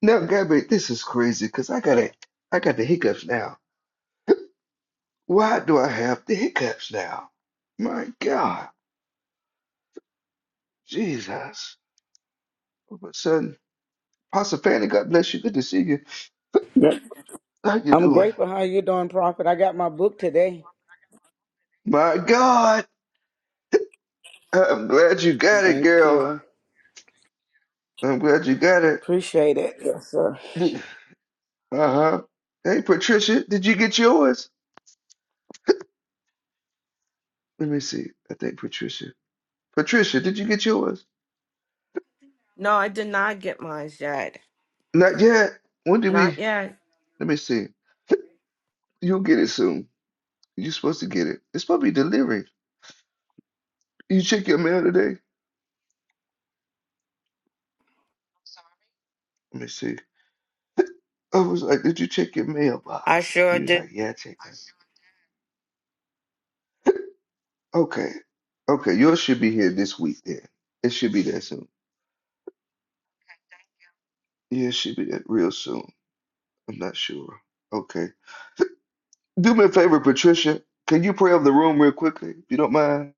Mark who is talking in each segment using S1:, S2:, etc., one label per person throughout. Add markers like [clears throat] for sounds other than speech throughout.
S1: Now, Gabby, this is crazy because I got a, I got the hiccups now. Why do I have the hiccups now? My God, Jesus! All of a sudden, Pastor Fanny, God bless you. Good to see you.
S2: Yep.
S1: How you
S2: I'm
S1: doing?
S2: grateful how you doing, Prophet. I got my book today.
S1: My God, I'm glad you got it,
S2: Thank
S1: girl.
S2: you.
S1: I'm glad you got it.
S2: Appreciate it. Yes, sir.
S1: [laughs] Uh-huh. Hey, Patricia, did you get yours? Let me see. I think Patricia. Patricia, did you get yours?
S3: No, I did not get mine yet.
S1: Not yet. When did we?
S3: Not yet.
S1: Let me see. You'll get it soon. You're supposed to get it. It's supposed to be delivered. You check your mail today? Let me see. [laughs] I was like, did you check your
S3: I
S1: mailbox?
S3: sure
S1: You was
S3: did.
S1: like, yeah, I checked it. Okay. Okay, yours should be here this week then. It should be there soon. Yeah, it should be there real soon. I'm not sure. Okay. Do me a favor, Patricia. Can you pray over the room real quickly, if you don't mind?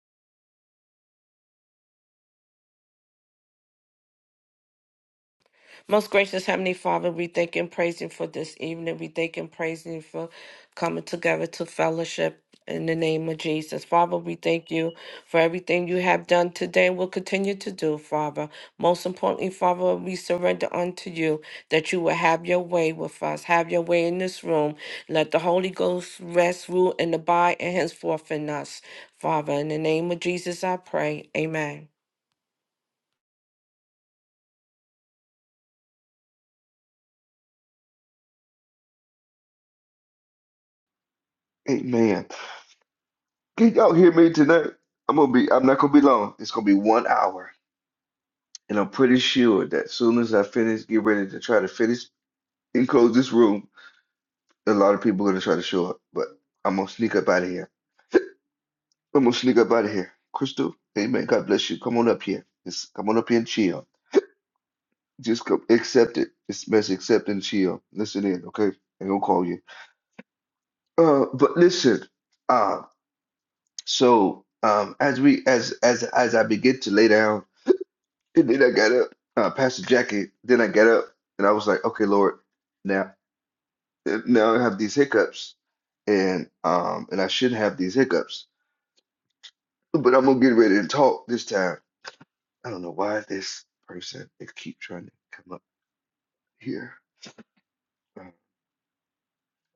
S3: Most gracious Heavenly Father, we thank and praise you for this evening. We thank and praise you for coming together to fellowship in the name of Jesus. Father, we thank you for everything you have done today and will continue to do, Father. Most importantly, Father, we surrender unto you that you will have your way with us. Have your way in this room. Let the Holy Ghost rest, rule, and abide and henceforth in us. Father, in the name of Jesus, I pray. Amen.
S1: Amen. Can y'all hear me tonight? I'm gonna be I'm not gonna be long. It's gonna be one hour. And I'm pretty sure that soon as I finish, get ready to try to finish and close this room. A lot of people gonna try to show up, but I'm gonna sneak up out of here. I'm gonna sneak up out of here. Crystal, amen. God bless you. Come on up here. Just come on up here and chill. Just come, accept it. Just mess, accept and chill. Listen in, okay? I gonna call you. Uh, but listen. Uh, so um, as we as as as I begin to lay down, and then I got up. Uh, Pastor Jackie. Then I got up, and I was like, okay, Lord, now now I have these hiccups, and um, and I shouldn't have these hiccups But I'm gonna get ready to talk this time. I don't know why this person they keep trying to come up here. Uh,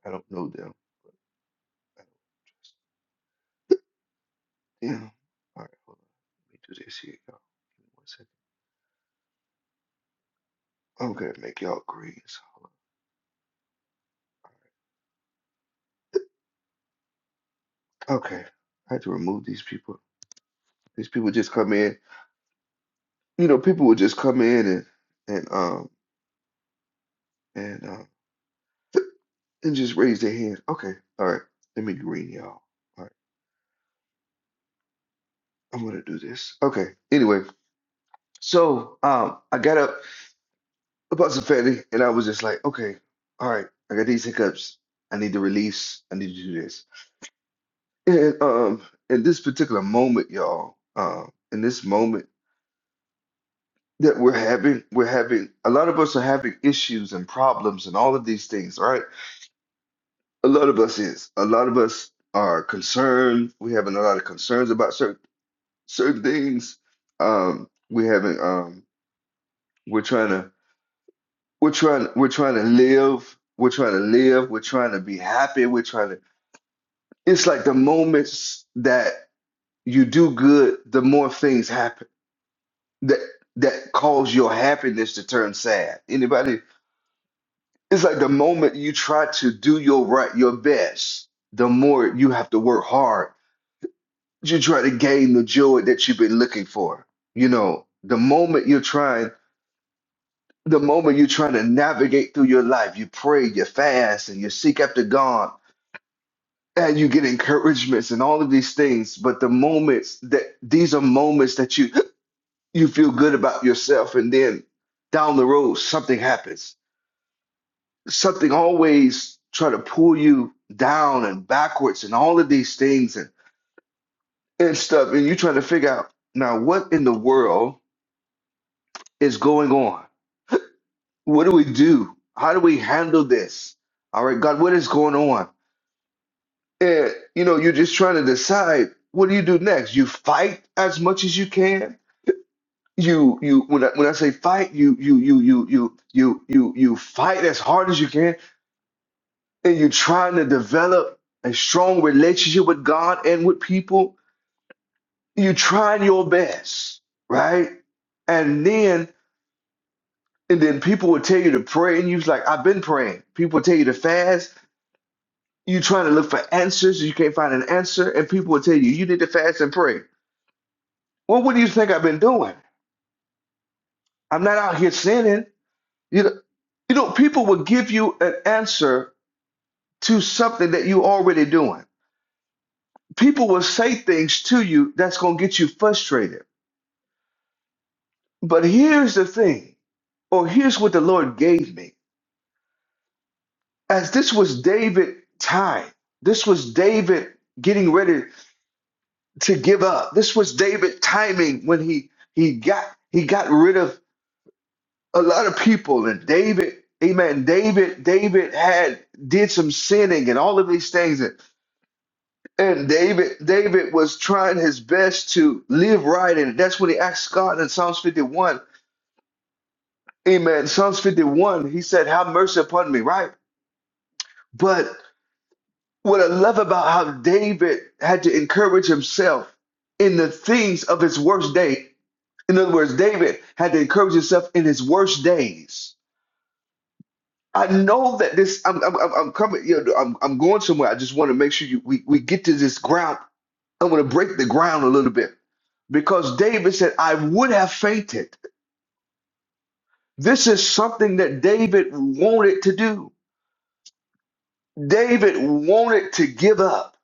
S1: I don't know them. I don't trust them. All right, hold on. Let me do this here, y'all. Give me one second. I'm gonna make y'all greens. Hold on. Okay, I had to remove these people. These people just come in. You know, people would just come in and and um and um [clears throat] and just raise their hand. Okay, all right. Let me green y'all. All right, I'm gonna do this. Okay. Anyway, so um, I got up. about Zafedi, and I was just like, okay, all right, I got these hiccups. I need to release. I need to do this. And um, in this particular moment, y'all, um, in this moment that we're having, we're having a lot of us are having issues and problems and all of these things, right? A lot of us is. A lot of us are concerned. We're having a lot of concerns about certain certain things. Um, we're having um, we're trying to we're trying we're trying to live. We're trying to live. We're trying to be happy. We're trying to it's like the moments that you do good, the more things happen that that cause your happiness to turn sad. Anybody? It's like the moment you try to do your right, your best, the more you have to work hard. You try to gain the joy that you've been looking for. You know, the moment you're trying, the moment you're trying to navigate through your life, you pray, you fast, and you seek after God and you get encouragements and all of these things but the moments that these are moments that you you feel good about yourself and then down the road something happens something always try to pull you down and backwards and all of these things and and stuff and you try to figure out now what in the world is going on what do we do how do we handle this all right god what is going on and you know you're just trying to decide what do you do next you fight as much as you can you you when I, when I say fight you you you you you you you you fight as hard as you can and you're trying to develop a strong relationship with God and with people you're trying your best right and then and then people will tell you to pray and you're like I've been praying people will tell you to fast you're trying to look for answers you can't find an answer and people will tell you you need to fast and pray well what do you think I've been doing I'm not out here sinning you know you know people will give you an answer to something that you already doing. People will say things to you that's going to get you frustrated. But here's the thing, or here's what the Lord gave me. As this was David time, this was David getting ready to give up. This was David timing when he he got he got rid of a lot of people and David Amen. David, David had did some sinning and all of these things. And And David, David was trying his best to live right, and that's when he asked God in Psalms 51. Amen. Psalms 51, he said, Have mercy upon me, right? But what I love about how David had to encourage himself in the things of his worst day. In other words, David had to encourage himself in his worst days. I know that this, I'm, I'm, I'm I'm coming, you know, I'm, I'm going somewhere. I just want to make sure you, we, we get to this ground I'm going to break the ground a little bit because David said, I would have fainted. This is something that David wanted to do. David wanted to give up.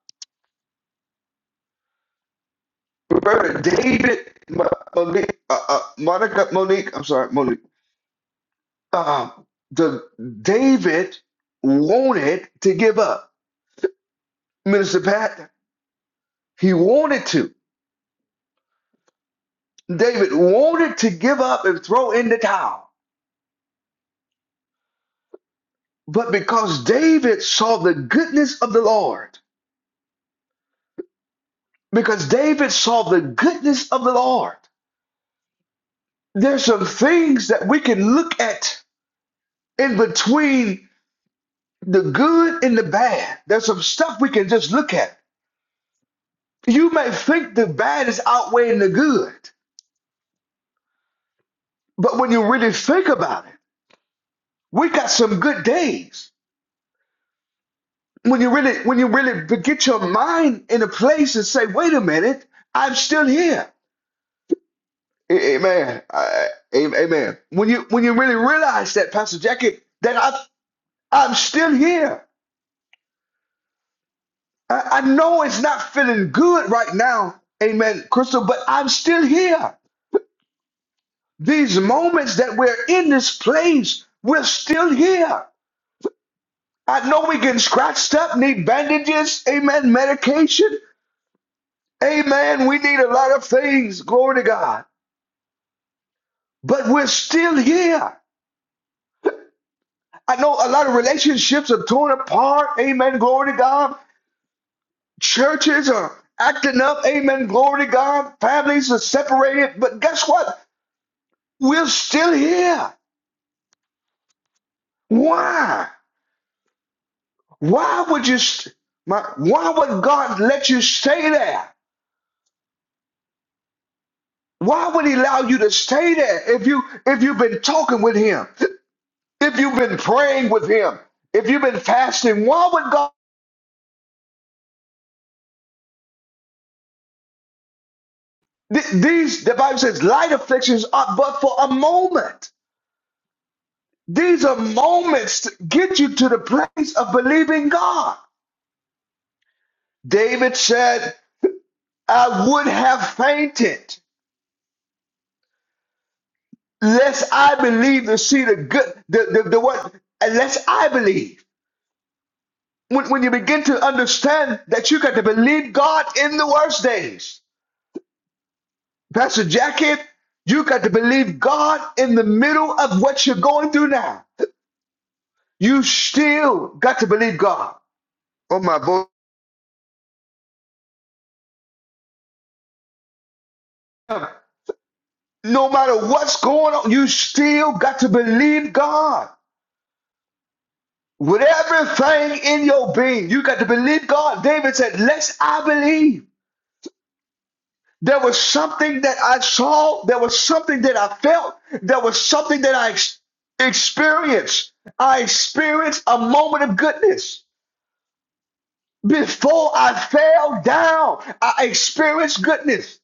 S1: Remember, David, Monique, uh, uh, Monica, Monique, I'm sorry, Monique. Uh, the David wanted to give up. Minister Pat, he wanted to. David wanted to give up and throw in the towel. But because David saw the goodness of the Lord, because David saw the goodness of the Lord. There's some things that we can look at in between the good and the bad. There's some stuff we can just look at. You may think the bad is outweighing the good, but when you really think about it, we got some good days. When you really, when you really get your mind in a place and say, "Wait a minute, I'm still here." Amen. I- Amen. When you when you really realize that, Pastor Jackie, that I I'm still here. I, I know it's not feeling good right now, amen, Crystal, but I'm still here. These moments that we're in this place, we're still here. I know we getting scratched up, need bandages, amen, medication, amen. We need a lot of things, glory to God, but we're still here. I know a lot of relationships are torn apart, amen, glory to God. Churches are acting up, amen, glory to God. Families are separated, but guess what? We're still here. Why? Why would you? St- my, why would God let you stay there? Why would He allow you to stay there if you if you've been talking with Him, if you've been praying with Him, if you've been fasting? Why would God? th- these the Bible says light afflictions are but for a moment. These are moments to get you to the place of believing God. David said, "I would have fainted." Lest I believe to see the good, the, the, the what, unless I believe. When, when you begin to understand that you got to believe God in the worst days, Pastor Jackie, you got to believe God in the middle of what you're going through now. You still got to believe God. Oh my boy. No matter what's going on, you still got to believe God. With everything in your being, you got to believe God. David said, Lest I believe. There was something that I saw. There was something that I felt. There was something that I ex- experienced. I experienced a moment of goodness. Before I fell down, I experienced goodness.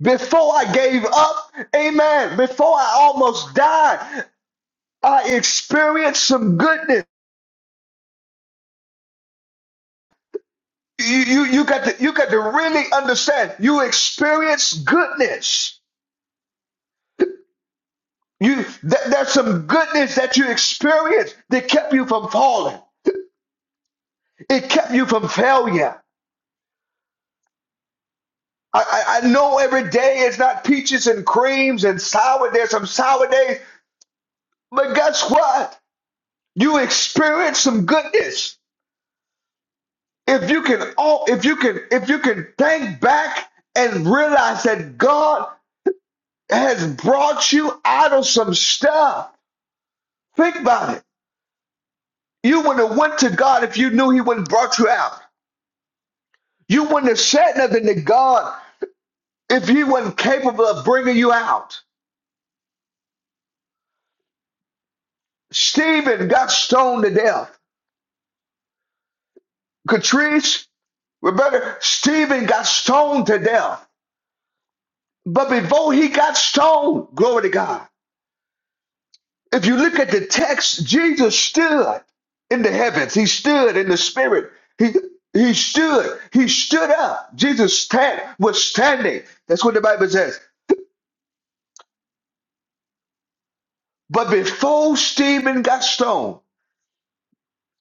S1: Before I gave up, amen. Before I almost died, I experienced some goodness. You, you, you got to you got to really understand. You experience goodness. You th- there's some goodness that you experienced that kept you from falling. It kept you from failure. I, I, I know every day is not peaches and creams and sour. There's some sour days, but guess what? You experience some goodness. If you can all if you can if you can think back and realize that God has brought you out of some stuff. Think about it. You wouldn't have went to God if you knew He wouldn't brought you out. You wouldn't have said nothing to God if He wasn't capable of bringing you out. Stephen got stoned to death. Catrice, Rebecca, Stephen got stoned to death. But before he got stoned, glory to God. If you look at the text, Jesus stood in the heavens. He stood in the spirit. He he stood. He stood up. Jesus stand, was standing. That's what the Bible says. But before Stephen got stoned,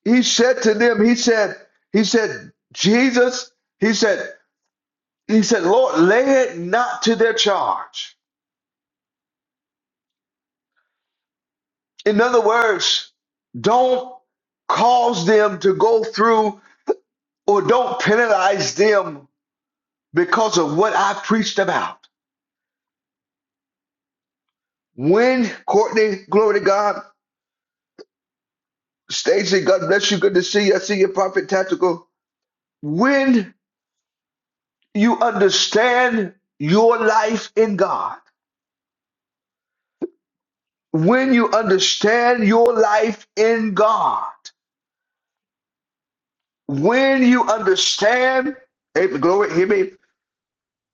S1: he said to them, he said, he said, Jesus, he said, he said, Lord, lay it not to their charge. In other words, don't cause them to go through or don't penalize them because of what I preached about. When Courtney, glory to God, Stacy, God bless you. Good to see you. I see your Prophet Tactical. When you understand your life in God, when you understand your life in God, when you understand, hey, glory, hear me,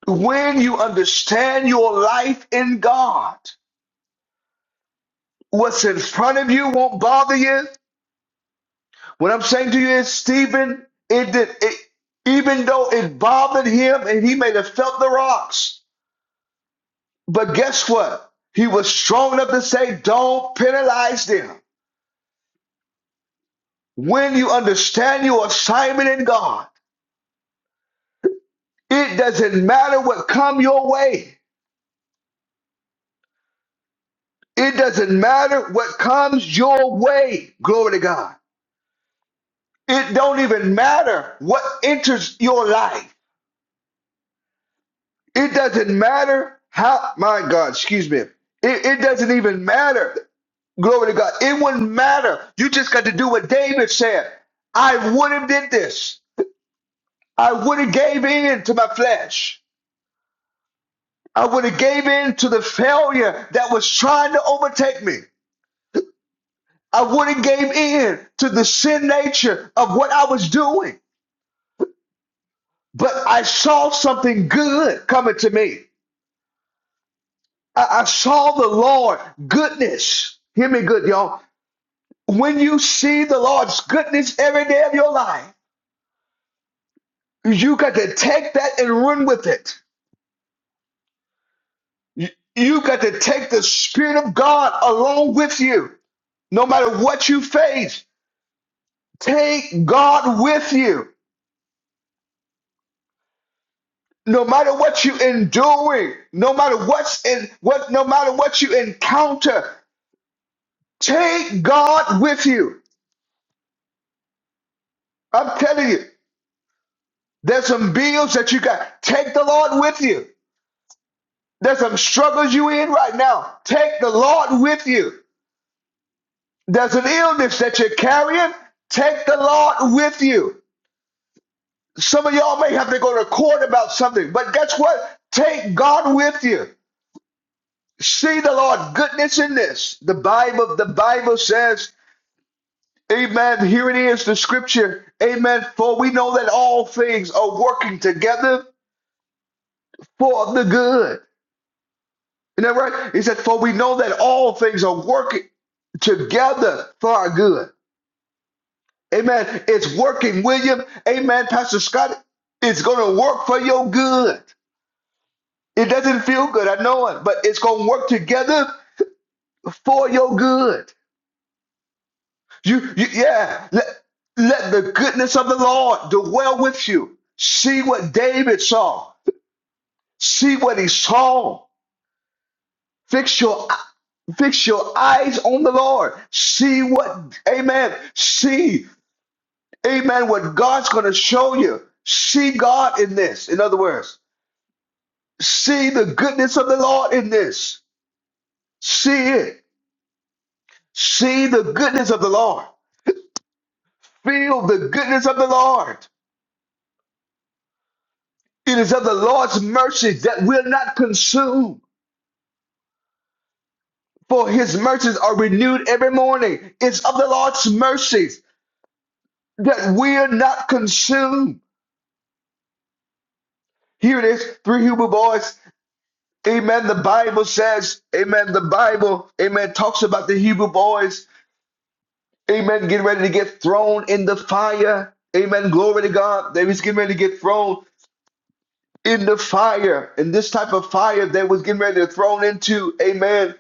S1: when you understand your life in God, what's in front of you won't bother you. What I'm saying to you is, Stephen, it did, it, even though it bothered him and he may have felt the rocks, but guess what? He was strong enough to say, don't penalize them. When you understand your assignment in God, It doesn't matter what come your way. It doesn't matter what comes your way. Glory to God. It don't even matter what enters your life. It doesn't matter how my God, excuse me. It, it doesn't even matter. Glory to God. It wouldn't matter. You just got to do what David said. I would have did this. I would have gave in to my flesh. I would have gave in to the failure that was trying to overtake me. I wouldn't gave in to the sin nature of what I was doing. But I saw something good coming to me. I, I saw the Lord goodness. Hear me good, y'all. When you see the Lord's goodness every day of your life, you got to take that and run with it. You, you got to take the Spirit of God along with you. No matter what you face, take God with you. no matter what you enduring, no matter what's in what, no matter what you encounter, take God with you. I'm telling you, there's some bills that you got. Take the Lord with you. There's some struggles you in right now. Take the Lord with you. There's an illness that you're carrying. Take the Lord with you. Some of y'all may have to go to court about something, but guess what? Take God with you. See the Lord goodness in this. The Bible, the Bible says Amen. Here it is, the scripture. Amen. For we know that all things are working together for the good. Isn't that right? He said, For we know that all things are working together for our good. Amen. It's working, William. Amen. Pastor Scott, it's going to work for your good. It doesn't feel good, I know it, but it's going to work together for your good. You, you yeah. Let- let the goodness of the Lord dwell with you. See what David saw. See what he saw. Fix your fix your eyes on the Lord. See what, amen. See, amen, what God's going to show you. See God in this. In other words, see the goodness of the Lord in this. See it. See the goodness of the Lord. Feel the goodness of the Lord. It is of the Lord's mercies that will not consume, for his mercies are renewed every morning. It's of the Lord's mercies that we're not consumed. Here it is, three Hebrew boys. Amen. The Bible says, Amen. The Bible, Amen, talks about the Hebrew boys, Amen, getting ready to get thrown in the fire. Amen. Glory to God. They was getting ready to get thrown in the fire. And this type of fire they was getting ready to thrown into. Amen.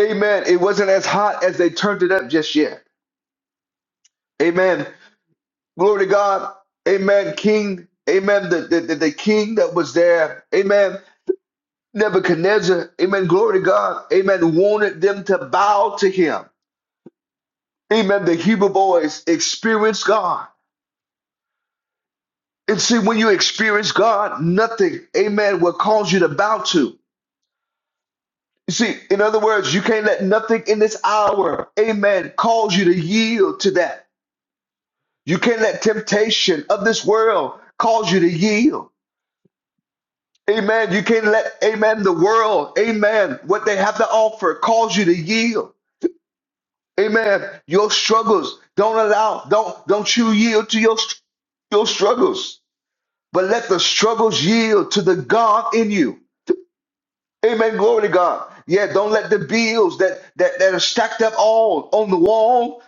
S1: Amen. It wasn't as hot as they turned it up just yet. Amen. Glory to God. Amen. King. Amen. The, the, the, the king that was there. Amen. Nebuchadnezzar, amen, glory to God, amen, wanted them to bow to him. Amen. The Hebrew boys experienced God. And see, when you experience God, nothing, amen, will cause you to bow to. You see, in other words, you can't let nothing in this hour, amen, cause you to yield to that. You can't let temptation of this world cause you to yield. Amen. You can't let, amen, the world, amen, what they have to offer cause you to yield. Amen. Your struggles. Don't allow, don't, don't you yield to your, your struggles, but let the struggles yield to the God in you. Amen. Glory to God. Yeah, don't let the bills that, that, that are stacked up all on the wall.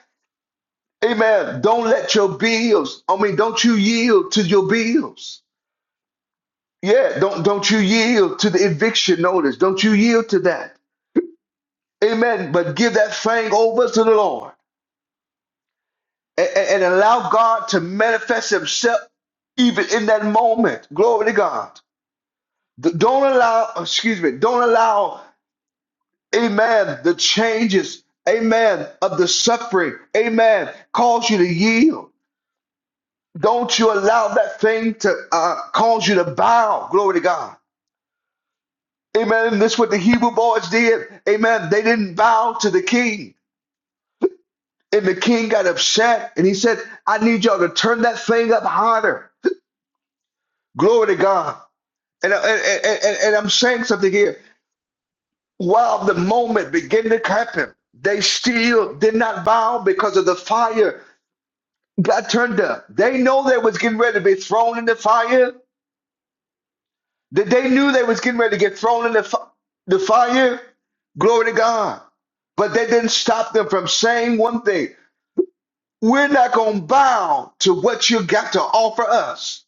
S1: Amen. Don't let your bills, I mean, don't you yield to your bills. Yeah, don't don't you yield to the eviction notice. Don't you yield to that. Amen. But give that thing over to the Lord. and, and allow God to manifest Himself even in that moment. Glory to God. Don't allow, excuse me, don't allow, amen, the changes, amen, of the suffering, amen, cause you to yield. Don't you allow that thing to uh, cause you to bow. Glory to God. Amen. And this is what the Hebrew boys did. Amen. They didn't bow to the king. And the king got upset and he said, I need y'all to turn that thing up higher. Glory to God. And, and, and, and I'm saying something here. While the moment began to happen, they still did not bow because of the fire God turned up. They know they was getting ready to be thrown in the fire. That they knew they was getting ready to get thrown in the, fi- the fire. Glory to God. But they didn't stop them from saying one thing. We're not going to bow to what you got to offer us.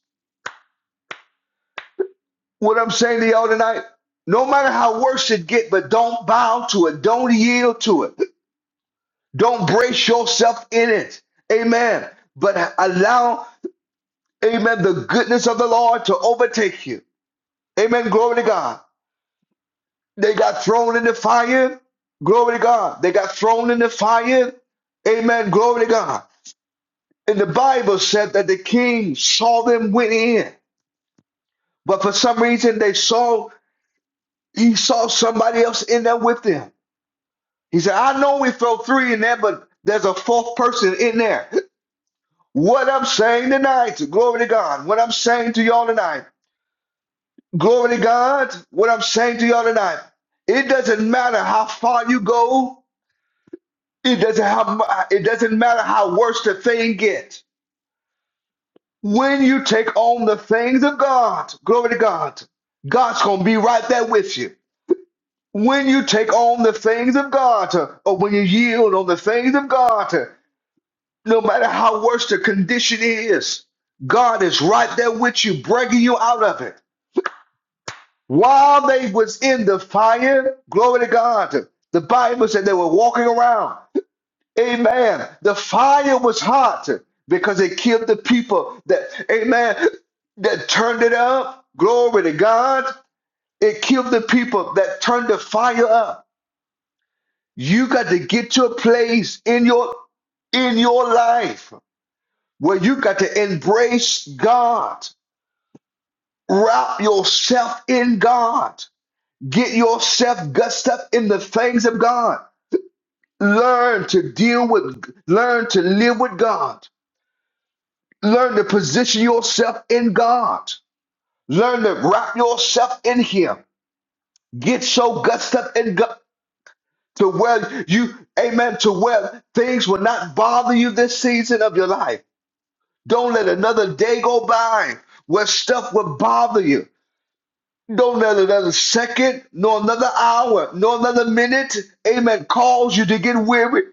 S1: What I'm saying to y'all tonight, no matter how worse it get, but don't bow to it. Don't yield to it. Don't brace yourself in it. Amen. But allow, amen, the goodness of the Lord to overtake you. Amen. Glory to God. They got thrown in the fire. Glory to God. They got thrown in the fire. Amen. Glory to God. And the Bible said that the king saw them went in. But for some reason they saw he saw somebody else in there with them. He said, I know we throw three in there, but there's a fourth person in there. What I'm saying tonight, glory to God. What I'm saying to y'all tonight, glory to God. What I'm saying to y'all tonight, it doesn't matter how far you go. It doesn't have, It doesn't matter how worse the thing gets. When you take on the things of God, glory to God, God's gonna be right there with you. When you take on the things of God, or when you yield on the things of God, no matter how worse the condition is, God is right there with you, bringing you out of it. While they was in the fire, glory to God, the Bible said they were walking around. Amen. The fire was hot because it killed the people that, amen, that turned it up. Glory to God. It killed the people that turned the fire up. You got to get to a place in your in your life where you got to embrace God, wrap yourself in God. Get yourself gussed up in the things of God. Learn to deal with, learn to live with God. Learn to position yourself in God. Learn to wrap yourself in Him. Get so gussed up in God to where you, amen, to where things will not bother you this season of your life. Don't let another day go by where stuff will bother you. Don't let another second, nor another hour, nor another minute, amen, cause you to get weary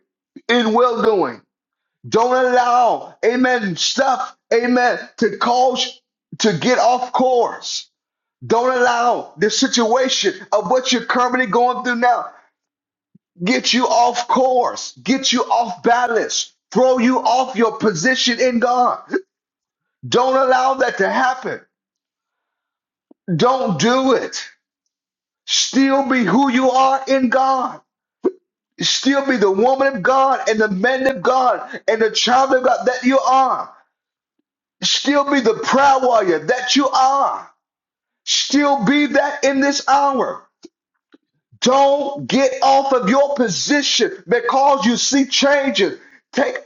S1: in well doing. Don't allow, amen, stuff, amen, to cause to get off course. Don't allow the situation of what you're currently going through now get you off course, get you off balance, throw you off your position in God. Don't allow that to happen. Don't do it. Still be who you are in God. Still be the woman of God and the man of God and the child of God that you are. Still be the proud warrior that you are. Still be that in this hour. Don't get off of your position because you see changes take,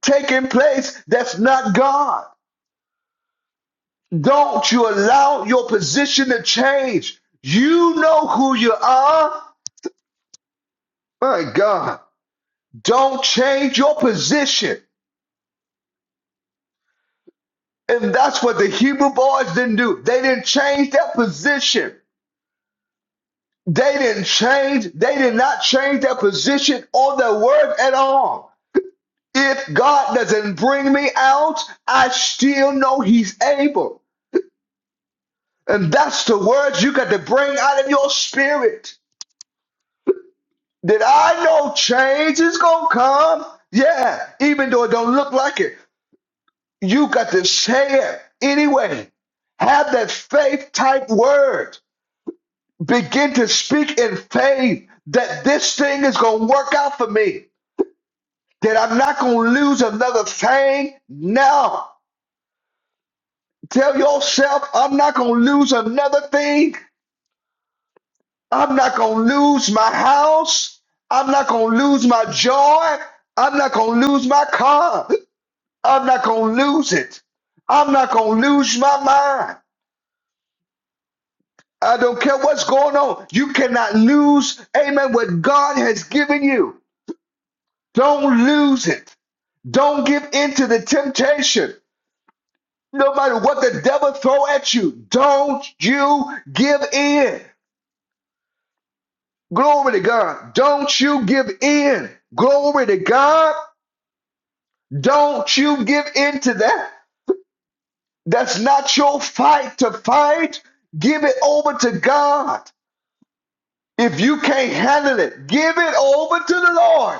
S1: taking place that's not God. Don't you allow your position to change. You know who you are. My God, don't change your position. And that's what the Hebrew boys didn't do. They didn't change their position. They didn't change, they did not change their position or their word at all. If God doesn't bring me out, I still know He's able. And that's the words you got to bring out of your spirit. That I know change is gonna come. Yeah, even though it don't look like it, you got to say it anyway. Have that faith type word begin to speak in faith that this thing is going to work out for me, that I'm not going to lose another thing now. Tell yourself, I'm not going to lose another thing. I'm not going to lose my house. I'm not going to lose my joy. I'm not going to lose my car. I'm not going to lose it. I'm not going to lose my mind. I don't care what's going on. You cannot lose, amen, what God has given you. Don't lose it. Don't give in to the temptation. No matter what the devil throw at you, don't you give in. Glory to God. Don't you give in. Glory to God. Don't you give in to that. That's not your fight to fight. Give it over to God. If you can't handle it, give it over to the Lord.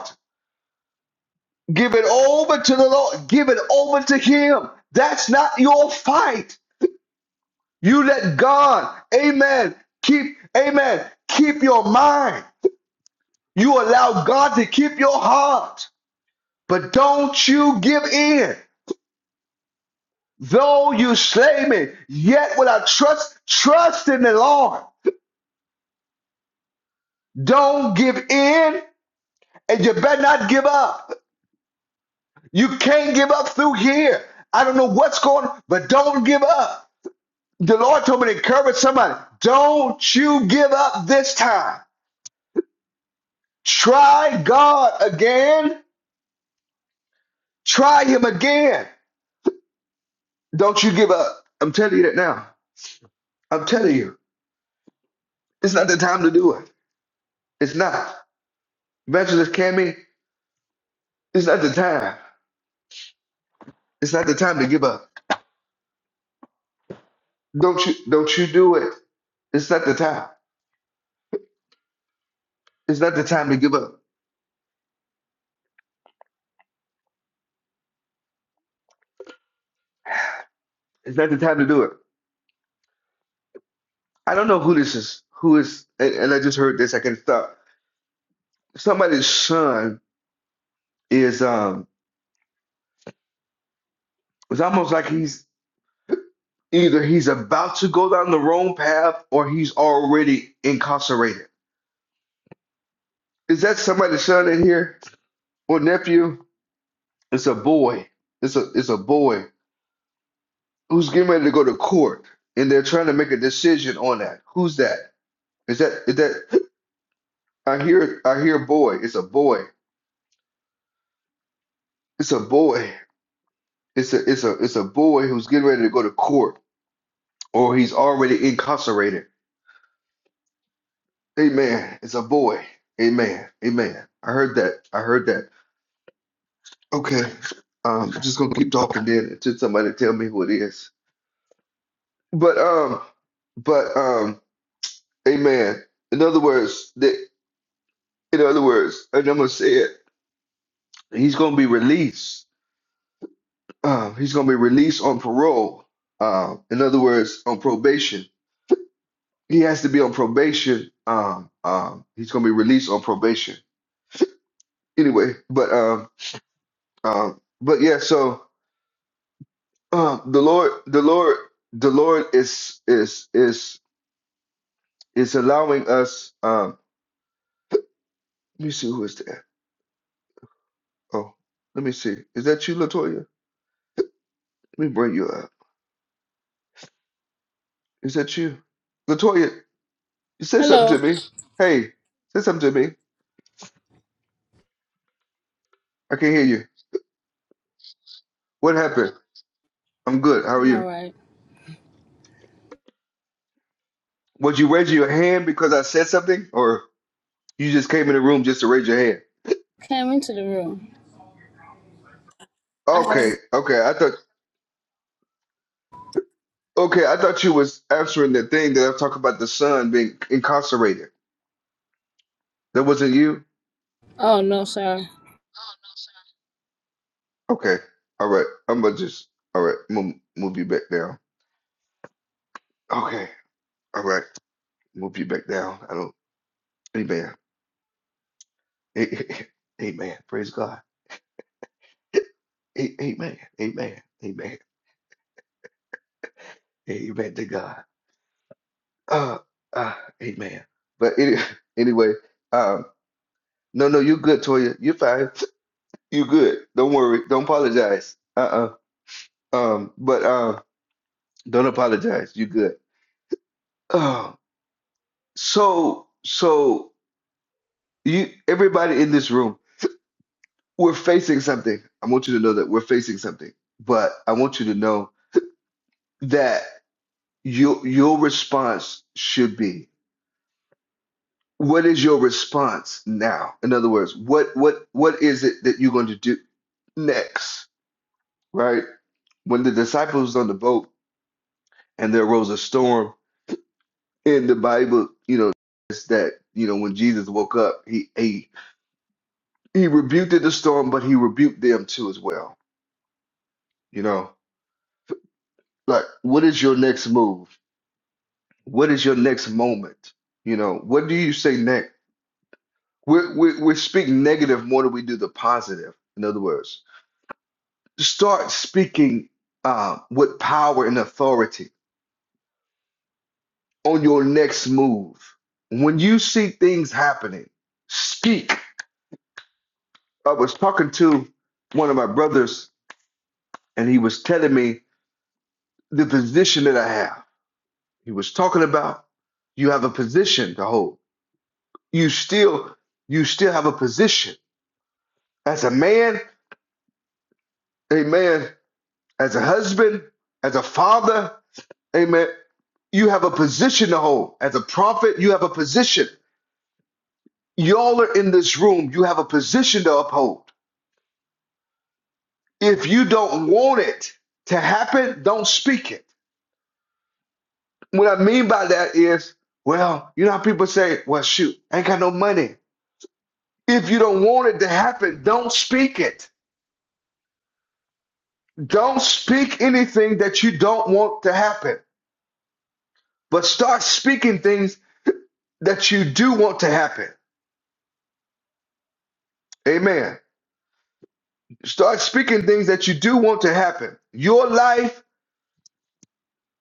S1: Give it over to the Lord. Give it over to Him. That's not your fight. You let God, amen, keep, amen, keep your mind. You allow God to keep your heart. But don't you give in. Though you slay me, yet will I trust, trust in the Lord. Don't give in, and you better not give up. You can't give up through here. I don't know what's going on, but don't give up. The Lord told me to encourage somebody. Don't you give up this time. Try God again Try him again. Don't you give up. I'm telling you that now. I'm telling you. It's not the time to do it. It's not. Evangelist Cammy, it's not the time. It's not the time to give up. Don't you don't you do it. It's not the time. It's not the time to give up. It's not the time to do it. I don't know who this is. Who is and, and I just heard this, I can stop. Somebody's son is um it's almost like he's either he's about to go down the wrong path or he's already incarcerated Is that somebody's son in here or nephew? It's a boy. It's a it's a boy who's getting ready to go to court, and they're trying to make a decision on that. Who's that? Is that is that? I hear I hear boy. It's a boy. It's a boy. It's a it's a it's a boy who's getting ready to go to court, or he's already incarcerated. Amen. It's a boy. Amen. Amen. I heard that. I heard that. Okay. Um, I'm just gonna keep talking then until somebody tell me who it is. But um, but um, amen. In other words, that in other words, and I'm gonna say it. He's gonna be released. Um, he's gonna be released on parole. Um, in other words, on probation. He has to be on probation. Um, um, he's gonna be released on probation. Anyway, but um, um, but yeah. So um, the Lord, the Lord, the Lord is is is is allowing us. Um, let me see who is there. Oh, let me see. Is that you, Latoya? Let me bring you up. Is that you? Latoya, you said something to
S4: Hello,
S1: me. Hey, said something to me. I can't hear you. What happened? I'm good. How are
S4: I'm
S1: you?
S4: alright.
S1: Was you raising your hand because I said something, or you just came in the room just to raise your hand?
S4: Came into the room. I
S1: Okay,
S4: haven't.
S1: okay. I thought okay, I thought you was answering the thing that I was talking about the son being incarcerated. That wasn't you?
S4: Oh no, sorry.
S1: Okay. All right. I'm gonna just all right, move move you back down. Okay. All right. Move you back down. I don't amen. [laughs] Amen. Praise God. A- Amen. Amen. Amen. Amen to God. Uh, uh, amen. But any, [laughs] anyway, um, no, no, you're good, Toya. You're fine. [laughs] you good. Don't worry. Don't apologize. Uh-uh. Um, but um, don't apologize. you good. Oh, so, so you, everybody in this room, we're facing something. I want you to know that we're facing something. But I want you to know that your your response should be. what is your response now in other words what what what is it that you're going to do next right when the disciples on the boat and there arose a storm in the bible you know it's that you know when jesus woke up he he, he rebuked the storm but he rebuked them too as well you know like what is your next move what is your next moment you know what do you say next we we we speak negative more than we do the positive in other words Start speaking uh, with power and authority on your next move. When you see things happening, speak. I was talking to one of my brothers, and he was telling me the position that I have. He was talking about you have a position to hold. You still, you still have a position as a man, amen. As a husband, as a father, amen. You have a position to hold. As a prophet, you have a position. Y'all are in this room. You have a position to uphold. If you don't want it to happen, don't speak it. What I mean by that is, well, you know how people say, well, shoot, I ain't got no money. If you don't want it to happen, don't speak it. Don't speak anything that you don't want to happen, but start speaking things that you do want to happen. Amen. Start speaking things that you do want to happen. Your life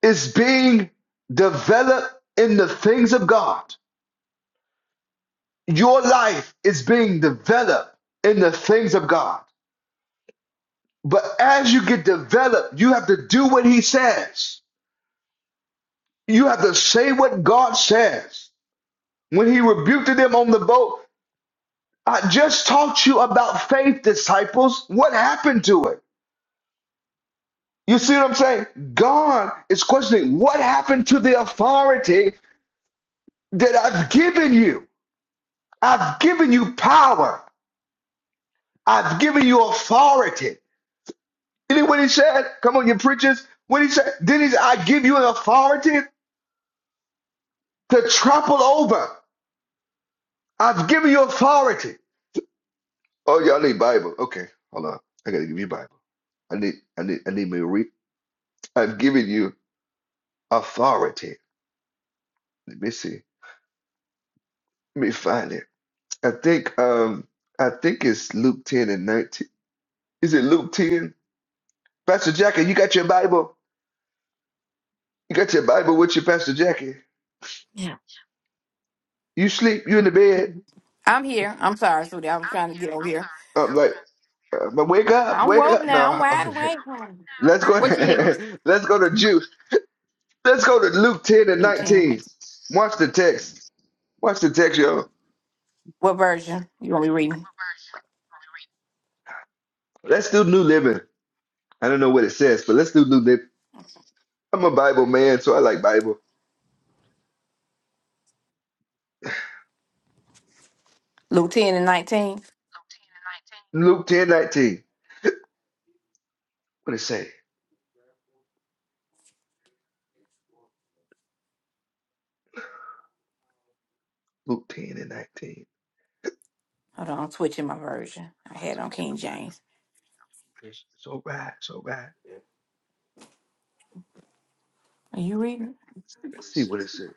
S1: is being developed in the things of God. Your life is being developed in the things of God. But as you get developed, you have to do what he says. You have to say what God says. When he rebuked them on the boat, I just taught you about faith, disciples. What happened to it? You see what I'm saying? God is questioning what happened to the authority that I've given you? I've given you power. I've given you authority. You know what he said? Come on, you preachers. What he said? Then he said, I give you an authority to trample over. I've given you authority. Oh, y'all need Bible. Okay, hold on. I gotta give you Bible. I need, I need, I need me to read. I've given you authority. Let me see. Let me find it. I think, um, I think it's Luke 10 and 19. Is it Luke 10? Pastor Jackie, you got your Bible? You got your Bible with you, Pastor Jackie?
S5: Yeah.
S1: You sleep? You in the bed?
S5: Mhm.
S6: I'm here. I'm sorry, Sweetie. I was trying to get over here.
S1: I'm like, Uh, But wake up,
S6: I'm
S1: wake
S6: woke
S1: up.
S6: now. I'm
S1: No,
S6: wide awake. honey.
S1: [laughs] let's go.
S6: What you need?
S1: [laughs] Let's go to Juice. Let's go to Luke 10 and
S6: Luke 10 and 19.
S1: 19. Watch the text. Watch the text, y'all.
S6: What version you want me reading?
S1: Let's do New Living. I don't know what it says, but let's do New Living. I'm a Bible man, so I like Bible.
S6: Luke 10 and 19?
S1: Luke 10 19. What it say? Luke 10 and 19.
S6: Hold on, I'm switching my version. I had on King James.
S1: It's, it's all right, it's all right.
S6: Are you reading?
S1: Let's see what it says.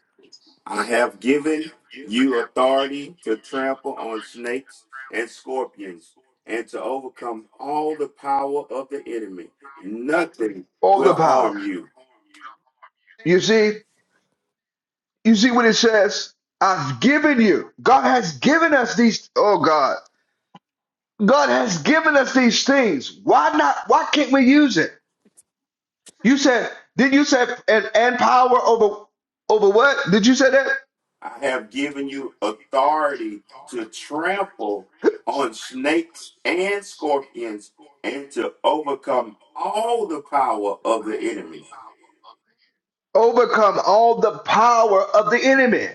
S6: I have given you authority to trample on snakes and scorpions and to overcome all the power of the enemy. Nothing
S1: All the
S6: will
S1: power.
S6: harm you.
S1: You see? You see what it says? I've given you. God has given us these. Oh, God. God has given us these things. Why not? Why can't we use it? You said, did you say and, and power over over what? Did you say that?
S6: I have given you authority to trample on snakes and scorpions and to overcome all the power of the enemy.
S1: Overcome all the power of the enemy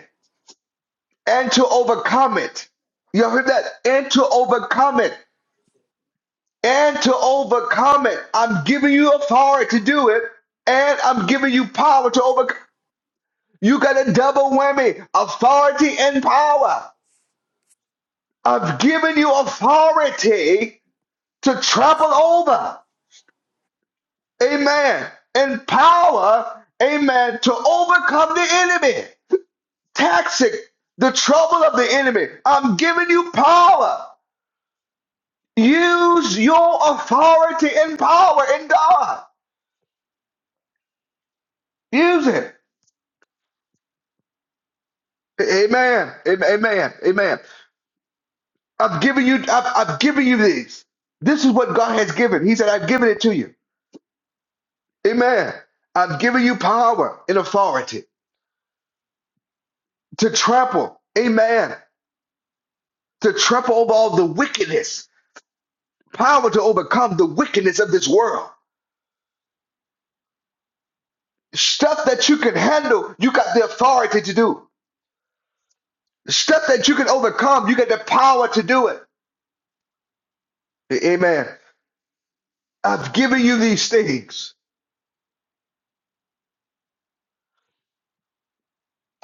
S1: and to overcome it. You heard that? And to overcome it. And to overcome it. I'm giving you authority to do it. And I'm giving you power to overcome. You got a double whammy authority and power. I've given you authority to trample over, amen, in power, amen, to overcome the enemy. Taxing the trouble of the enemy. I'm giving you power. Use your authority and power in God. Use it. Amen. Amen. Amen. Amen. I've given you, I've, I've given you these. This is what God has given. He said, I've given it to you. Amen. I've given you power and authority to trample. Amen. to trample over all the wickedness, power to overcome the wickedness of this world. Stuff that you can handle, you got the authority to do. Stuff that you can overcome, you got the power to do it. Amen. I've given you these things.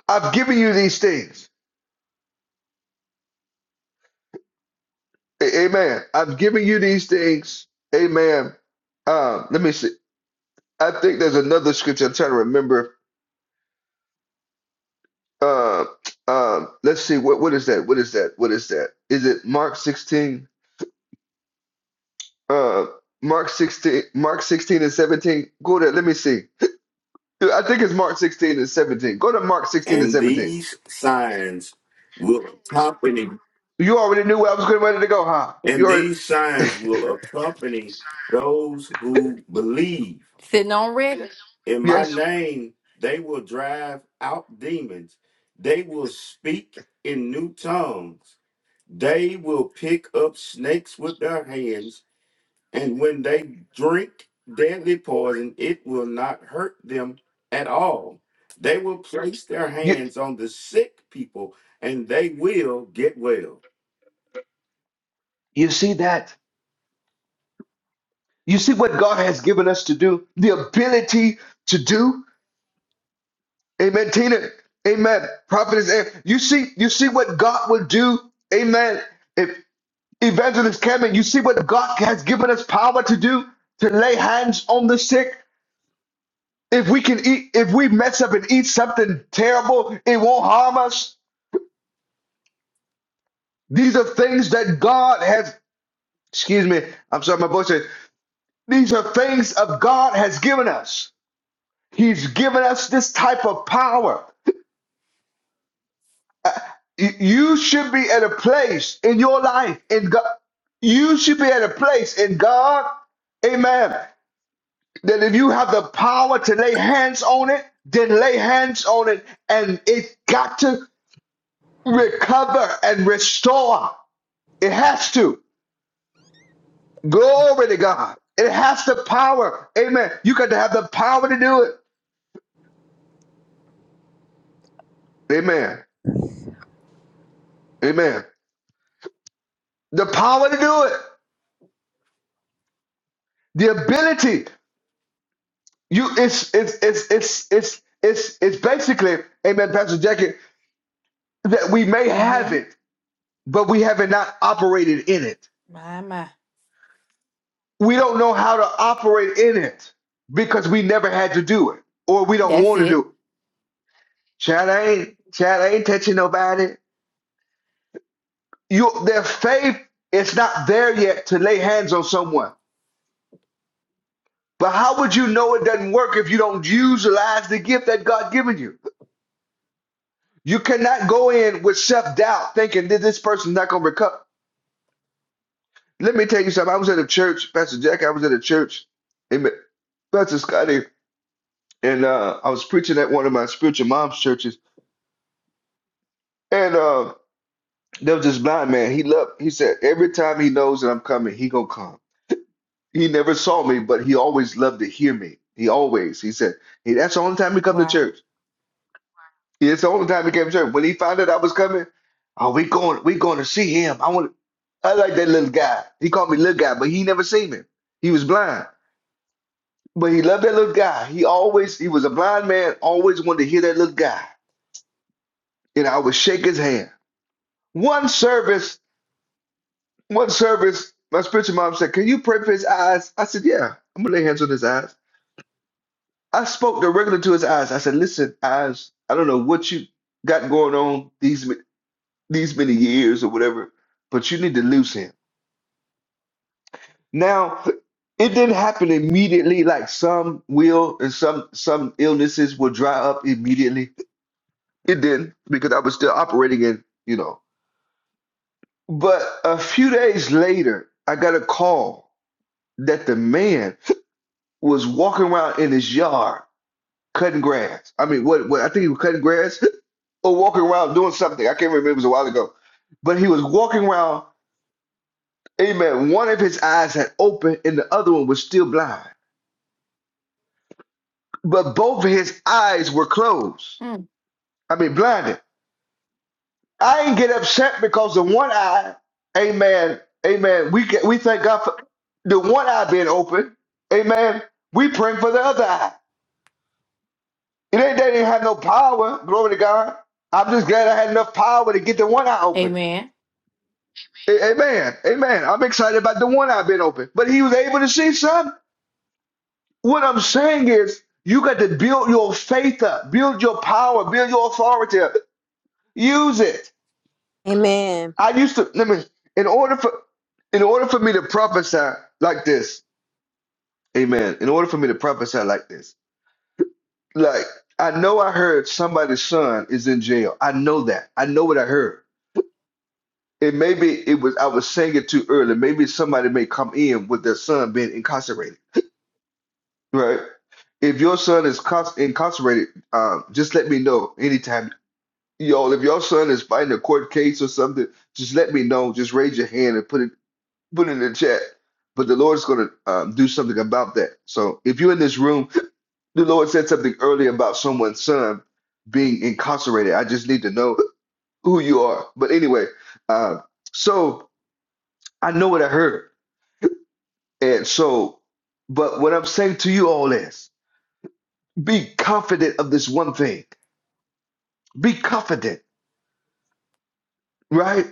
S1: I've given you these things. A- Amen. I've given you these things. Amen. Um, let me see. I think there's another scripture I'm trying to remember. Uh, um, let's see. What what is that? What is that? What is that? Is it Mark 16? Uh, Mark 16, Mark 16 and 17. Go there. Let me see. I think it's Mark 16 and 17. Go to Mark 16 and
S6: And
S1: 17.
S6: these signs will accompany
S1: You already knew where I was getting ready to go, huh?
S6: and
S1: You're
S6: these signs will accompany those who believe. Sitting on red. In my
S1: yes.
S6: name, they will drive out demons. They will speak in new tongues. They will pick up snakes with their hands, and when they drink deadly poison, it will not hurt them at all. They will place their
S1: You
S6: hands on the sick people, and they will get well.
S1: you see that? You see what God has given us to do? The ability to do. Amen, Tina. Amen. Prophetess, Ann. you see, you see what God will do. Amen. If Evangelist Cameron, you see what God has given us power to do to lay hands on the sick. If we can eat, if we mess up and eat something terrible, it won't harm us. These are things that God has, excuse me, I'm sorry, my voice is, these are things of God has given us. He's given us this type of power. You should be at a place in your life, in God, you should be at a place in God, amen, that if you have the power to lay hands on it, then lay hands on it and it got to recover and restore. It has to. Glory to God. It has the power. Amen. You got to have the power to do it. Amen. Amen. The power to do it. The ability. You it's it's it's it's it's it's it's basically, Amen, Pastor Jackie, that we may have
S6: Mm-hmm.
S1: it, but we haven't not operated in it.
S6: My, my.
S1: We don't know how to operate in it because we never had to do it. Or we don't
S6: That's
S1: want to do
S6: it.
S1: it. Chad I ain't Chad I ain't touching nobody. you their faith is not there yet to lay hands on someone. But how would you know it doesn't work if you don't utilize the gift that God given you? You cannot go in with self-doubt thinking that this person's not gonna recover. Let me tell you something. I was at a church, Pastor Jack, I was at a church, amen, Pastor Scotty, and uh, I was preaching at one of my spiritual mom's churches, and uh, there was this blind man. He loved, he said, every time he knows that I'm coming, he gonna come. He never saw me, but he always loved to hear me. He always, he said, hey, that's the only time he come to
S6: Wow.
S1: church. It's the only time he came to church. When he found out I was coming, oh, we going, we going to see him. I want, I like that little guy. He called me little guy, but he never seen him. He was blind, but he loved that little guy. He always, he was a blind man, always wanted to hear that little guy, and I would shake his hand. One service, one service. My spiritual mom said, "Can you pray for his eyes?" I said, "Yeah, I'm gonna lay hands on his eyes." I spoke directly to his eyes. I said, "Listen, eyes, I don't know what you got going on these ma- these many years or whatever, but you need to lose him." Now, it didn't happen immediately like some will and some some illnesses will dry up immediately. It didn't because I was still operating in, you know. But a few days later, I got a call that the man was walking around in his yard cutting grass. I mean, what, what I think he was cutting grass [laughs] or walking around doing something. I can't remember. It was a while ago, but he was walking around. Amen. One of his eyes had opened, and the other one was still blind. But both of his eyes were closed.
S6: Hmm.
S1: I mean, blinded. I ain't get upset because the one eye, amen, amen. We get, we thank God for the one eye being open, amen. We pray for the other eye. It ain't that not have no power. Glory to God. I'm just glad I had enough power to get the one eye open.
S6: Amen.
S1: A- Amen. Amen. I'm excited about the one I've been open. But he was able to see some. What I'm saying is, you got to build your faith up, build your power, build your authority up. Use it.
S7: Amen.
S1: I used to let me in order for in order for me to prophesy like this, amen. In order for me to prophesy like this, like I know I heard somebody's son is in jail. I know that. I know what I heard. And maybe it was I was saying it too early. Maybe somebody may come in with their son being incarcerated Right. If your son is cons- incarcerated, um, just let me know anytime. Y'all, if your son is fighting a court case or something, just let me know. Just raise your hand and put it put it in the chat. But the Lord's going to um, do something about that. So if you're in this room, the Lord said something earlier about someone's son being incarcerated. I just need to know who you are. But anyway, uh, so I know what I heard, and so, but what I'm saying to you all is, be confident of this one thing Be confident, right?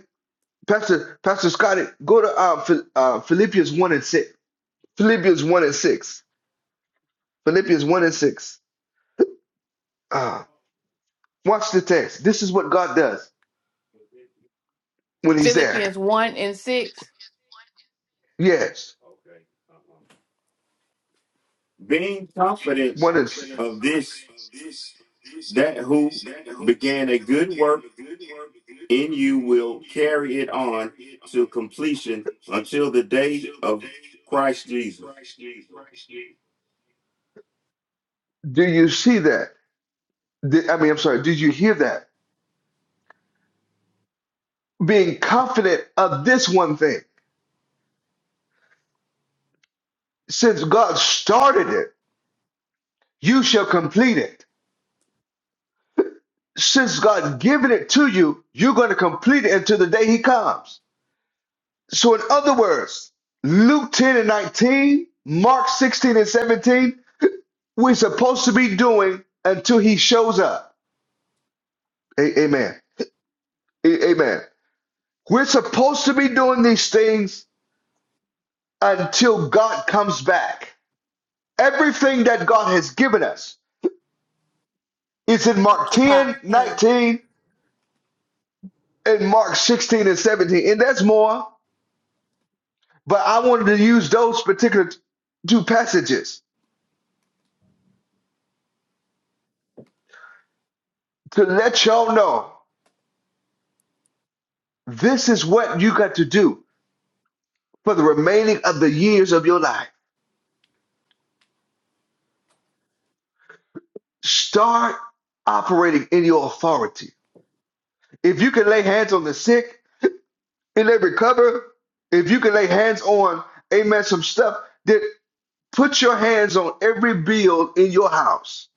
S1: Pastor Pastor Scotty, go to uh, Phil, uh, Philippians 1 and 6. Philippians 1 and 6. Philippians 1 and 6. Uh, watch the text. This is what God does when He's there.
S6: Philippians 1 and 6.
S1: Yes.
S6: Being confident
S1: One is,
S6: of this, that who began a good work in you will carry it on to completion until the day of Christ Jesus.
S1: do you see that? Did, I mean, I'm sorry, did you hear that? Being confident of this one thing. Since God started it, you shall complete it. Since God given it to you, you're going to complete it until the day He comes. So, in other words, Luke 10 and 19, Mark 16 and 17, we're supposed to be doing until he shows up. A- amen. A- amen. We're supposed to be doing these things until God comes back. Everything that God has given us is in Mark
S7: Occupy.
S1: 10
S7: Amen.
S1: 19 and Mark 16 and 17. And that's more, but I wanted to use those particular two passages to let y'all know this is what you got to do for the remaining of the years of your life. Start operating in your authority. If you can lay hands on the sick and they recover, if you can lay hands on, amen, some stuff, then put your hands on every bill in your house.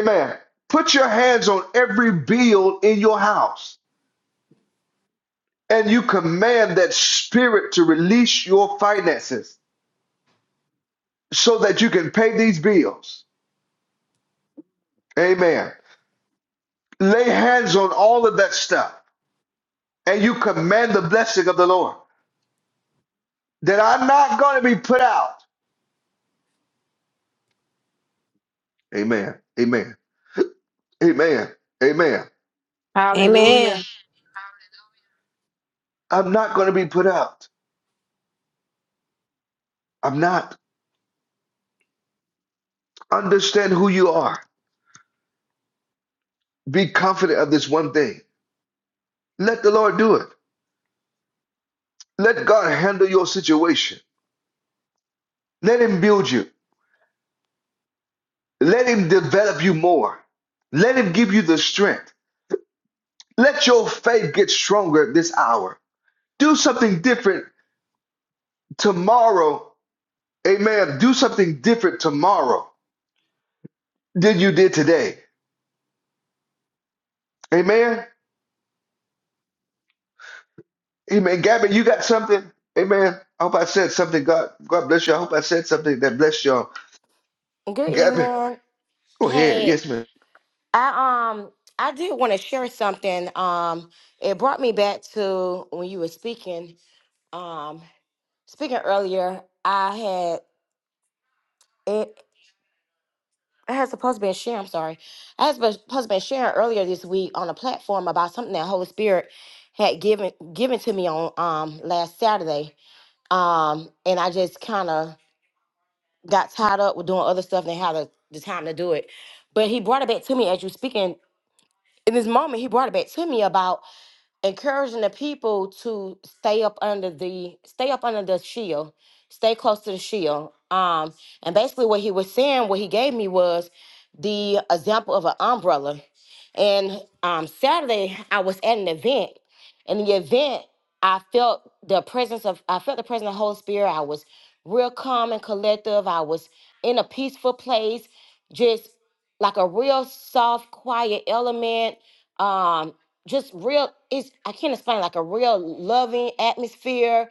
S1: Amen. Put your hands on every bill in your house and you command that spirit to release your finances so that you can pay these bills. Amen. Lay hands on all of that stuff and you command the blessing of the Lord that I'm not going to be put out. Amen. Amen. Amen. Amen.
S6: Hallelujah.
S7: Amen.
S1: I'm not going to be put out. I'm not. Understand who you are. Be confident of this one thing. Let the Lord do it. Let God handle your situation. Let Him build you. Let Him develop you more. Let Him give you the strength. Let your faith get stronger this hour. Do something different tomorrow. Amen. Do something different tomorrow. did you did today. Amen. Amen. Gabby, you got something? Amen. I hope I said something. God, God bless you. I hope I said something that blessed y'all.
S8: Good
S1: Gabby,
S8: evening.
S1: go ahead.
S8: Hey,
S1: Yes, ma'am.
S8: I um I did want to share something. Um it brought me back to when you were speaking. Um speaking earlier, I had it I had supposed to be sharing, I'm sorry. I had supposed supposed to be sharing earlier this week on a platform about something that Holy Spirit had given given to me on um last Saturday. Um and I just kind of got tied up with doing other stuff and had the, the time to do it. But he brought it back to me as you speaking in this moment he brought it back to me about encouraging the people to stay up under the stay up under the shield, stay close to the shield. Um, and basically what he was saying, what he gave me was the example of an umbrella. And um, Saturday I was at an event, and in the event I felt the presence of I felt the presence of the Holy Spirit. I was real calm and collective. I was in a peaceful place, just like a real soft, quiet element. Um, just real it's i can't explain like a real loving atmosphere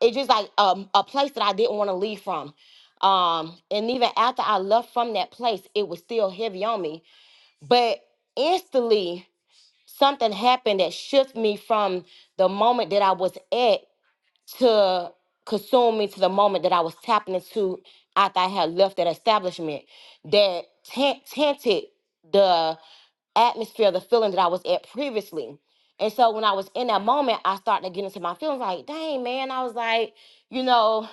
S8: it's just like um, a place that i didn't want to leave from um and even after i left from that place it was still heavy on me but instantly something happened that shifted me from the moment that i was at to consume me to the moment that i was tapping into after i had left that establishment that t- tainted the atmosphere, the feeling that I was at previously. And so when I was in that moment, I started to get into my feelings like, dang, man, I was like, you know,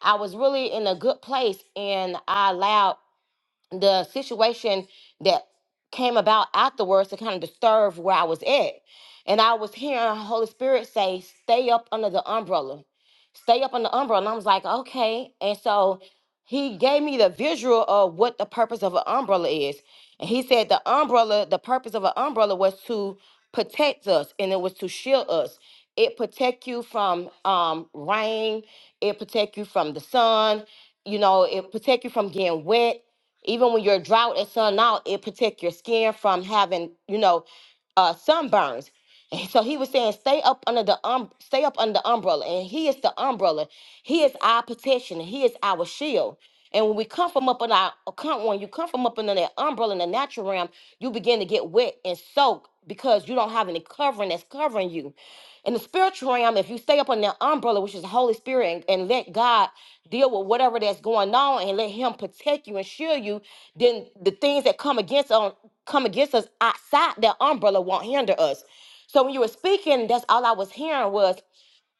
S8: I was really in a good place and I allowed the situation that came about afterwards to kind of disturb where I was at. And I was hearing Holy Spirit say, stay up under the umbrella. Stay up under the umbrella. And I was like, okay. And so he gave me the visual of what the purpose of an umbrella is. And he said the umbrella, the purpose of an umbrella was to protect us and it was to shield us. It protect you from um, rain. It protect you from the sun. You know, it protect you from getting wet even when you're drought and sun out, it protect your skin from having, you know, uh, sunburns. And so he was saying, stay up under the um, stay up under the umbrella, and he is the umbrella. He is our protection. and He is our shield. And when we come from up in our come when you come from up under that umbrella in the natural realm, you begin to get wet and soak because you don't have any covering that's covering you. In the spiritual realm, if you stay up under that umbrella, which is the Holy Spirit, and, and let God deal with whatever that's going on and let Him protect you and shield you, then the things that come against on come against us outside that umbrella won't hinder us. So when you were speaking, that's all I was hearing was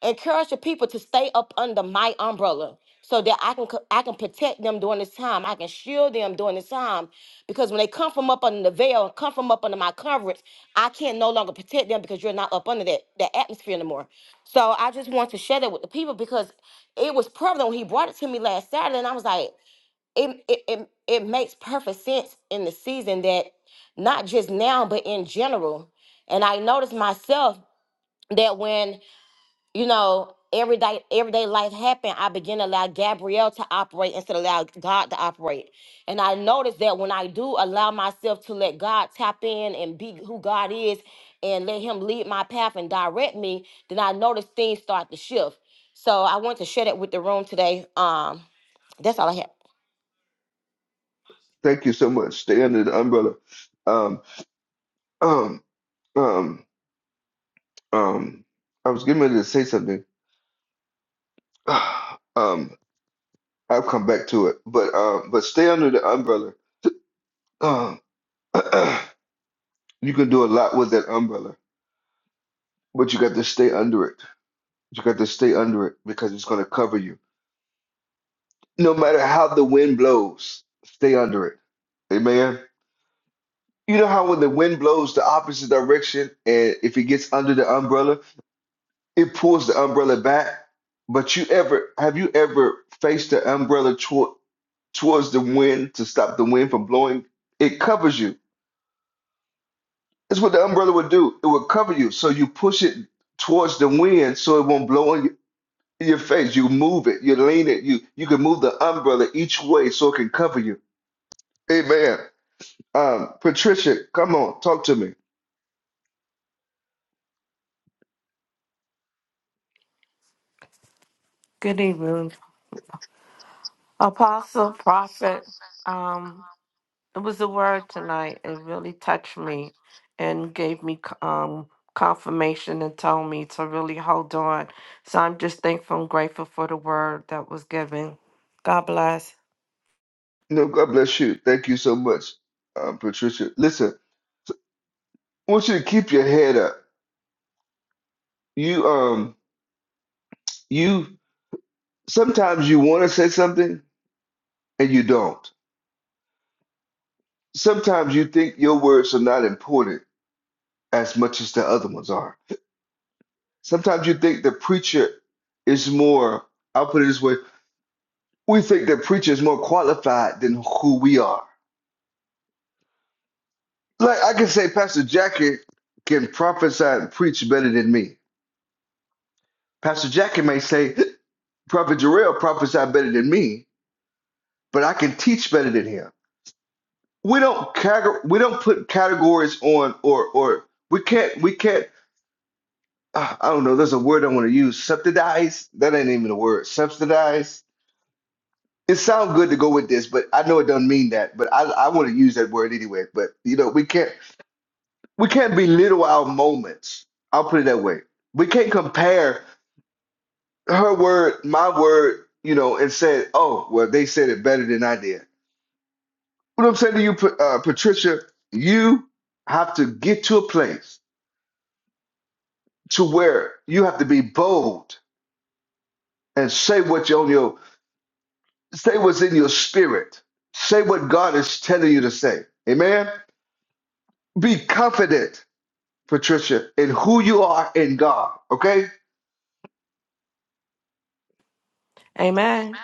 S8: encourage the people to stay up under my umbrella so that I can co- I can protect them during this time. I can shield them during this time because when they come from up under the veil, come from up under my coverage, I can no longer protect them because you're not up under that that atmosphere anymore. So I just want to share that with the people because it was prevalent when he brought it to me last Saturday, and I was like it, it, it, it makes perfect sense in the season that not just now but in general and i noticed myself that when you know everyday everyday life happened i began to allow gabrielle to operate instead of allow god to operate and i noticed that when i do allow myself to let god tap in and be who god is and let him lead my path and direct me then i noticed things start to shift so i want to share that with the room today um that's all i had
S1: Thank you so much. Stay under the umbrella. Um, um, um, um. I was getting ready to say something. [sighs] Um, I'll come back to it. But um, but stay under the umbrella. Um, [clears throat] you can do a lot with that umbrella, but you got to stay under it. You got to stay under it because it's going to cover you No matter how the wind blows, stay under it. Amen. You know how when the wind blows the opposite direction, and if it gets under the umbrella, it pulls the umbrella back. But you ever have you ever faced the umbrella toward towards the wind to stop the wind from blowing? It covers you. That's what the umbrella would do. It would cover you, so you push it towards the wind, so it won't blow in your in your face. You move it, you lean it, you you can move the umbrella each way so it can cover you. Amen. Um, Patricia, come on, talk to me.
S3: Good evening. Apostle, prophet, um, it was the word tonight. It really touched me and gave me c- um, confirmation and told me to really hold on. So I'm just thankful and grateful for the word that was given. God bless.
S1: No, God bless you. Thank you so much, um, Patricia. Listen, I want you to keep your head up. You, um, you sometimes you want to say something and you don't. Sometimes you think your words are not important as much as the other ones are. Sometimes you think the preacher is more. I'll put it this way: we think the preacher is more qualified than who we are. Like I can say, Pastor Jackie can prophesy and preach better than me Pastor Jackie may say, Prophet Jarrell prophesied better than me, but I can teach better than him. We don't cate- we don't put categories on or or we can't we can't ah, I don't know. There's a word I want to use. Subsidize. That ain't even a word. Subsidize. It sounds good to go with this, but I know it doesn't mean that. But I I want to use that word anyway. But you know we can't we can't belittle our moments. I'll put it that way. We can't compare. her word, my word, you know, and said, "Oh, well, they said it better than I did." What I'm saying to you, uh, Patricia, you have to get to a place to where you have to be bold and say what you on your say what's in your spirit. Say what God is telling you to say. Amen. Be confident, Patricia, in who you are in God. Okay.
S3: Amen.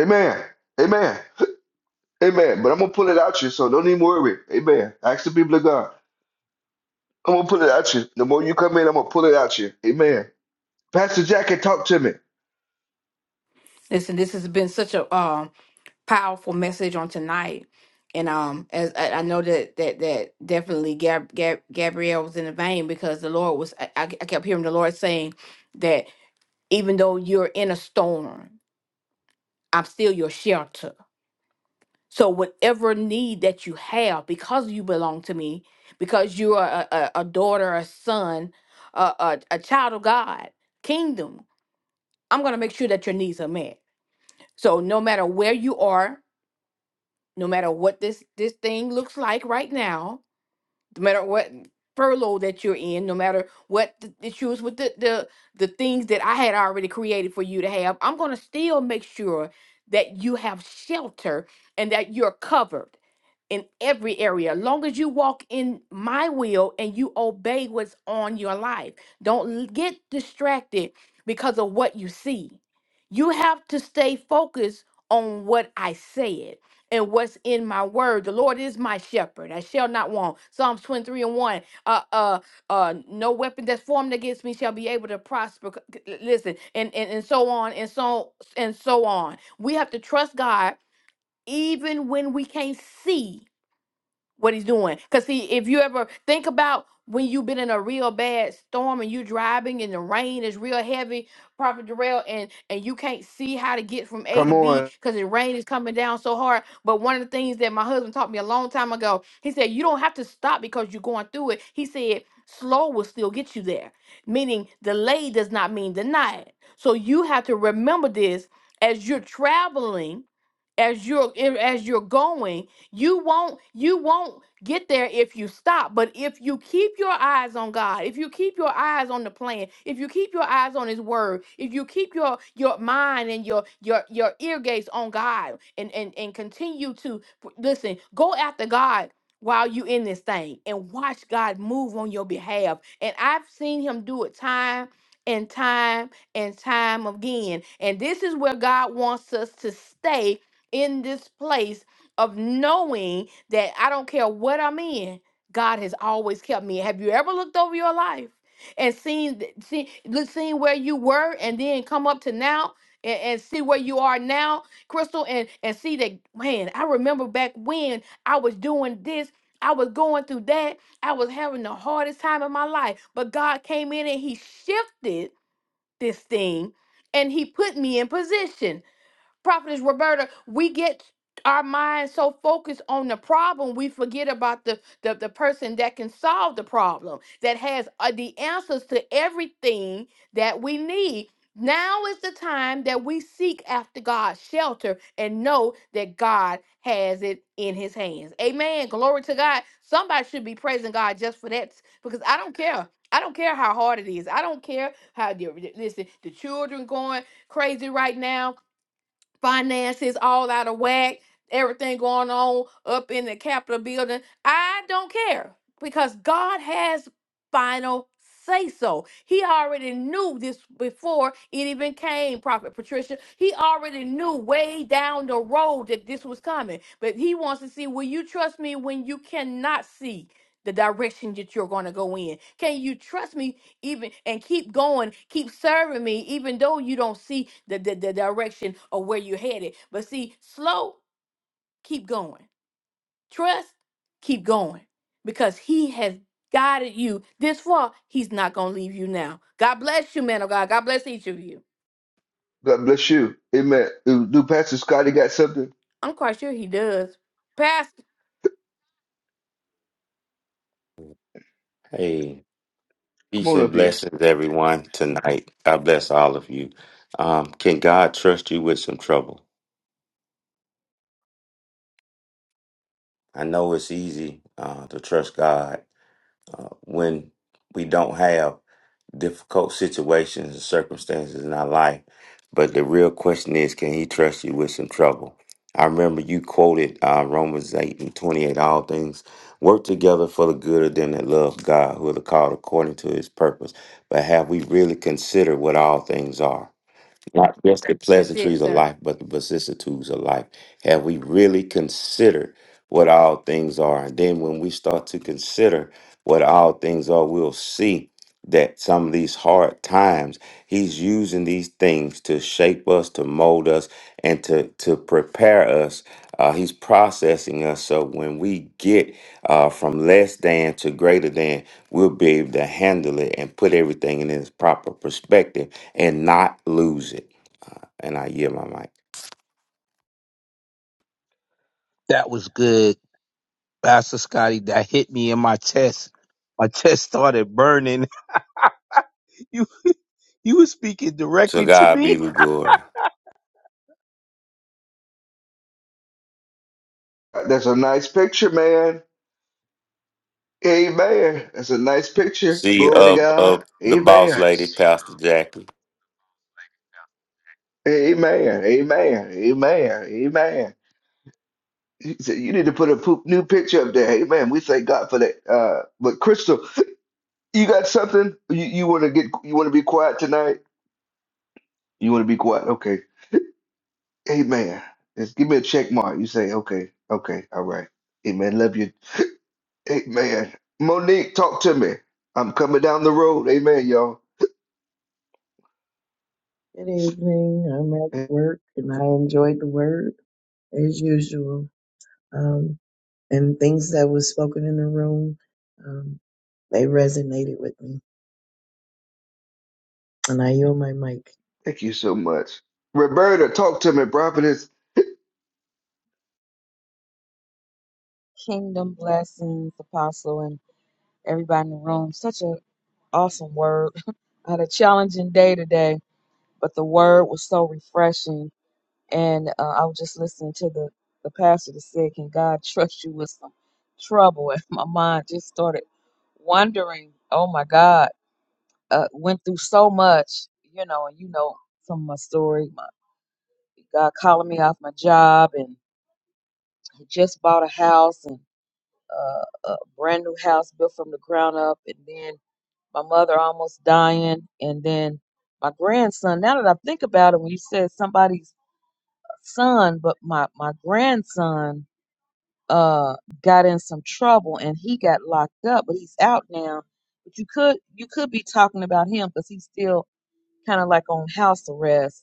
S1: Amen. Amen. Amen. But I'm gonna pull it out you, so don't even worry. Amen. Ask the people of God. I'm gonna pull it at you. The more you come in, I'm gonna pull it at you. Amen. Pastor Jackie, talk to me.
S6: Listen, this has been such a um powerful message on tonight. And um as I, I know that that that definitely Gab, Gab, Gabrielle was in the vein because the Lord was I, I I kept hearing the Lord saying that even though you're in a storm, I'm still your shelter. So, whatever need that you have, because you belong to me, because you are a, a, a daughter, a son, a, a, a child of God, kingdom, I'm going to make sure that your needs are met. So, no matter where you are, no matter what this, this thing looks like right now, no matter what furlough that you're in, no matter what the issues with the, the the things that I had already created for you to have, I'm gonna still make sure that you have shelter and that you're covered in every area. Long as you walk in my will and you obey what's on your life. Don't l- get distracted because of what you see. You have to stay focused on what I said and what's in my word. The Lord is my shepherd. I shall not want. Psalms 23 and 1. Uh uh uh no weapon that's formed against me shall be able to prosper. C- c- Listen, and, and and so on and so and so on. We have to trust God even when we can't see what he's doing. Cause see, if you ever think about when you've been in a real bad storm and you driving and the rain is real heavy, Prophet Darrell, and and you can't see how to get from A
S1: Come
S6: to B
S1: on.
S6: because the rain is coming down so hard. But one of the things that my husband taught me a long time ago, he said, you don't have to stop because you're going through it. He said, slow will still get you there. Meaning delay does not mean denied. So you have to remember this as you're traveling as you're eh, as you're going you won't you won't get there if you stop, but if you keep your eyes on God, if you keep your eyes on the plan, if you keep your eyes on his word, if you keep your your mind and your your your ear gates on God and and and continue to listen, go after God while you in this thing and watch God move on your behalf. And I've seen him do it time and time and time again. And this is where God wants us to stay in this place of knowing that I don't care what I'm in, God has always kept me. Have you ever looked over your life and seen th- see, look- seen where you were and then come up to now and, and see where you are now, Crystal, and, and see that, man, I remember back when I was doing this. I was going through that. I was having the hardest time in my life. But God came in and He shifted this thing and He put me in position. Prophetess Roberta, we get our minds so focused on the problem, we forget about the, the, the person that can solve the problem, that has uh, the answers to everything that we need. Now is the time that we seek after God's shelter and know that God has it in his hands. Amen. Glory to God. Somebody should be praising God just for that because I don't care. I don't care how hard it is. I don't care how, the- listen, the children going crazy right now finances all out of whack, everything going on up in the Capitol building. I don't care because God has final say so. He already knew this before it even came, Prophet Patricia. He already knew way down the road that this was coming. But he wants to see will you trust me when you cannot see? The direction that you're going to go in. Can you trust me even and keep going keep serving me even though you don't see the, the, the direction of where you're headed but see slow keep going trust keep going because he has guided you this far he's not gonna leave you now god bless you man of god god bless each of you
S1: God bless you. Amen. Do, do Pastor Scotty got something?
S6: i'm quite sure he does pastor
S9: Hey,
S1: Come
S9: peace
S1: on
S9: and
S1: up here.
S9: blessings, everyone, tonight. God bless all of you. Um, can God trust you with some trouble? I know it's easy uh, to trust God uh, when we don't have difficult situations and circumstances in our life, but the real question is can He trust you with some trouble? I remember you quoted uh, Romans 8 and 28 all things work together for the good of them that love God, who are the called according to His purpose. But have we really considered what all things are? Not just the
S6: that's it
S9: pleasantries of
S6: sir
S9: life, but the vicissitudes of life. Have we really considered what all things are? And then when we start to consider what all things are, we'll see that some of these hard times, he's using these things to shape us, to mold us, and to, to prepare us. Uh, he's processing us so when we get uh, from less than to greater than, we'll be able to handle it and put everything in its proper perspective and not lose it. And I yield my mic.
S10: That was good, Pastor Scotty. That hit me in my chest. My [laughs] chest started burning. [laughs] You you were speaking
S9: To
S10: directly to
S9: God
S10: me.
S9: be the glory.
S1: That's a nice picture, man. Amen. That's a nice picture.
S9: See
S1: Glory to
S9: up
S1: God.
S9: up the boss
S1: Amen.
S9: lady, Pastor Jackie.
S1: Amen. Amen. Amen. Amen. He said, You need to put a poop new picture up there. Amen. We thank God for that. Uh, but Crystal, you got something? You, you want to get? You want to be quiet tonight? You want to be quiet? Okay. Amen. Just give me a check mark. You say, okay, okay, all right. Amen. Love you. Amen. Monique, talk to me. I'm coming down the road. Amen, y'all.
S11: Good evening. I'm at
S1: And
S11: work and I enjoyed the word as usual. Um, and things that was spoken in the room, um, they resonated with me. And I yield my mic.
S1: Thank you so much. Roberta, talk to me, prophetess.
S12: Kingdom blessings, Apostle, and everybody in the room. Such a awesome word. I had a challenging day today, but the word was so refreshing. And uh, I was just listening to the, the pastor that said, Can God [laughs] trust you with some trouble? [laughs] And my mind just started wondering, Oh my God, uh, went through so much, you know, and you know some of my story. My God calling me off my job, and I just bought a house, and. a, a brand new house built from the ground up, and then my mother almost dying, and then my grandson. Now that I think about it, when you said somebody's son, but my my grandson uh got in some trouble and he got locked up, but he's out now. But you could you could be talking about him because he's still kind of like on house arrest.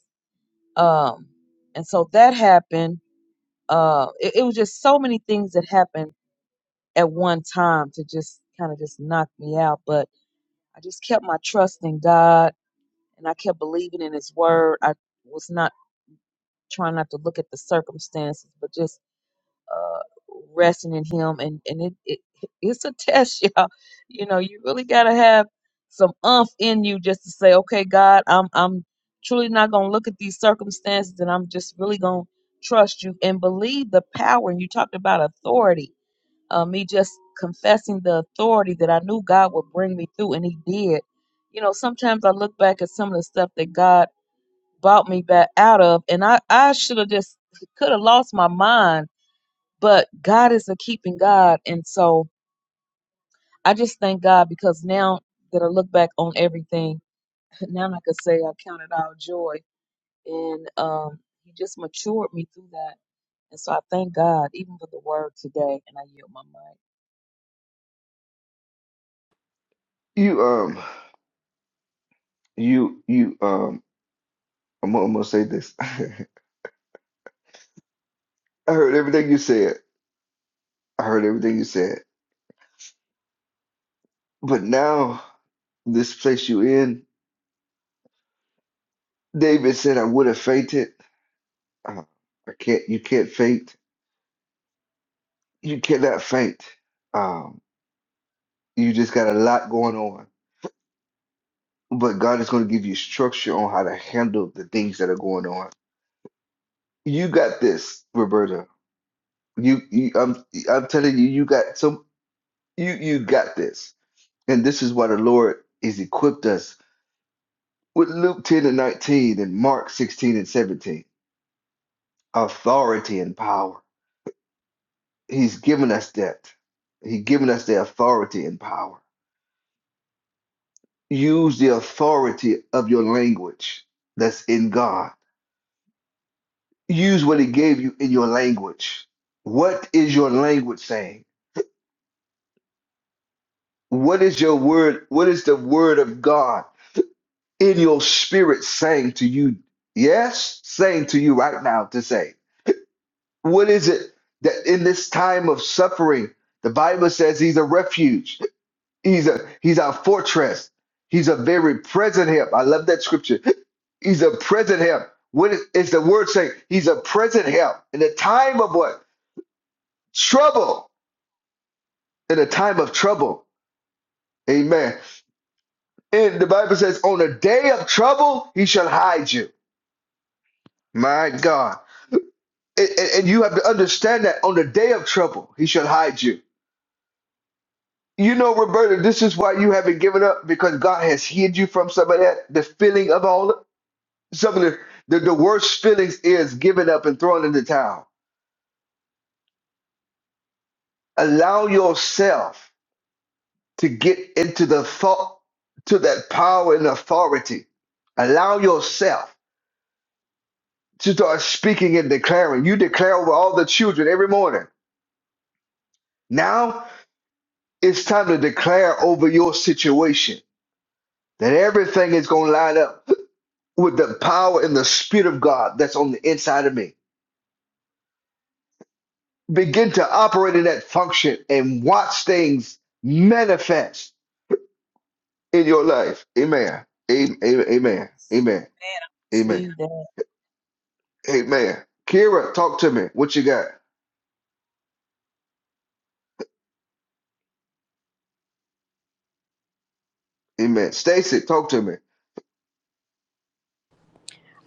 S12: Um, and so that happened. Uh, it, it was just so many things that happened at one time to just kind of just knock me out. But I just kept my trust in God and I kept believing in His word. I was not trying not to look at the circumstances, but just uh, resting in Him. And, and it, it it's a test, [laughs] y'all. You know, you really got to have some umph in you just to say, okay, God, I'm, I'm truly not going to look at these circumstances and I'm just really going to trust you and believe the power. And you talked about authority uh, me just confessing the authority that I knew God would bring me through, and He did. You know, sometimes I look back at some of the stuff that God brought me back out of, and I, I should have just could have lost my mind, but God is a keeping God. And so I just thank God because now that I look back on everything, [laughs] now I can say I counted all joy. And um, He just matured me through that. And so I thank God even for the word today, and I yield my mic.
S1: You um you you um I'm, gonna- I'm gonna say this. [laughs] I heard everything you said. I heard everything you said. But now this place you in, David said I would have fainted. Uh, I can't you can't faint. You cannot faint. Um. You just got a lot going on. But God is going to give you structure on how to handle the things that are going on. You got this, Roberta. You, you I'm I'm telling you, you got some you you got this. And this is why the Lord is equipped us with Luke 10 and 19 and Mark 16 and 17. Authority and power. He's given us that. He's given us the authority and power. Use the authority of your language that's in God use what it gave you in your language. What is your language saying? What is your word? What is the word of God in your spirit saying to you? Yes, saying to you right now to say. What is it that in this time of suffering, the Bible says he's a refuge. He's a he's our fortress. He's a very present help. I love that scripture. He's a present help. What is, is the word saying? He's a present help in the time of what? Trouble. in a time of trouble. Amen. And the Bible says, on a day of trouble, he shall hide you. My God. And, and- you have to understand that on the day of trouble, he shall hide you. You know, Roberta, this is why you haven't given up because God has hid you from some of that. The feeling of all, some of the, the, the worst feelings is giving up and throwing in the towel. Allow yourself to get into the thought, to that power and authority. Allow yourself to start speaking and declaring. You declare over all the children every morning. Now it's time to declare over your situation that everything is going to line up with the power and the spirit of God that's on the inside of me. Begin to operate in that function and watch things manifest in your life. Amen. Amen. Amen.
S12: Yes.
S1: Amen.
S12: Man, I
S1: Amen.
S12: receive that.
S1: Amen. Kira, talk to me. What you got? Amen. Stacy, talk to me.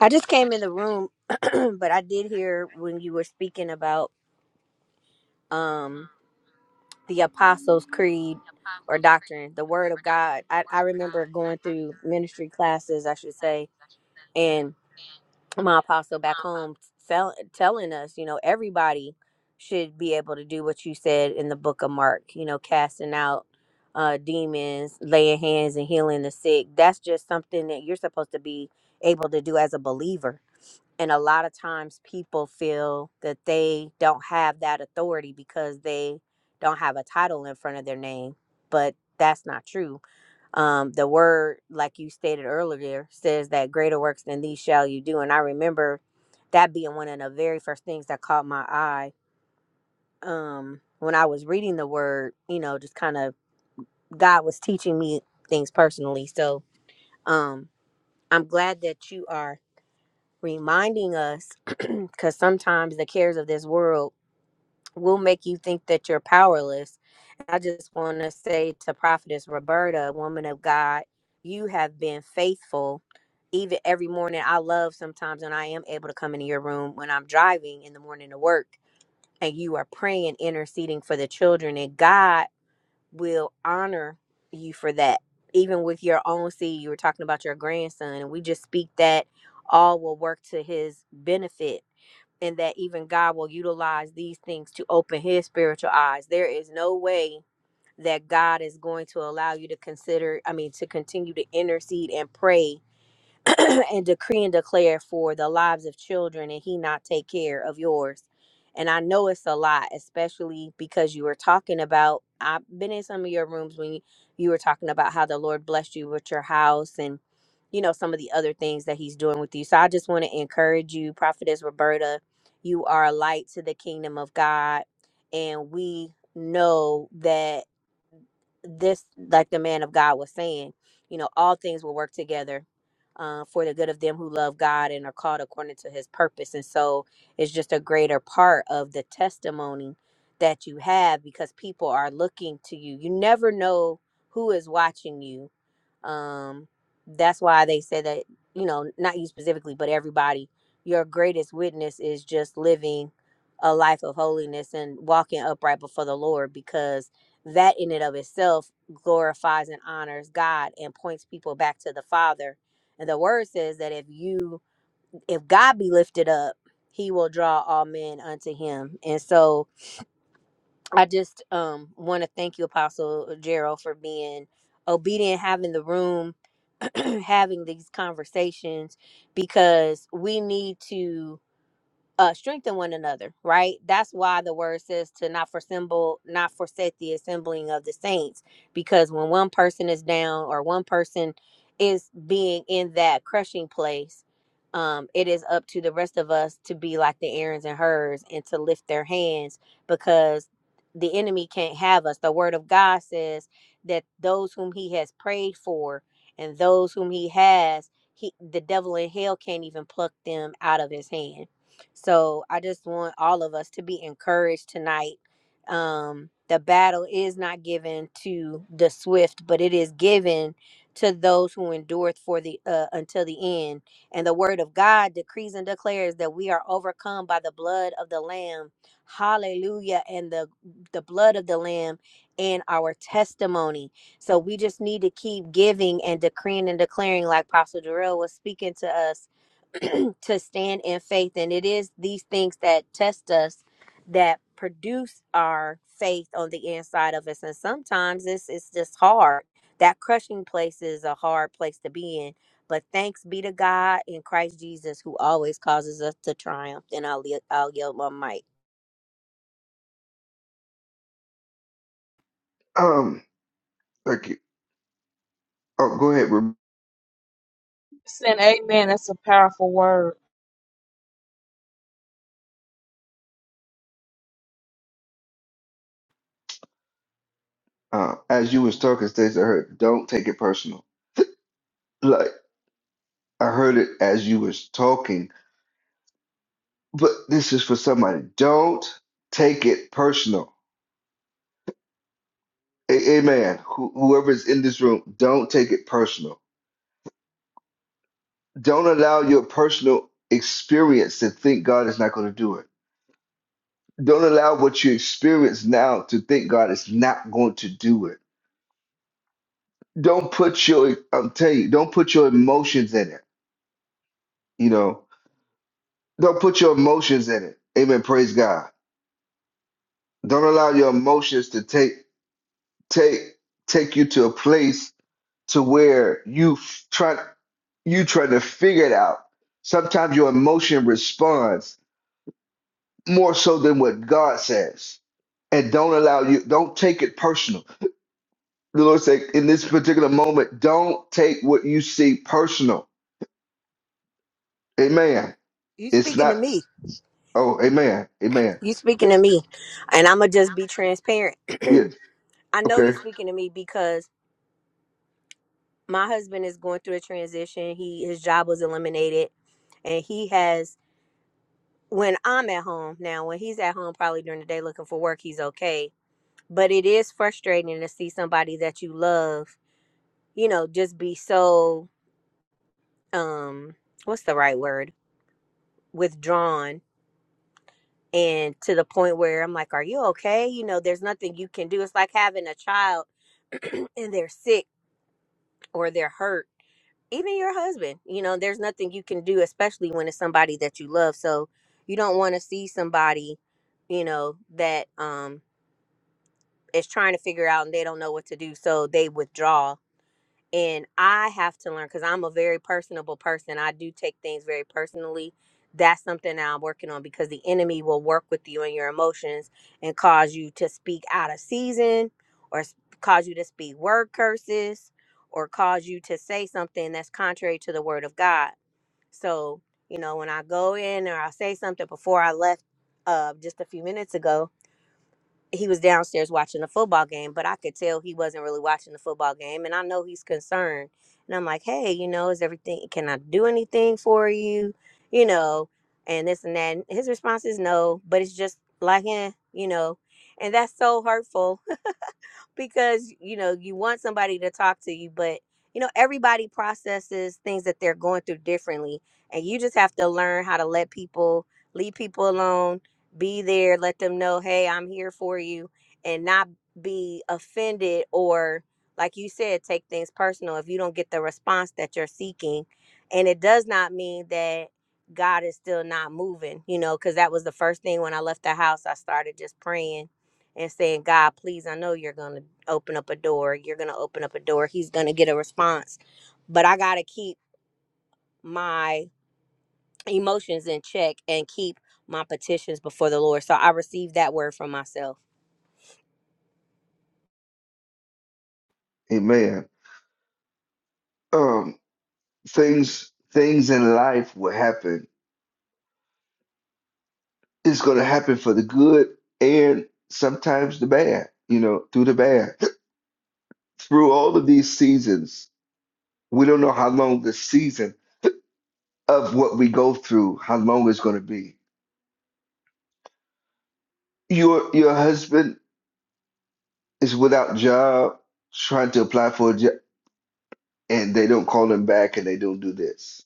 S7: I just came in the room, [clears throat] but I did hear when you were speaking about um the Apostles' Creed or doctrine, the Word of God. I, I remember going through ministry classes, I should say, my apostle back home tell, telling us, you know, everybody should be able to do what you said in the book of Mark, you know, casting out uh, demons, laying hands and healing the sick. That's just something that you're supposed to be able to do as a believer. And a lot of times people feel that they don't have that authority because they don't have a title in front of their name. But that's not true um, the word, like you stated earlier, says that greater works than these shall you do. And I remember that being one of the very first things that caught my eye um, when I was reading the word, you know, just kind of God was teaching me things personally. So um, I'm glad that you are reminding us because sometimes the cares of this world will make you think that you're powerless. And I just want to say to Prophetess Roberta, woman of God, you have been faithful. Even every morning, I love sometimes when I am able to come into your room when I'm driving in the morning to work and you are praying, interceding for the children, and God will honor you for that. Even with your own seed, you were talking about your grandson, and we just speak that all will work to his benefit and that even God will utilize these things to open his spiritual eyes. There is no way that God is going to allow you to consider, I mean, to continue to intercede and pray [clears throat] and decree and declare for the lives of children and he not take care of yours and i know it's a lot especially because you were talking about i've been in some of your rooms when you, you were talking about how the lord blessed you with your house and you know some of the other things that he's doing with you so i just want to encourage you prophetess roberta you are a light to the kingdom of god and we know that this like the man of god was saying you know all things will work together uh, for the good of them who love god and are called according to his purpose and so it's just a greater part of the testimony that you have because people are looking to you you never know who is watching you um, that's why they said that, you know, not you specifically, but everybody, your greatest witness is just living a life of holiness and walking upright before the Lord because that in and of itself glorifies and honors God and points people back to the Father. And the word says that if you if God be lifted up, he will draw all men unto him. And so I just um want to thank you, Apostle Gerald, for being obedient, having the room, [clears throat] having these conversations, because we need to uh, strengthen one another, right? That's why the word says to not forsemble, not forsake the assembling of the saints, because when one person is down or one person is being in that crushing place, um, it is up to the rest of us to be like the Aaron's and hers and to lift their hands because the enemy can't have us. The word of God says that those whom he has prayed for and those whom he has, he the devil in hell can't even pluck them out of his hand so I just want all of us to be encouraged tonight. Um, the battle is not given to the swift, but it is given to those who endureth for the uh, until the end. And the word of God decrees and declares that we are overcome by the blood of the Lamb. Hallelujah! And the the blood of the Lamb and our testimony. So we just need to keep giving and decreeing and declaring, like Pastor Darrell was speaking to us to stand in faith. And it is these things that test us that produce our faith on the inside of us. And sometimes it's it's just hard. That crushing place is a hard place to be in. But thanks be to God in Christ Jesus who always causes us to triumph. And I'll ye- I'll yell my mic.
S1: Um, thank you. Oh, go ahead.
S12: Listen, amen. That's a powerful word.
S1: Uh, as you was talking, Stacey, I heard, don't take it personal. [laughs] Like, I heard it as you was talking, but this is for somebody. Don't take it personal. A- amen. Wh- Whoever is in this room, don't take it personal. Don't allow your personal experience to think God is not going to do it. Don't allow what you experience now to think God is not going to do it. Don't put your, I'm telling you, don't put your emotions in it. You know, don't put your emotions in it. Amen. Praise God Don't allow your emotions to take take take you to a place to where you f- try you try to figure it out. Sometimes your emotion responds more so than what God says. And don't allow you don't take it personal. The Lord said in this particular moment, don't take what you see personal. Amen.
S7: You
S1: It's
S7: speaking
S1: not
S7: to me.
S1: oh, amen. Amen.
S7: You speaking to me. And I'ma just be transparent.
S1: Yeah,
S7: [clears throat] I know
S1: okay.
S7: you speaking to me because my husband is going through a transition. He his job was eliminated and he has when I'm at home now, when he's at home probably during the day looking for work, he's okay. But it is frustrating to see somebody that you love, you know, just be so um what's the right word? withdrawn and to the point where I'm like, "Are you okay?" You know, there's nothing you can do. It's like having a child [clears throat] and they're sick or they're hurt. Even your husband, you know, there's nothing you can do, especially when it's somebody that you love. So you don't want to see somebody, you know, that um is trying to figure out and they don't know what to do so they withdraw and i have to learn because i'm a very personable person i do take things very personally that's something that i'm working on because the enemy will work with you and your emotions and cause you to speak out of season or s- cause you to speak word curses or cause you to say something that's contrary to the word of god so you know when i go in or i say something before i left uh, just a few minutes ago he was downstairs watching the football game, but I could tell he wasn't really watching the football game. And I know he's concerned. And I'm like, hey, you know, is everything, can I do anything for you? You know, and this and that. And his response is no, but it's just like, eh, you know, and that's so hurtful because you know you want somebody to talk to you but you know everybody processes things that they're going through differently and you just have to learn how to let people leave people alone be there let them know hey i'm here for you and not be offended or like you said take things personal if you don't get the response that you're seeking and it does not mean that god is still not moving you know because that was the first thing when i left the house i started just praying and saying, God, please, I know you're going to open up a door. You're going to open up a door. He's going to get a response. But I got to keep my emotions in check and keep my petitions before the Lord. So I received that word from myself.
S1: Amen. Um things things in life will happen it's going to happen for the good and sometimes the bad, you know, through the bad. [laughs] Through all of these seasons, we don't know how long the season of what we go through, how long it's going to be. Your your husband is without job, trying to apply for a job, and they don't call him back and they don't do this.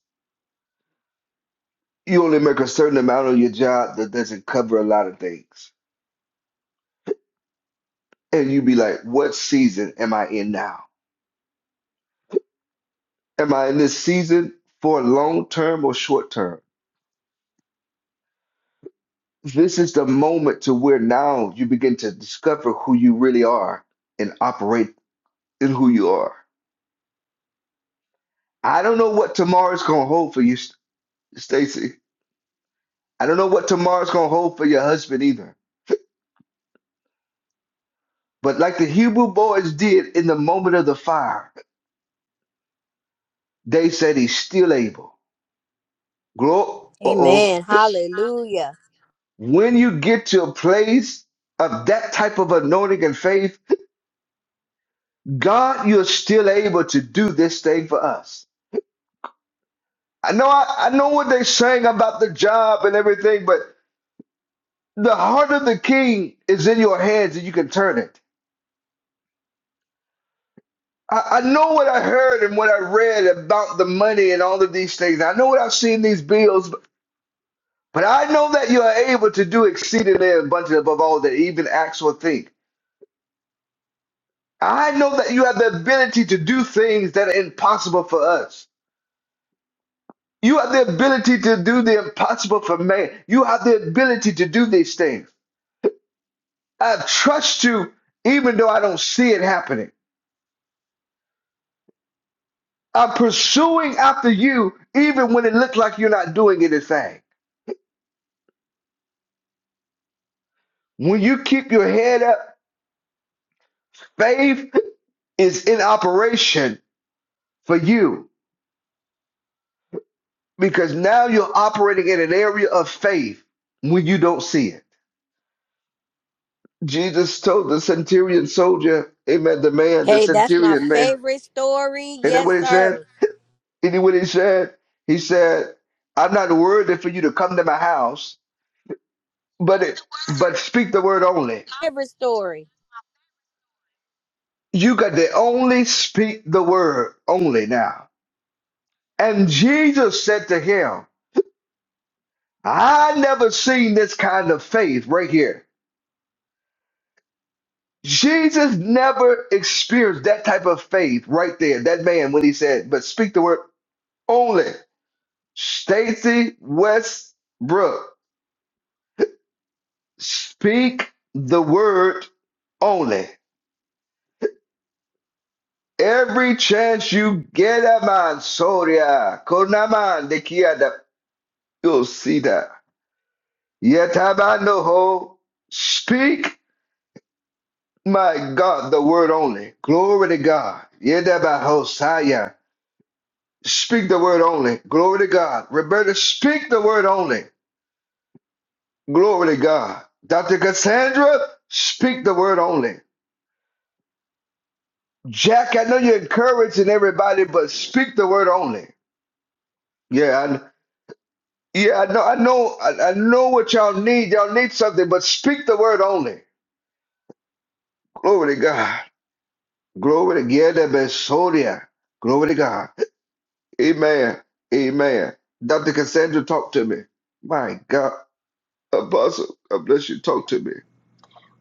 S1: You only make a certain amount on your job that doesn't cover a lot of things. And you be like, what season am I in now? Am I in this season for long term or short term? This is the moment to where now you begin to discover who you really are and operate in who you are. I don't know what tomorrow's gonna hold for you, Stacy. I don't know what tomorrow's gonna hold for your husband either. But like the Hebrew boys did in the moment of the fire, they said he's still able. Grow. Uh-oh.
S7: Amen. Hallelujah.
S1: When you get to a place of that type of anointing and faith, God, you're still able to do this thing for us. I know I, I know what they saying about the job and everything, but the heart of the king is in your hands and you can turn it. I, I know what I heard and what I read about the money and all of these things. I know what I've seen these bills, but, but I know that you are able to do exceedingly abundantly above all that even acts or think. I know that you have the ability to do things that are impossible for us. You have the ability to do the impossible for man. You have the ability to do these things. I trust you even though I don't see it happening. I'm pursuing after you even when it looks like you're not doing anything. When you keep your head up, faith is in operation for you because now you're operating in an area of faith when you don't see it. Jesus told the centurion soldier, Amen, the man, the
S7: Hey, that's my
S1: centurion man.
S7: favorite story.
S1: Isn't that
S7: Yes,
S1: what he said?
S7: sir.
S1: Isn't that what he said? He said, I'm not worthy for you to come to my house But it, but speak the word only.
S7: Favorite story.
S1: You got to only speak the word only now. And Jesus said to him, I never seen this kind of faith right here. Jesus never experienced that type of faith right there. That man, when he said, but speak the word only. Stacy Westbrook, speak the word only. Every chance you get a man, Soria, Konaman, You'll see that. Yet have I no hope. Speak, my God, the word only. Glory to God. Yet have I Hosea. Speak the word only. Glory to God. Roberta, speak the word only. Glory to God. Dr. Cassandra, speak the word only. Jack, I know you're encouraging everybody, but speak the word only. Yeah, I, yeah, I know, I know, I, I know what y'all need. Y'all need something, but speak the word only. Glory to God. Glory to God. Glory to God. Amen. Amen. Dr. Cassandra, talk to me. My God. Apostle, God bless you. Talk to me.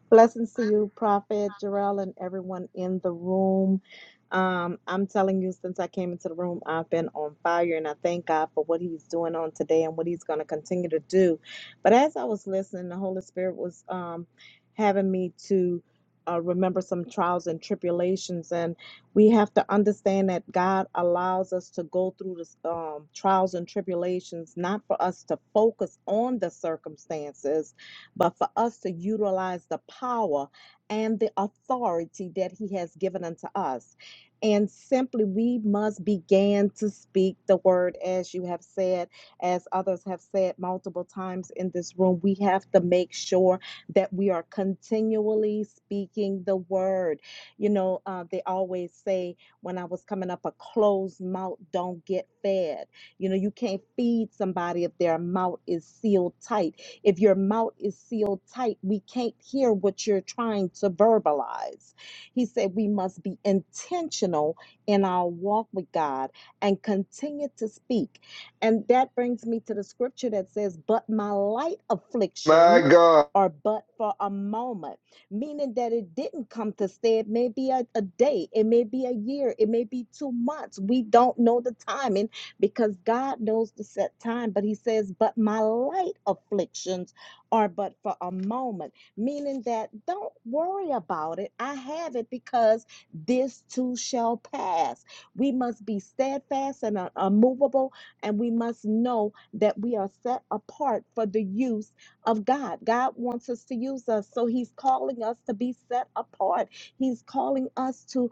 S13: Blessings to you, Prophet Jarrell, and everyone in the room. Um, I'm telling you, since I came into the room, I've been on fire, and I thank God for what He's doing on today and what He's going to continue to do. But as I was listening, the Holy Spirit was um, having me to uh, remember some trials and tribulations, and we have to understand that God allows us to go through this, um, trials and tribulations, not for us to focus on the circumstances, but for us to utilize the power and the authority that He has given unto us. And simply, we must begin to speak the word as you have said, as others have said multiple times in this room. We have to make sure that we are continually speaking the word. You know, uh, they always say when I was coming up, a closed mouth don't get fed. You know, you can't feed somebody if their mouth is sealed tight if your mouth is sealed tight, we can't hear what you're trying to verbalize. He said we must be intentional in our walk with God and continue to speak. And that brings me to the scripture that says, But my light
S1: My
S13: afflictions
S1: God.
S13: are but for a moment, meaning that it didn't come to stay. It may be a, a day, it may be a year, it may be two months. We don't know the time because God knows the set time, but He says, But my light afflictions are but for a moment, meaning that don't worry about it. I have it because this too shall pass. We must be steadfast and un- unmovable, and we must know that we are set apart for the use of God. God wants us to use us, so He's calling us to be set apart. He's calling us to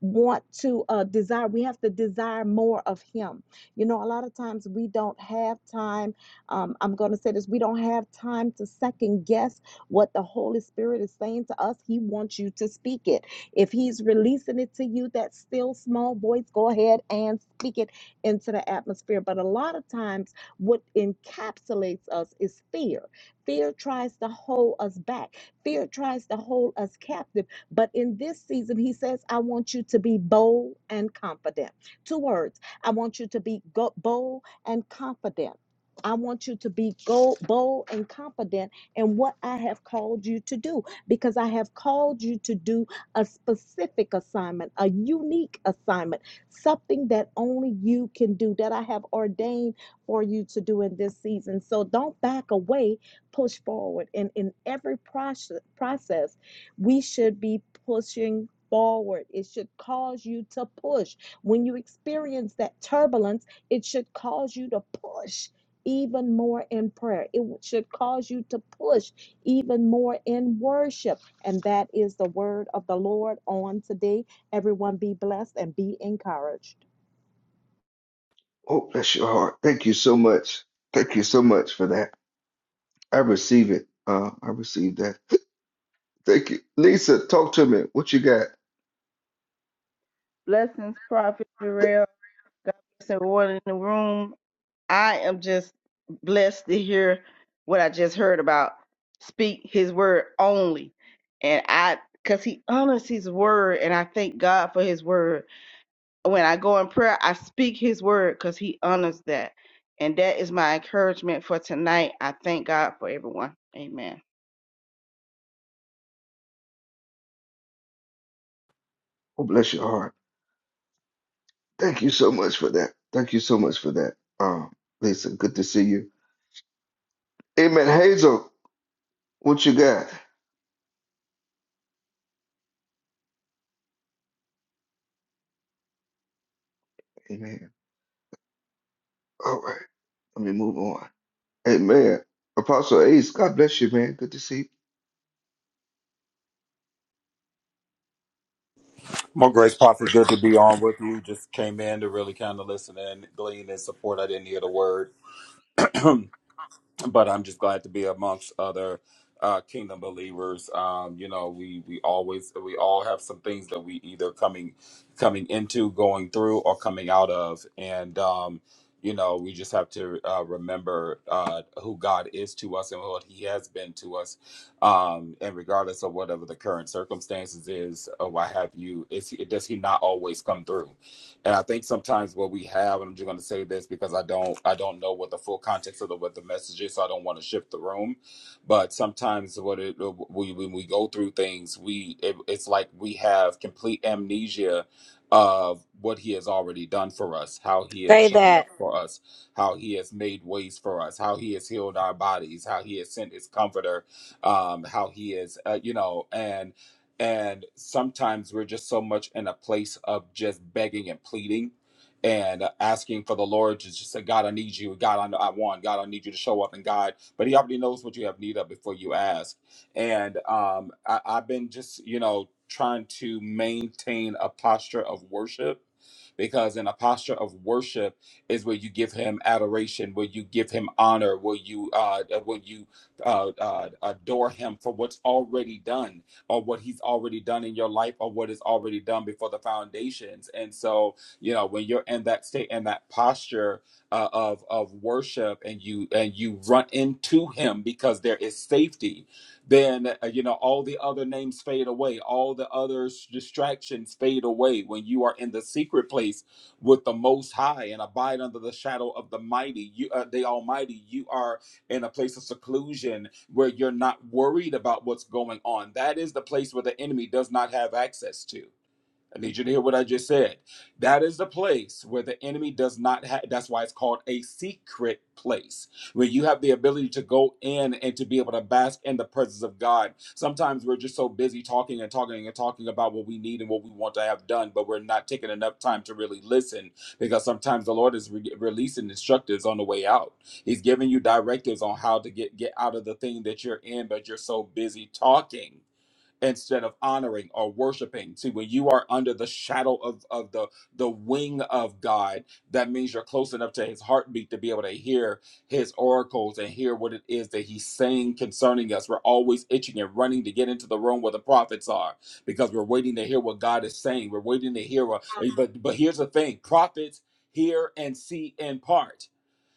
S13: want to uh, desire, we have to desire more of Him you know, a lot of times we don't have time. Um, I'm going to say this we don't have time to second guess what the Holy Spirit is saying to us. He wants you to speak it. If He's releasing it to you, that still small voice, go ahead and speak it into the atmosphere. But a lot of times, what encapsulates us is fear. Fear tries to hold us back, fear tries to hold us captive. But in this season, He says, I want you to be bold and confident. Two words I want you to be go- bold and confident. I want you to be go- bold and confident in what I have called you to do because I have called you to do a specific assignment, a unique assignment, something that only you can do, that I have ordained for you to do in this season. So don't back away, push forward. And in every process, process we should be pushing forward. It should cause you to push. When you experience that turbulence, it should cause you to push even more in prayer. It w- should cause you to push even more in worship. And that is the word of the Lord on today. Everyone be blessed and be encouraged.
S1: Oh, bless your heart. Thank you so much. Thank you so much for that. I receive it. Uh, I receive that. Thank you. Lisa, talk to me. What you got?
S14: Blessings, Prophet Jarrell. God bless everyone in the room. I am just blessed to hear what I just heard about. Speak his word only. And I, because he honors his word, and I thank God for his word. When I go in prayer, I speak his word because he honors that. And that is my encouragement for tonight. I thank God for everyone. Amen.
S1: Oh, bless your heart. Thank you so much for that. Thank you so much for that. Um, Lisa, good to see you. Amen. Hazel, what you got? Amen. All right. Let me move on. Amen. Apostle Ace, God bless you, man. Good to see you.
S15: More grace, prophet. Good to be on with you. Just came in to really kind of listen and glean and support. I didn't hear the word, [clears throat] but I'm just glad to be amongst other uh, kingdom believers. Um, you know, we we always we all have some things that we either coming coming into, going through, or coming out of, and um, you know, we just have to uh, remember uh, who God is to us and what He has been to us. Um, and regardless of whatever the current circumstances is, or what have you, is he, does He not always come through? And I think sometimes what we have, and I'm just going to say this because I don't, I don't know what the full context of the, what the message is, so I don't want to shift the room. But sometimes what it, we when we go through things, we it, it's like we have complete amnesia of what He has already done for us, how He has
S7: Say
S15: shown
S7: that.
S15: up for us, how He has made ways for us, how He has healed our bodies, how He has sent His Comforter, um, how He is, uh, you know, and and sometimes we're just so much in a place of just begging and pleading and uh, asking for the lord to just say god i need you god i, know I want god i need you to show up and god but he already knows what you have need of before you ask and um, I, i've been just you know trying to maintain a posture of worship because in a posture of worship is where you give him adoration where you give him honor where you uh, where you uh, uh, adore him for what's already done or what he's already done in your life or what is already done before the foundations. And so, you know, when you're in that state and that posture uh, of of worship and you and you run into him because there is safety, then uh, you know all the other names fade away, all the other s- distractions fade away when you are in the secret place with the most high and abide under the shadow of the mighty, you uh, the almighty, you are in a place of seclusion where you're not worried about what's going on. That is the place where the enemy does not have access to. I need you to hear what I just said. That is the place where the enemy does not have, that's why it's called a secret place, where you have the ability to go in and to be able to bask in the presence of God. Sometimes we're just so busy talking and talking and talking about what we need and what we want to have done, but we're not taking enough time to really listen because sometimes the Lord is re- releasing instructors on the way out. He's giving you directives on how to get, get out of the thing that you're in, but you're so busy talking instead of honoring or worshiping. See, when you are under the shadow of, of the, the wing of God, that means you're close enough to his heartbeat to be able to hear his oracles and hear what it is that he's saying concerning us. We're always itching and running to get into the room where the prophets are because we're waiting to hear what God is saying. We're waiting to hear what, but, but here's the thing prophets hear and see in part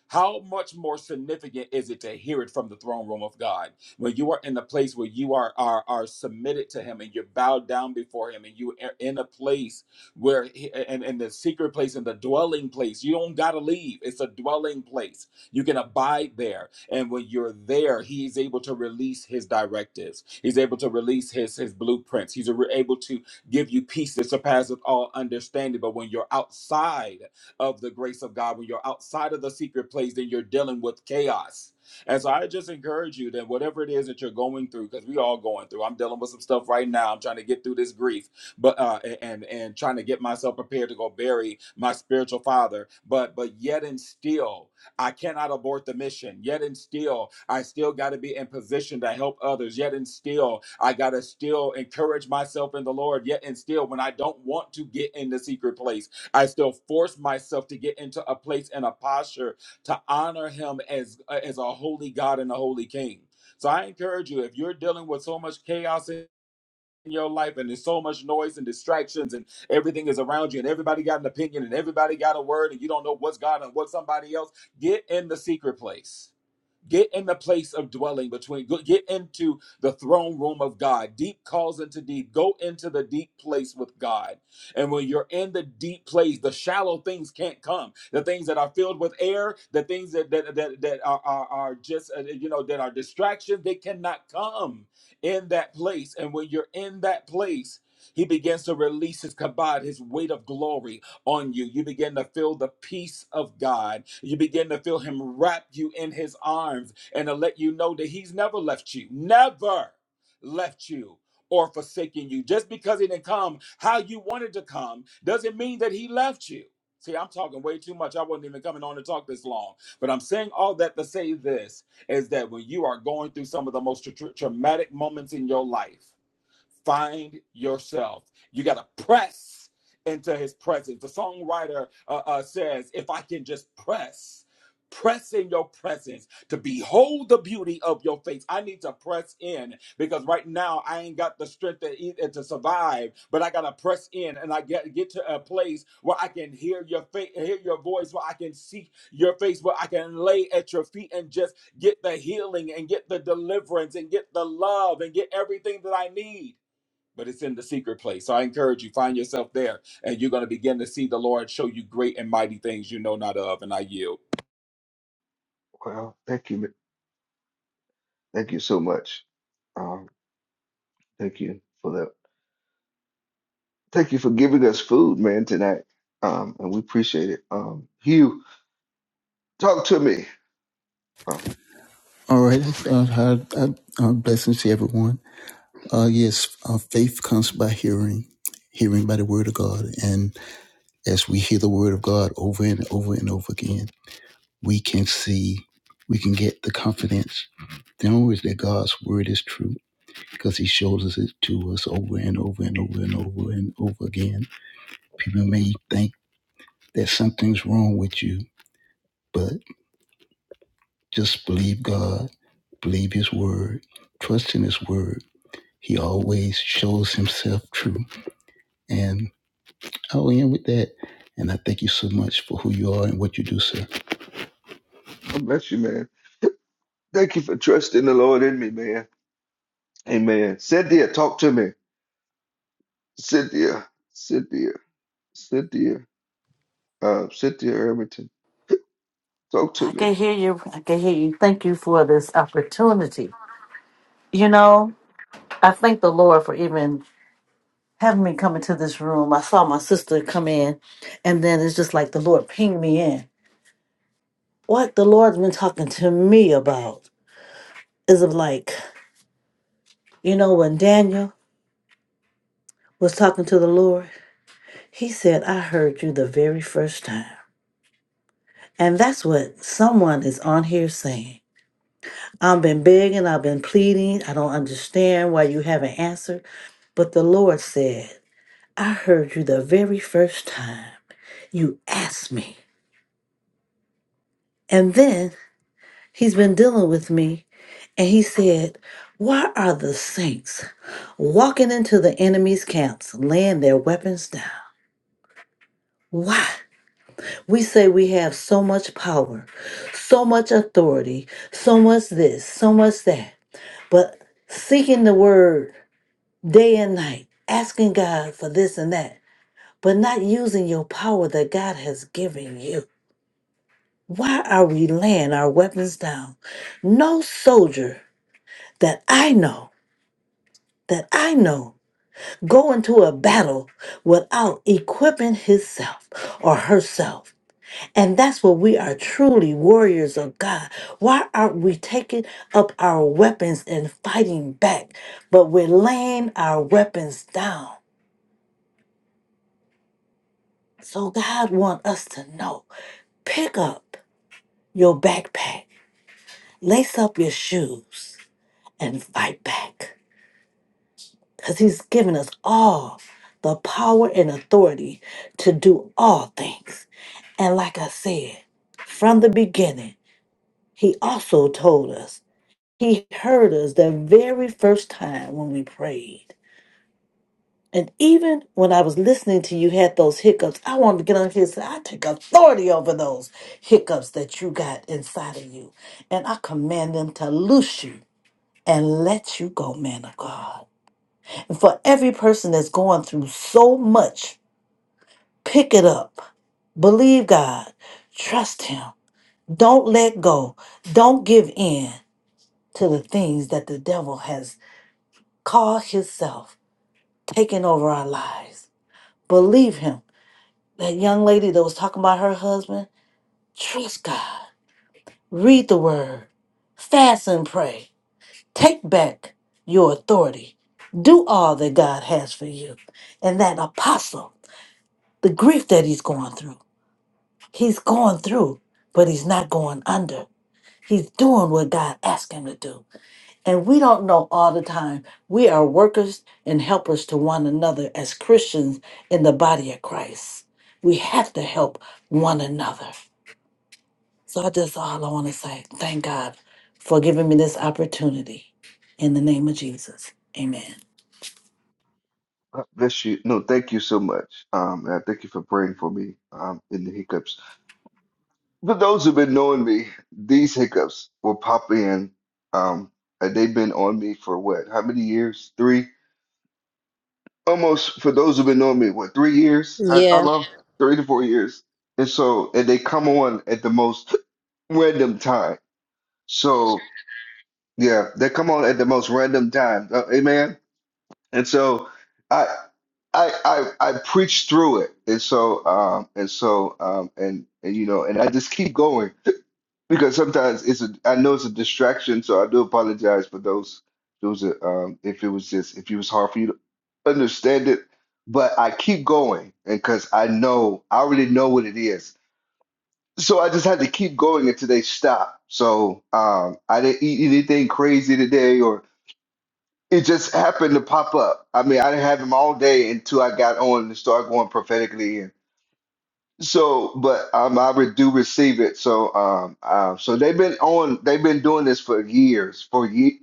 S15: how much more significant is it to hear it from the throne room of God? When you are in the place where you are, are, are submitted to Him and you're bowed down before Him and you are in a place where, he- and, and the secret place and the dwelling place, you don't got to leave. It's a dwelling place. You can abide there. And when you're there, he's able to release his directives. He's able to release his, his blueprints. He's able to give you peace that surpasses all understanding. But when you're outside, of the grace of God. When you're outside of the secret place, then you're dealing with chaos. And so I just encourage you that whatever it is that you're going through, because we all going through. I'm dealing with some stuff right now. I'm trying to get through this grief, but uh, and and trying to get myself prepared to go bury my spiritual father. But but yet and still, I cannot abort the mission. Yet and still, I still got to be in position to help others. Yet and still, I got to still encourage myself in the Lord. Yet and still, when I don't want to get in the secret place. I still force myself to get into a place and a posture to honor him as uh, as a holy God and a holy King. So I encourage you if you're dealing with so much chaos in your life and there's so much noise and distractions and everything is around you and everybody got an opinion and everybody got a word and you don't know what's God and what somebody else, get in the secret place Get in the place of dwelling between, get into the throne room of God. Deep calls into deep. Go into the deep place with God. And when you're in the deep place, the shallow things can't come. The things that are filled with air, the things that that that, that are, are are just uh, you know that are distractions, they cannot come in that place. And when you're in that place, he begins to release his kabod, his weight of glory on you. You begin to feel the peace of God. You begin to feel Him wrap you in His arms and to let you know that He's never left you, never left you or forsaken you. Just because He didn't come how you wanted to come doesn't mean that He left you. See, I'm talking way too much. I wasn't even coming on to talk this long. But I'm saying all that to say this is that when you are going through some of the most tra- tra- traumatic moments in your life, find yourself. You got to press into his presence. The songwriter uh, uh, says, If I can just press, press in your presence to behold the beauty of your face. I need to press in because right now I ain't got the strength to eat and to survive, but I got to press in and I get, get to a place where I can hear your face, hear your voice, where I can see your face, where I can lay at your feet and just get the healing and get the deliverance and get the love and get everything that I need but it's in the secret place. So I encourage you, find yourself there, and you're going to begin to see the Lord show you great and mighty things you know not of. And I yield.
S1: Wow, thank you, man. Thank you so much. Um, thank you for that. Thank you for giving us food, man, tonight. Um, and we appreciate it. Um, Hugh, talk to me. Uh,
S16: All right. Uh, hi, uh, uh, blessings to everyone. Uh, yes, uh, faith comes by hearing, hearing by the word of God. And as we hear the word of God over and over and over again, we can see, we can get the confidence, the knowledge that God's word is true because he shows us it to us over and over and over and over and over again. People may think that something's wrong with you, but just believe God, believe his word, trust in his word He always shows himself true. And I'll end with that. And I thank you so much for who you are and what you do, sir.
S1: God bless you, man. Thank you for trusting the Lord in me, man. Amen. Cynthia, talk to me. Cynthia, Cynthia, Cynthia, uh, Cynthia Irvington, talk to
S17: I
S1: me.
S17: can hear you. I can hear you. Thank you for this opportunity. You know, I thank the Lord for even having me come into this room. I saw my sister come in, and then it's just like the Lord pinged me in. What the Lord's been talking to me about is of like, you know, when Daniel was talking to the Lord, he said, I heard you the very first time. And that's what someone is on here saying. I've been begging, I've been pleading, I don't understand why you haven't answered. But the Lord said. I heard you the very first time you asked me. And then he's been dealing with me and he said, Why are the saints walking into the enemy's camps, laying their weapons down? Why? We say we have so much power, so much authority, so much this, so much that. But seeking the word day and night, asking God for this and that, but not using your power that God has given you. Why are we laying our weapons down? No soldier that I know, that I know, go into a battle without equipping himself or herself. And that's what we are truly warriors of God. Why aren't we taking up our weapons and fighting back? But we're laying our weapons down. So God wants us to know. Pick up your backpack, lace up your shoes, and fight back. because he's given us all the power and authority to do all things. And like I said, from the beginning, he also told us, he heard us the very first time when we prayed. And even when I was listening to you had those hiccups, I wanted to get on here and say, I take authority over those hiccups that you got inside of you. And I command them to loose you and let you go, man of God. And for every person that's going through so much, pick it up. Believe God. Trust Him. Don't let go. Don't give in to the things that the devil has caused himself taking over our lives. Believe Him. That young lady that was talking about her husband, trust God. Read the word. Fast and pray. Take back your authority. Do all that God has for you. And that apostle, the grief that he's going through. He's going through, but he's not going under. He's doing what God asked him to do. And we don't know all the time. We are workers and helpers to one another as Christians in the body of Christ. We have to help one another. So I just all I want to say, thank God for giving me this opportunity. In the name of Jesus. Amen.
S1: God bless you. No, thank you so much. Um, and I thank you for praying for me um, in the hiccups. For those who've been knowing me, these hiccups will pop in. Um, and they've been on me for what? How many years? Three? Almost. For those who've been knowing me, what? Three years? I, I
S7: Yeah.
S1: love three to four years. And so, and they come on at the most [laughs] random time. So, yeah, they come on at the most random time. Uh, amen. And so, I, I, I, I preach through it. And so, um, and so, um, and and you know, and I just keep going because sometimes it's a I know it's a distraction, so I do apologize for those those uh, um if it was just if it was hard for you to understand it, but I keep going and because I know I already know what it is. So I just had to keep going until they stop. So um I didn't eat anything crazy today or it just happened to pop up. I mean, I didn't have them all day until I got on and started going prophetically so, but um, I re- do receive it. So, um, um, so they've been on, they've been doing this for years, for ye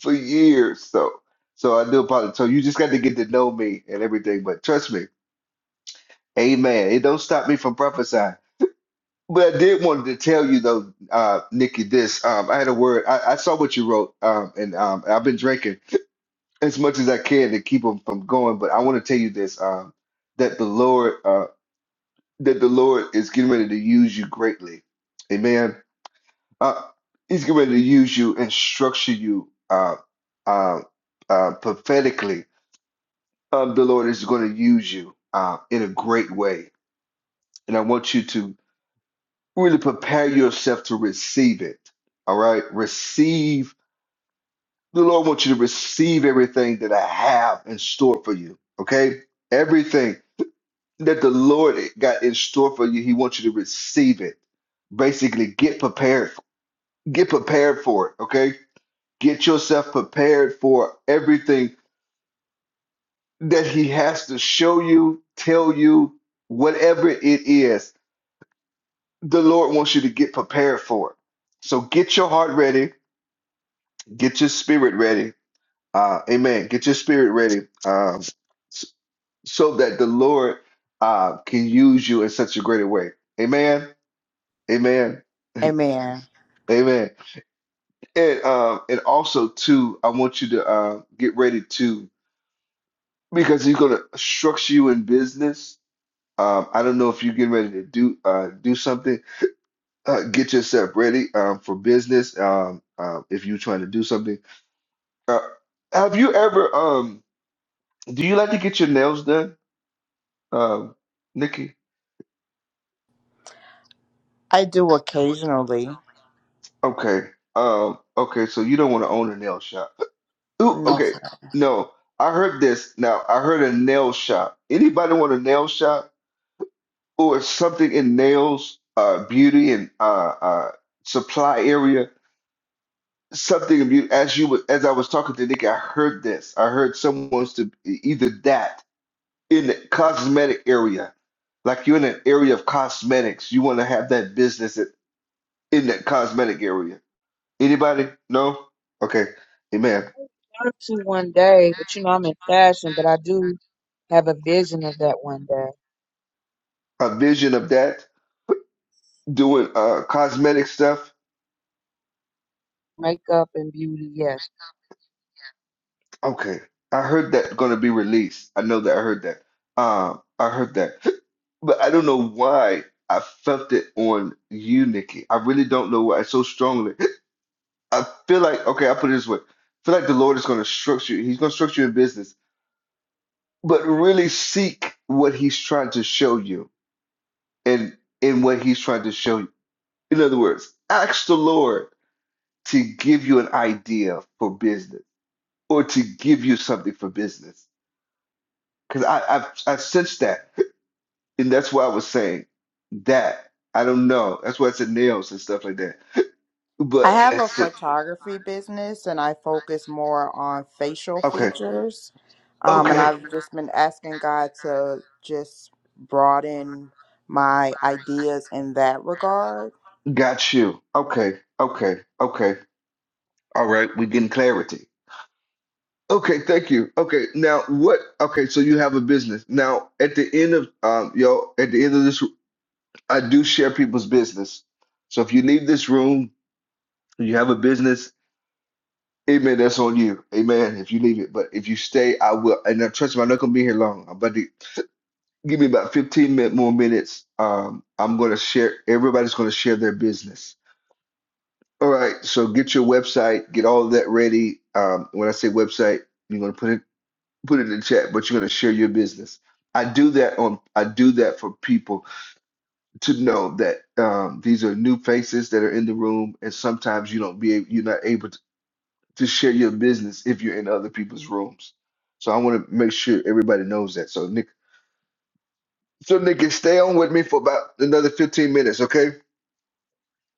S1: for years. So, so I do apologize. So you just got to get to know me and everything. But trust me, Amen. It don't stop me from prophesying. But I did want to tell you though, uh, Nikki, this. Um, I had a word. I, I saw what you wrote, um, and um, I've been drinking as much as I can to keep them from going. But I want to tell you this. Um, that the Lord. uh, that the Lord is getting ready to use you greatly. Amen. Uh, he's getting ready to use you and structure you uh, uh, uh, prophetically. Um, the Lord is going to use you uh, in a great way. And I want you to really prepare yourself to receive it. All right? Receive. The Lord wants you to receive everything that I have in store for you. Okay? Everything. that the Lord got in store for you. He wants you to receive it. Basically, get prepared. Get prepared for it, okay? Get yourself prepared for everything that He has to show you, tell you, whatever it is. The Lord wants you to get prepared for it. So get your heart ready, get your spirit ready. Uh, amen. Get your spirit ready um, so that the Lord uh, can use you in such a greater way. Amen. Amen.
S18: Amen.
S1: Amen. And um, and also too, I want you to uh, get ready to because he's gonna structure you in business. Um, I don't know if you're getting ready to do uh, do something. Uh, get yourself ready um, for business. Um, uh, if you're trying to do something, uh, have you ever? Um, do you like to get your nails done, um, Nikki?
S18: I do occasionally.
S1: Okay. Um, okay. So you don't want to own a nail shop. Ooh,
S18: No.
S1: okay. No, I heard this. Now I heard a nail shop. Anybody want a nail shop? or something in nails, uh, beauty and uh, uh, supply area, something of you. As you were- as I was talking to Nick, I heard this. I heard someone wants to either that in the cosmetic area, like you're in an area of cosmetics, you want to have that business in in that cosmetic area. Anybody? No? Okay, amen.
S12: I want to one day, but you know, I'm in fashion, but I do have a vision of that one day.
S1: A vision of that doing uh cosmetic stuff
S12: Makeup and beauty, yes.
S1: Okay, I heard that gonna be released. I know that I heard that. Um, I heard that, [laughs] but I don't know why I felt it on you, Nikki. I really don't know why so strongly. [laughs] I feel like okay, I put it this way. I feel like the Lord is gonna structure you. He's gonna structure your business, but really seek what He's trying to show you, and in what He's trying to show you. In other words, ask the Lord to give you an idea for business, or to give you something for business because I, I I sensed that, and that's why I was saying that. I don't know. That's why I said nails and stuff like that.
S18: I
S1: But
S18: have a
S1: it's
S18: photography business and I focus more on facial
S1: okay.
S18: features. Um, and
S1: Okay,
S18: I've just been asking God to just broaden my ideas in that regard.
S1: got you. Okay, okay, okay. All right, we're getting clarity. Okay, thank you. Okay, now what? Okay, so you have a business. Now at the end of um, yo, at the end of this, I do share people's business. So if you leave this room, you have a business. Amen. That's on you. Amen. If you leave it, but if you stay, I will. And now, trust me, I'm not gonna be here long. I'm about to give me about 15 minute, more minutes. Um, I'm gonna share. Everybody's gonna share their business. All right. So get your website. Get all of that ready. Um, when I say website, you're gonna put it put it in the chat, but you're gonna share your business. I do that on. I do that for people to know that um, these are new faces that are in the room, and sometimes you don't be you're not able to. to share your business if you're in other people's rooms. So I want to make sure everybody knows that. So Nick, so Nick, stay on with me for about another 15 minutes, okay?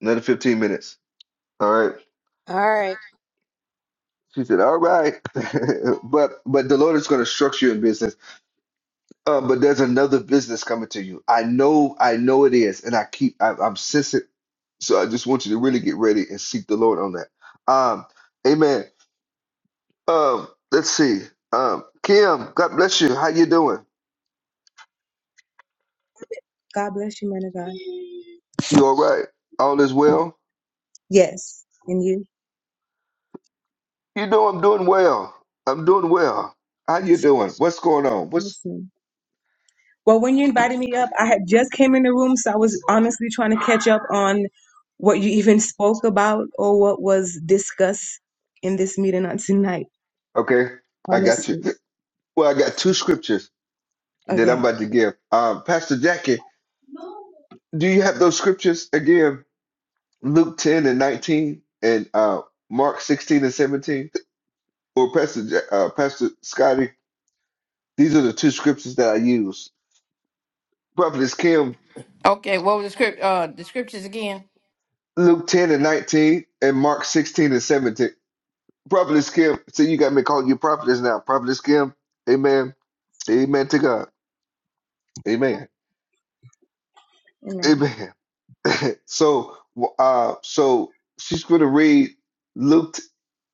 S1: Another 15 minutes. All right.
S7: All right.
S1: She said, "All right, [laughs] but but the Lord is going to structure you in business. Um, but there's another business coming to you. I know, I know it is, and I keep, I, I'm sensitive. So I just want you to really get ready and seek the Lord on that. Um, Amen. Um, let's see. Um, Kim, God bless you. How you doing?
S19: God bless you, man of God.
S1: You all right? All is well?
S19: Yes. And you?
S1: You know I'm doing well. I'm doing well. How you doing? What's going on?
S19: Yes,
S1: What's
S19: ma'am. Well, when you invited me up, I had just came in the room, so I was honestly trying to catch up on what you even spoke about or what was discussed in this meeting on tonight,
S1: okay? I got you. [laughs]
S19: honestly.
S1: Well, I got two scriptures that I'm
S19: Okay.
S1: about to give. Um, Pastor Jackie, do you have those scriptures again? Luke 10 and 19 and uh, Mark 16 and 17? Or Pastor Ja- uh, Pastor Scotty, these are the two scriptures that I use. Prophetess Kim,
S6: okay what was the script uh the scriptures again
S1: Luke 10 and 19 and Mark 16 and 17. Prophetess Kim. See, you got me calling you prophetess now. Prophetess Kim. Amen. Amen to God. Amen.
S19: Amen.
S1: Amen. So, uh, so she's going to read Luke,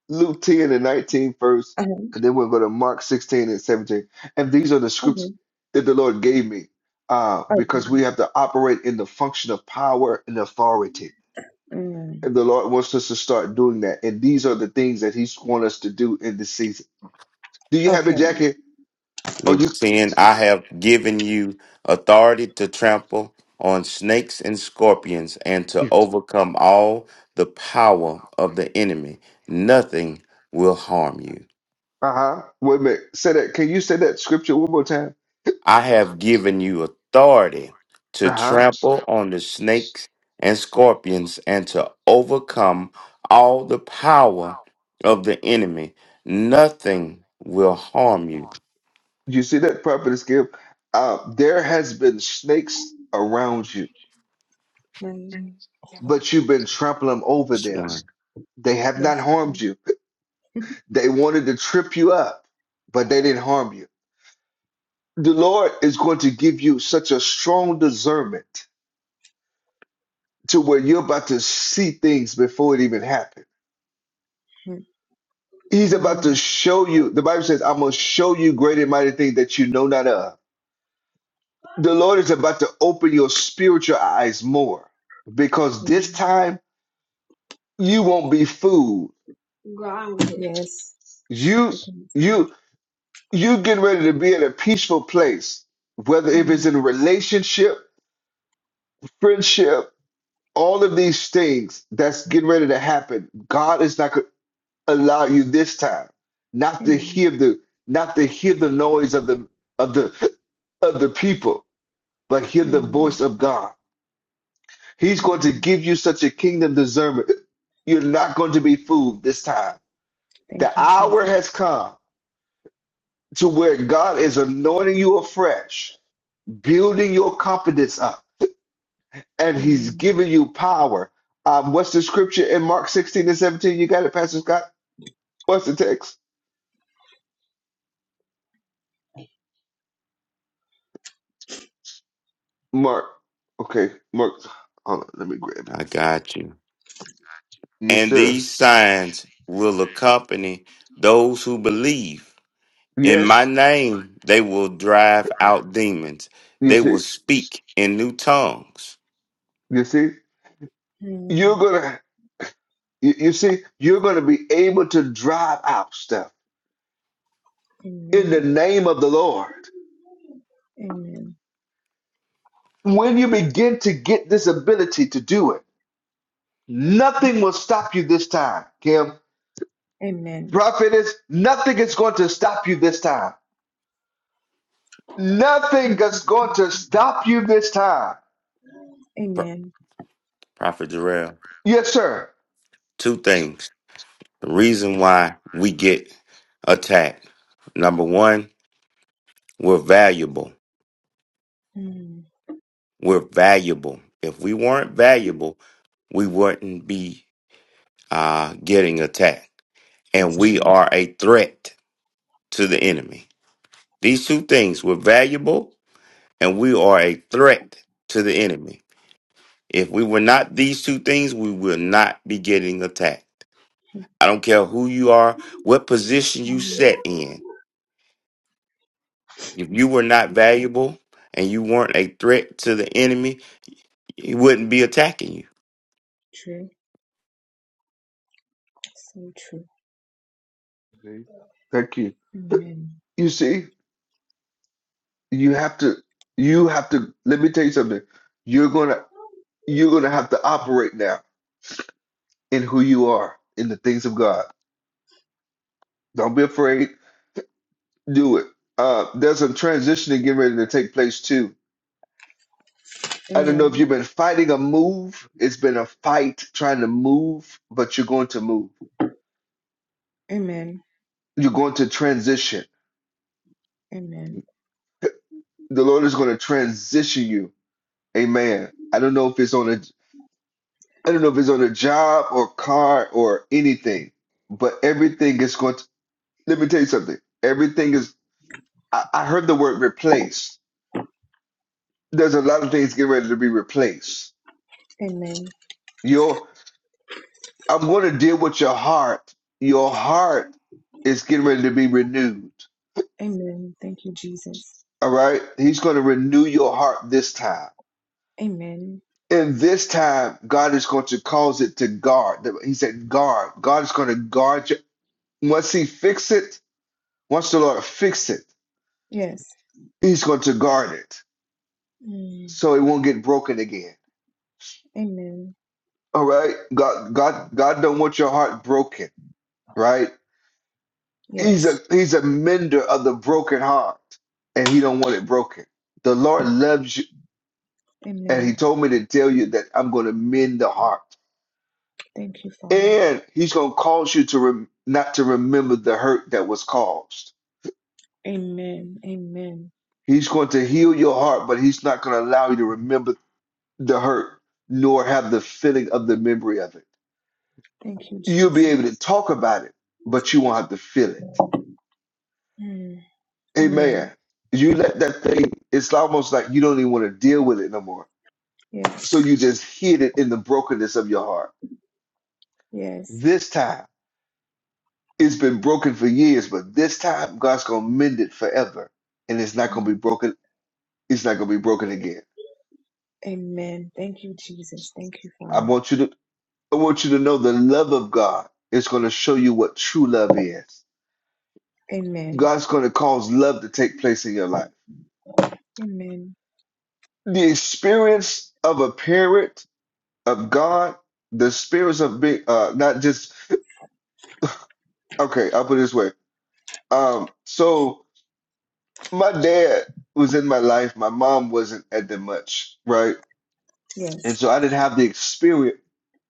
S1: Luke 10 and 19 first,
S19: Uh-huh.
S1: and then we'll go to Mark 16 and 17. And these are the scripts
S19: Okay.
S1: that the Lord gave me, uh, because
S19: Okay.
S1: we have to operate in the function of power and authority.
S19: Mm.
S1: And the Lord wants us to start doing that. And these are the things that He's want us to do in this season. Do you have it,
S19: Okay.
S1: Jackie? Or
S9: Luke 10, I have given you authority to trample on snakes and scorpions and to
S1: you?
S9: overcome all the power of the enemy. Nothing will harm you.
S1: Uh huh. Wait a minute. Say that. Can you say that scripture one more time?
S9: I have given you authority
S1: Uh
S9: to
S1: huh.
S9: trample on the snakes and scorpions and to overcome all the power of the enemy. Nothing will harm you.
S1: You see that prophetess give? Uh, there has been snakes around you,
S19: Mm.
S1: but you've been trampling over
S9: This
S1: them.
S9: one,
S1: They have
S19: Yes.
S1: not harmed you. They wanted to trip you up, but they didn't harm you. The Lord is going to give you such a strong discernment to where you're about to see things before it even happens.
S19: Mm.
S1: He's about to
S19: Amen.
S1: show you. The
S19: Amen.
S1: Bible says, I'm going to show you great and mighty things that you know not of. the Lord is about to open your spiritual eyes more because this time you won't be fooled.
S19: Yes.
S1: You
S19: Because it's God.
S1: you you get ready to be in a peaceful place, whether if it's
S19: Amen.
S1: in relationship, friendship, all of these things that's getting ready to happen. God is not going to allow you this time not to hear
S19: Amen.
S1: the not to hear the noise of the of the of the people, but hear the
S19: Amen.
S1: voice of God He's going to
S19: Amen.
S1: give you such a kingdom discernment. You're not going to be fooled this time. The
S19: Thank you,
S1: hour
S19: Jesus.
S1: has come to where God is anointing you afresh, building your confidence up, and He's
S19: Amen.
S1: giving you power. Um, what's the scripture in Mark 16 and 17? You got it, Pastor Scott? What's the text? Mark. Okay, Mark. Hold on, let me grab it.
S9: I got you.
S1: Yes,
S9: And
S1: sir.
S9: these signs will accompany those who believe. In my
S1: Yes.
S9: name, they will drive out demons.
S1: You
S9: They will
S1: see,
S9: speak in new tongues.
S1: you see,
S19: Mm.
S1: you're gonna, you, you see, you're gonna be able to drive out stuff in the
S19: Amen.
S1: name of the Lord.
S19: Amen.
S1: When you begin to get this ability to do it, nothing will stop you this time, Kim.
S19: Amen.
S1: Prophetess, nothing is going to stop you this time. Nothing
S19: Thank
S1: is
S19: you,
S1: going to
S19: Jesus.
S1: stop you this time.
S9: Pro-
S19: Amen.
S9: Prophet Jarrell,
S1: Yes, sir.
S9: two things. The reason why we get attacked. Number one, we're valuable.
S19: Mm.
S9: We're valuable. If we weren't valuable, we wouldn't be uh, getting attacked. And
S19: That's
S9: we
S19: true.
S9: are a threat to the enemy. These two things, we're valuable and we are a threat to the enemy. If we were not these two things, we will not be getting attacked. I don't care who you are, what position you
S19: Amen.
S9: set in. If you were not valuable and you weren't a threat to the enemy, he wouldn't be attacking you.
S19: True. So true.
S1: Thank you.
S19: Amen.
S1: You see, you have to, you have to, let me tell you something. You're gonna, you're gonna have to operate now in who you are, in the things of God. Don't be afraid do it. Uh, there's a transition getting ready to take place too. I don't know if
S19: Amen.
S1: you've been fighting a move. It's been a fight trying to move, but you're going to move.
S19: Amen.
S1: You're going to transition.
S19: Amen.
S1: The Lord is going to transition you. Amen. I don't know if it's on a I don't know if it's on a job or car or anything, but everything is going to let me tell you something. Everything is I, I heard the word replace. There's a lot of things getting ready to be replaced.
S19: Amen.
S1: Your I'm going to deal with your heart. Your heart is getting ready to be renewed.
S19: Amen. Thank you, Jesus.
S1: All right? He's going to renew your heart this time.
S19: Amen.
S1: And this time, God is going to cause it to guard. He said, guard. God is going to guard you. Once He fix it, once the Lord fix it,
S19: Yes.
S1: He's going to guard it
S19: Mm.
S1: so it won't get broken again.
S19: Amen.
S1: All right? God, God, God don't want your heart broken, right? He's a
S19: Yes.
S1: he's a mender of the broken heart, and he don't want it broken. The Lord loves you, and
S19: Amen.
S1: he told me to tell you that I'm going to mend the heart,
S19: Thank you, Father.
S1: and he's going to cause you to rem- not to remember the hurt that was caused.
S19: Amen. Amen.
S1: He's going to heal your heart, but he's not going to allow you to remember the hurt, nor have the feeling of the memory of it.
S19: Thank you,
S1: You'll be
S19: Jesus.
S1: able to talk about it, but you won't have to feel it.
S19: Mm.
S1: Amen.
S19: Amen.
S1: You let that thing. It's almost like you don't even want to deal with it no more
S19: Yes.
S1: So you just hid it in the brokenness of your heart.
S19: Yes.
S1: This time, it's been broken for years, but this time, God's going to mend it forever. And it's not going to be broken. It's not going to be broken again.
S19: Amen. Thank you, Jesus. Thank you,
S1: I
S19: Father.
S1: want you to, I want you to know the love of God is going to show you what true love is.
S19: Amen.
S1: God's going to cause love to take place in your life.
S19: Amen.
S1: The experience of a parent of God, the experience of being, uh, not just, okay, I'll put it this way. Um, so, my dad was in my life. My mom wasn't at that much, right?
S19: Yes.
S1: And so I didn't have the experience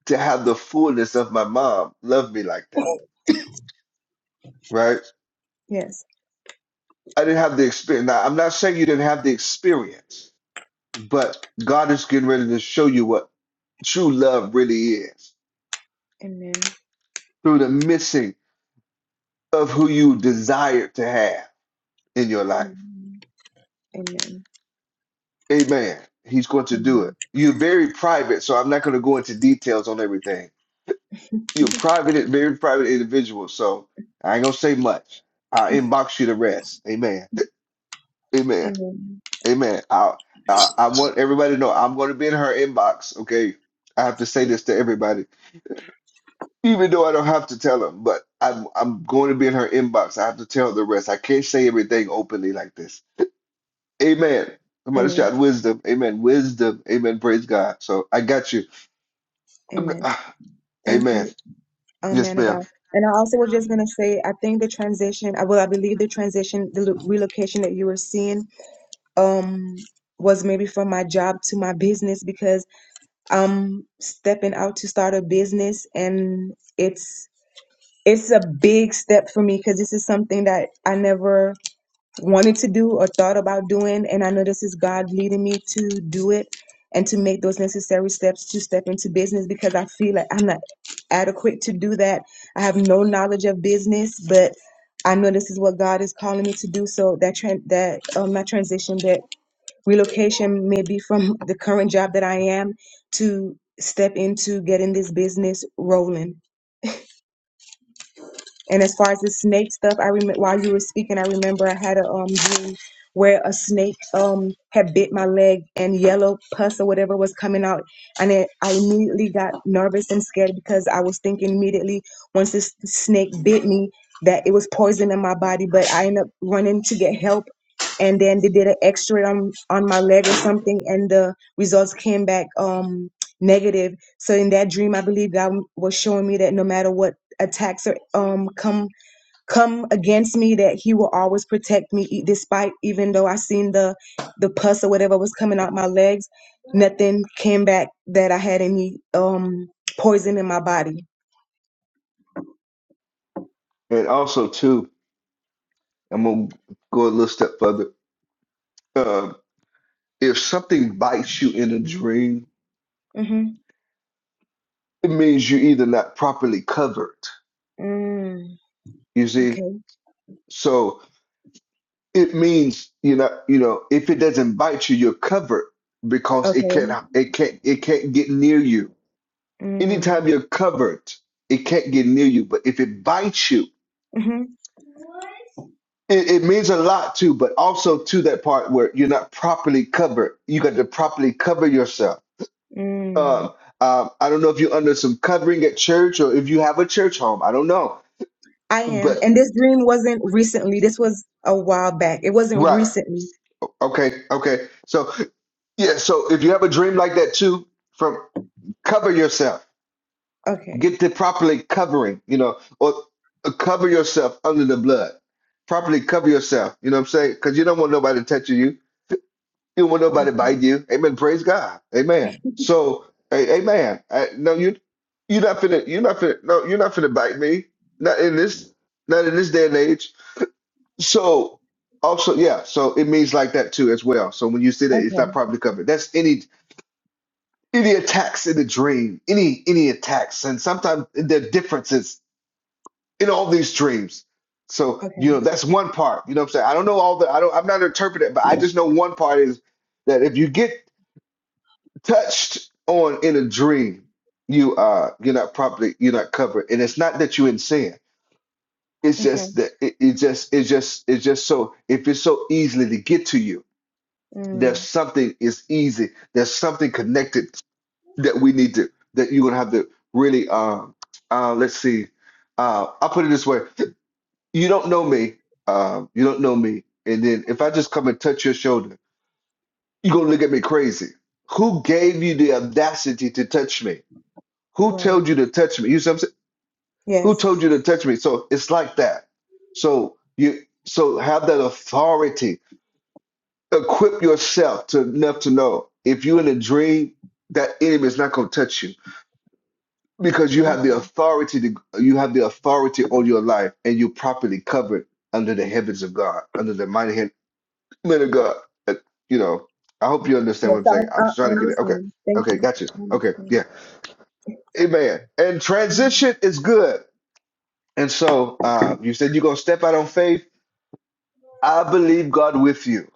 S1: to have the fullness of my mom love me like that, right?
S19: Yes.
S1: I didn't have the experience. Now, I'm not saying you didn't have the experience, but God is getting ready to show you what true love really is
S19: Amen.
S1: through the missing of who you desired to have in your life.
S19: Amen. Amen.
S1: Amen. He's going to do it.
S19: Amen.
S1: You're very private, so I'm not going to go into details on everything You're a private, very private individual, so I ain't gonna say much. I'll inbox you the rest. Amen. [laughs] Amen.
S19: Amen.
S1: Amen. I I, I want everybody to know I'm gonna be in her inbox. Okay. I have to say this to everybody, even though I don't have to tell them, but I'm I'm going to be in her inbox. I have to tell the rest. I can't say everything openly like this. Amen. Somebody
S19: Amen.
S1: shout wisdom. Amen. Wisdom. Amen. Praise God. So I got you. I'm-
S19: Amen.
S1: [sighs]
S19: Thank
S1: Amen.
S19: you, um,
S1: Yes,
S19: man of
S1: ma'am.
S19: God. And I also was just gonna say, I think the transition, I well, I believe the transition, the lo- relocation that you were seeing, um, was maybe from my job to my business because I'm stepping out to start a business, and it's it's a big step for me because this is something that I never wanted to do or thought about doing. And I know this is God leading me to do it and to make those necessary steps to step into business because I feel like I'm not adequate to do that. I have no knowledge of business, but I know this is what God is calling me to do. So that tran that um, my transition, that relocation, may be from the current job that I am to step into getting this business rolling. And as far as the snake stuff, I remember while you were speaking, I remember I had a um dream where a snake um had bit my leg and yellow pus or whatever was coming out, and it, I immediately got nervous and scared because I was thinking immediately once this snake bit me that it was poison in my body. But I ended up running to get help, and then they did an X-ray on on my leg or something, and the results came back um negative. So in that dream, I believe God was showing me that no matter what attacks are, um come come against me that he will always protect me e- despite even though i seen the the pus or whatever was coming out my legs nothing came back that i had any um poison in my body
S1: And also too. I'm gonna go a little step further. Uh, if something bites you in a dream,
S19: mm-hmm.
S1: it means you're either not properly covered.
S19: mm,
S1: You see,
S19: okay
S1: so it means you know, you know, if it doesn't bite you, you're covered because it
S19: okay
S1: can't, it can't, it can't get near you.
S19: mm,
S1: Anytime you're covered, it can't get near you. But if it bites you,
S19: mm-hmm.
S1: it, it means a lot too. But also to that part where you're not properly covered, you got to properly cover yourself
S19: mm.
S1: Um, um, I don't know if you're under some covering at church or if you have a church home. I don't know,
S19: i am
S1: but
S19: and this dream wasn't recently this was a while back it wasn't
S1: right.
S19: recently
S1: Okay. Okay. So yeah. So if you have a dream like that too, from cover yourself,
S19: okay
S1: get the properly covering, you know, or uh, cover yourself under the blood. Properly cover yourself. You know what I'm saying? Because you don't want nobody touching you. You don't want
S19: o-
S1: nobody to bite you. Amen. Praise God. Amen. So, a- amen. I, no, you, you're not finna, you're not finna, no, you're not finna bite me. Not in this, not in this day and age. So, also, yeah. So it means like that too as well. So when you see that, it's not
S19: okay
S1: properly covered. That's any any attacks in the dream, any any attacks, and sometimes there are differences in all these dreams. So you
S19: okay
S1: know that's one part. You know what I'm saying? I don't know all the. I don't. I'm not interpreting, but I just know one part is that if you get touched on in a dream, you are. you're not properly you're not covered, and it's not that you're in sin. It's
S19: okay
S1: just that it, it just it's just it's just so if it's so easily to get to you, there's
S19: Mm,
S1: something is easy. There's something connected that we need to that you're gonna have to really um uh, let's see uh I'll put it this way: you don't know me, um you don't know me, and then if I just come and touch your shoulder, you're gonna look at me crazy. Who gave you the audacity to touch me? Who
S19: right.
S1: told you to touch me? You see what I'm saying? Who
S19: Yes.
S1: told you to touch me? So it's like that. So you so have that authority. Equip yourself to enough to know if you're in a dream, that enemy is not gonna touch you because you have the authority to you have the authority on your life and you're properly covered under the heavens of God, under the mighty hand men of God. Uh, You know, I hope you understand
S19: Yes,
S1: what I'm
S19: I,
S1: saying.
S19: I
S1: I'm
S19: I
S1: trying to get it. Okay.
S19: understand. Thank
S1: Okay,
S19: you.
S1: got you.
S19: I
S1: Okay,
S19: understand.
S1: yeah. Amen. And
S19: Mm,
S1: transition is good. And so uh, you said you're going to step out on faith. I believe God with you.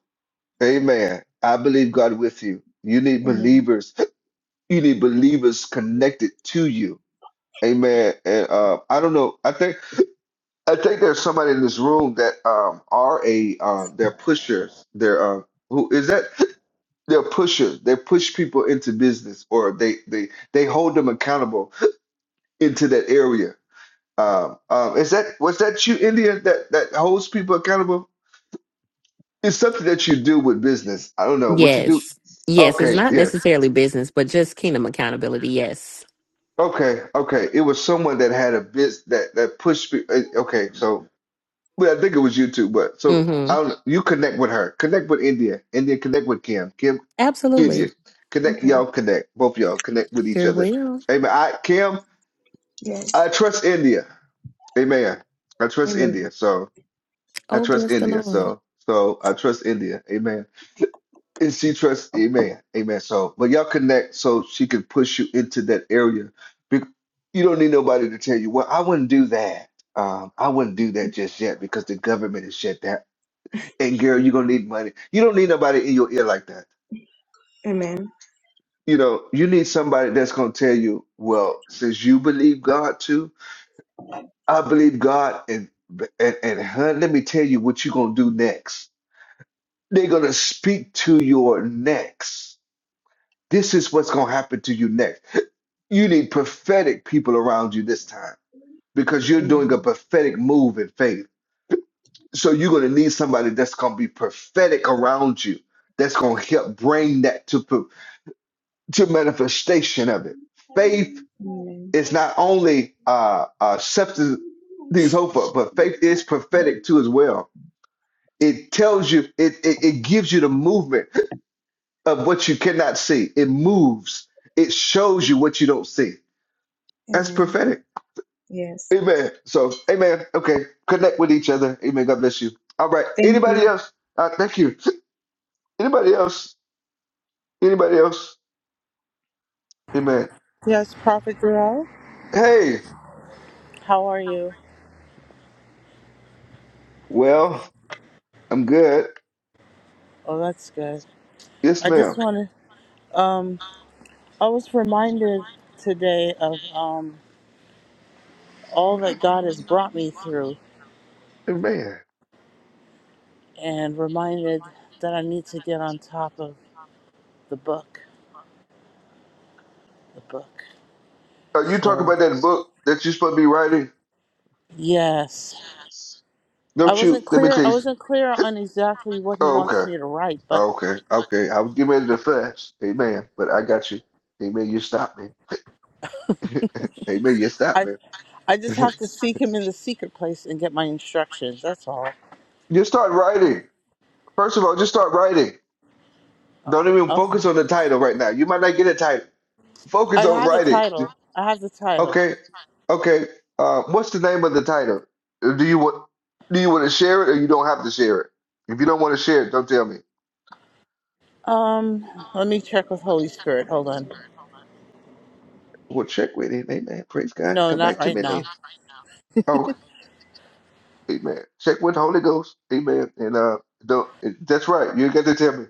S1: Amen. I believe God with you. You need
S19: amen.
S1: believers. [laughs] You need believers connected to you. Amen. And uh, I don't know. I think I think there's somebody in this room that um, are a um, they're pushers. They're uh, who is that? [laughs] They're pushers. They push people into business, or they they they hold them accountable [laughs] into that area. Um, um, is that was that you, India, that that holds people accountable? It's something that you do with business. I don't know what you do.
S20: Yes. Yes. It's
S1: Okay,
S20: not
S1: yes.
S20: necessarily business, but just kingdom accountability. Yes.
S1: Okay, okay. It was someone that had a biz that that pushed me. eh, Okay, so well, I think it was you too, but so
S20: Mm-hmm.
S1: I don't know. You connect with her. Connect with India. India connect with Kim. Kim, India.
S20: Absolutely.
S1: Connect
S19: Okay.
S1: y'all connect. Both y'all connect with each
S20: Sure
S1: other.
S20: will.
S1: Amen. I Kim,
S19: Yes.
S1: I trust India. Amen. I trust
S19: Amen.
S1: India. So I
S20: Oh,
S1: trust
S20: bless the
S1: India.
S20: Lord.
S1: So so I trust India. Amen. And she trusts, amen, amen. So, but y'all connect so she can push you into that area. Be- You don't need nobody to tell you, well, I wouldn't do that. Um, I wouldn't do that just yet because the government is shut down. And girl, you're gonna need money. You don't need nobody in your ear like that.
S19: Amen.
S1: You know, you need somebody that's gonna tell you, well, since you believe God too, I believe God, and and and hun, let me tell you what you're gonna do next. They're gonna speak to your next. This is what's going to happen to you next. You need prophetic people around you this time because you're doing a
S19: Amen.
S1: prophetic move in faith. So you're going to need somebody that's going to be prophetic around you, that's going to help bring that to, pro- to manifestation of it. Faith
S19: Amen.
S1: is not only uh, uh, substance things hope for, but faith is prophetic too as well. It tells you, it, it, it gives you the movement of what you cannot see. It moves. It shows you what you don't see That's
S19: Amen.
S1: prophetic.
S19: Yes.
S1: Amen. So, amen. Okay. Connect with each other. Amen. God bless you. All right.
S19: Thank
S1: Anybody
S19: you.
S1: else? Uh, thank you. Anybody else? Anybody else? Amen.
S21: Yes, Prophet Jarrell.
S1: Hey,
S21: How are you?
S1: well, I'm good.
S21: Oh, that's good.
S1: Yes,
S21: I just
S1: ma'am.
S21: want to. Um, I was reminded today of um, all that God has brought me through,
S1: Amen.
S21: and reminded that I need to get on top of the book. The book.
S1: Uh, you talk
S21: So
S1: about that book that you're supposed to be writing?
S21: yes, I
S1: Don't you?
S21: wasn't
S1: Let me
S21: clear.
S1: tell
S21: I
S1: you.
S21: wasn't clear on exactly what He
S1: Oh,
S21: wants
S1: okay.
S21: me to write, but
S1: Oh, okay. Okay. I was getting ready to fast. Amen. But I got you. Amen. You stopped me. [laughs] Amen. You stopped
S21: I
S1: me.
S21: I just
S1: [laughs]
S21: have to seek Him in the secret place and get my instructions. That's all.
S1: you start writing. First of all, just start writing. Don't even
S21: Okay.
S1: focus on the title right now. You might not get a title.
S21: I
S1: Focus on
S21: have the
S1: writing. I
S21: title. I have the
S1: have the title.
S21: title.
S1: Okay. Okay. Uh, what's the name of the title? Do you want do you want to share it or you don't have to share it? If you don't want to share it, don't tell me.
S21: Um, let me check with Holy Spirit. Hold on.
S1: Well, check with it. Amen. Praise God.
S21: No,
S1: Come
S21: not
S1: back to
S21: right
S1: me No, later.
S21: now.
S1: not right now. Oh, amen. Check with the Holy Ghost. Amen. And uh, don't. That's right. You got to tell me.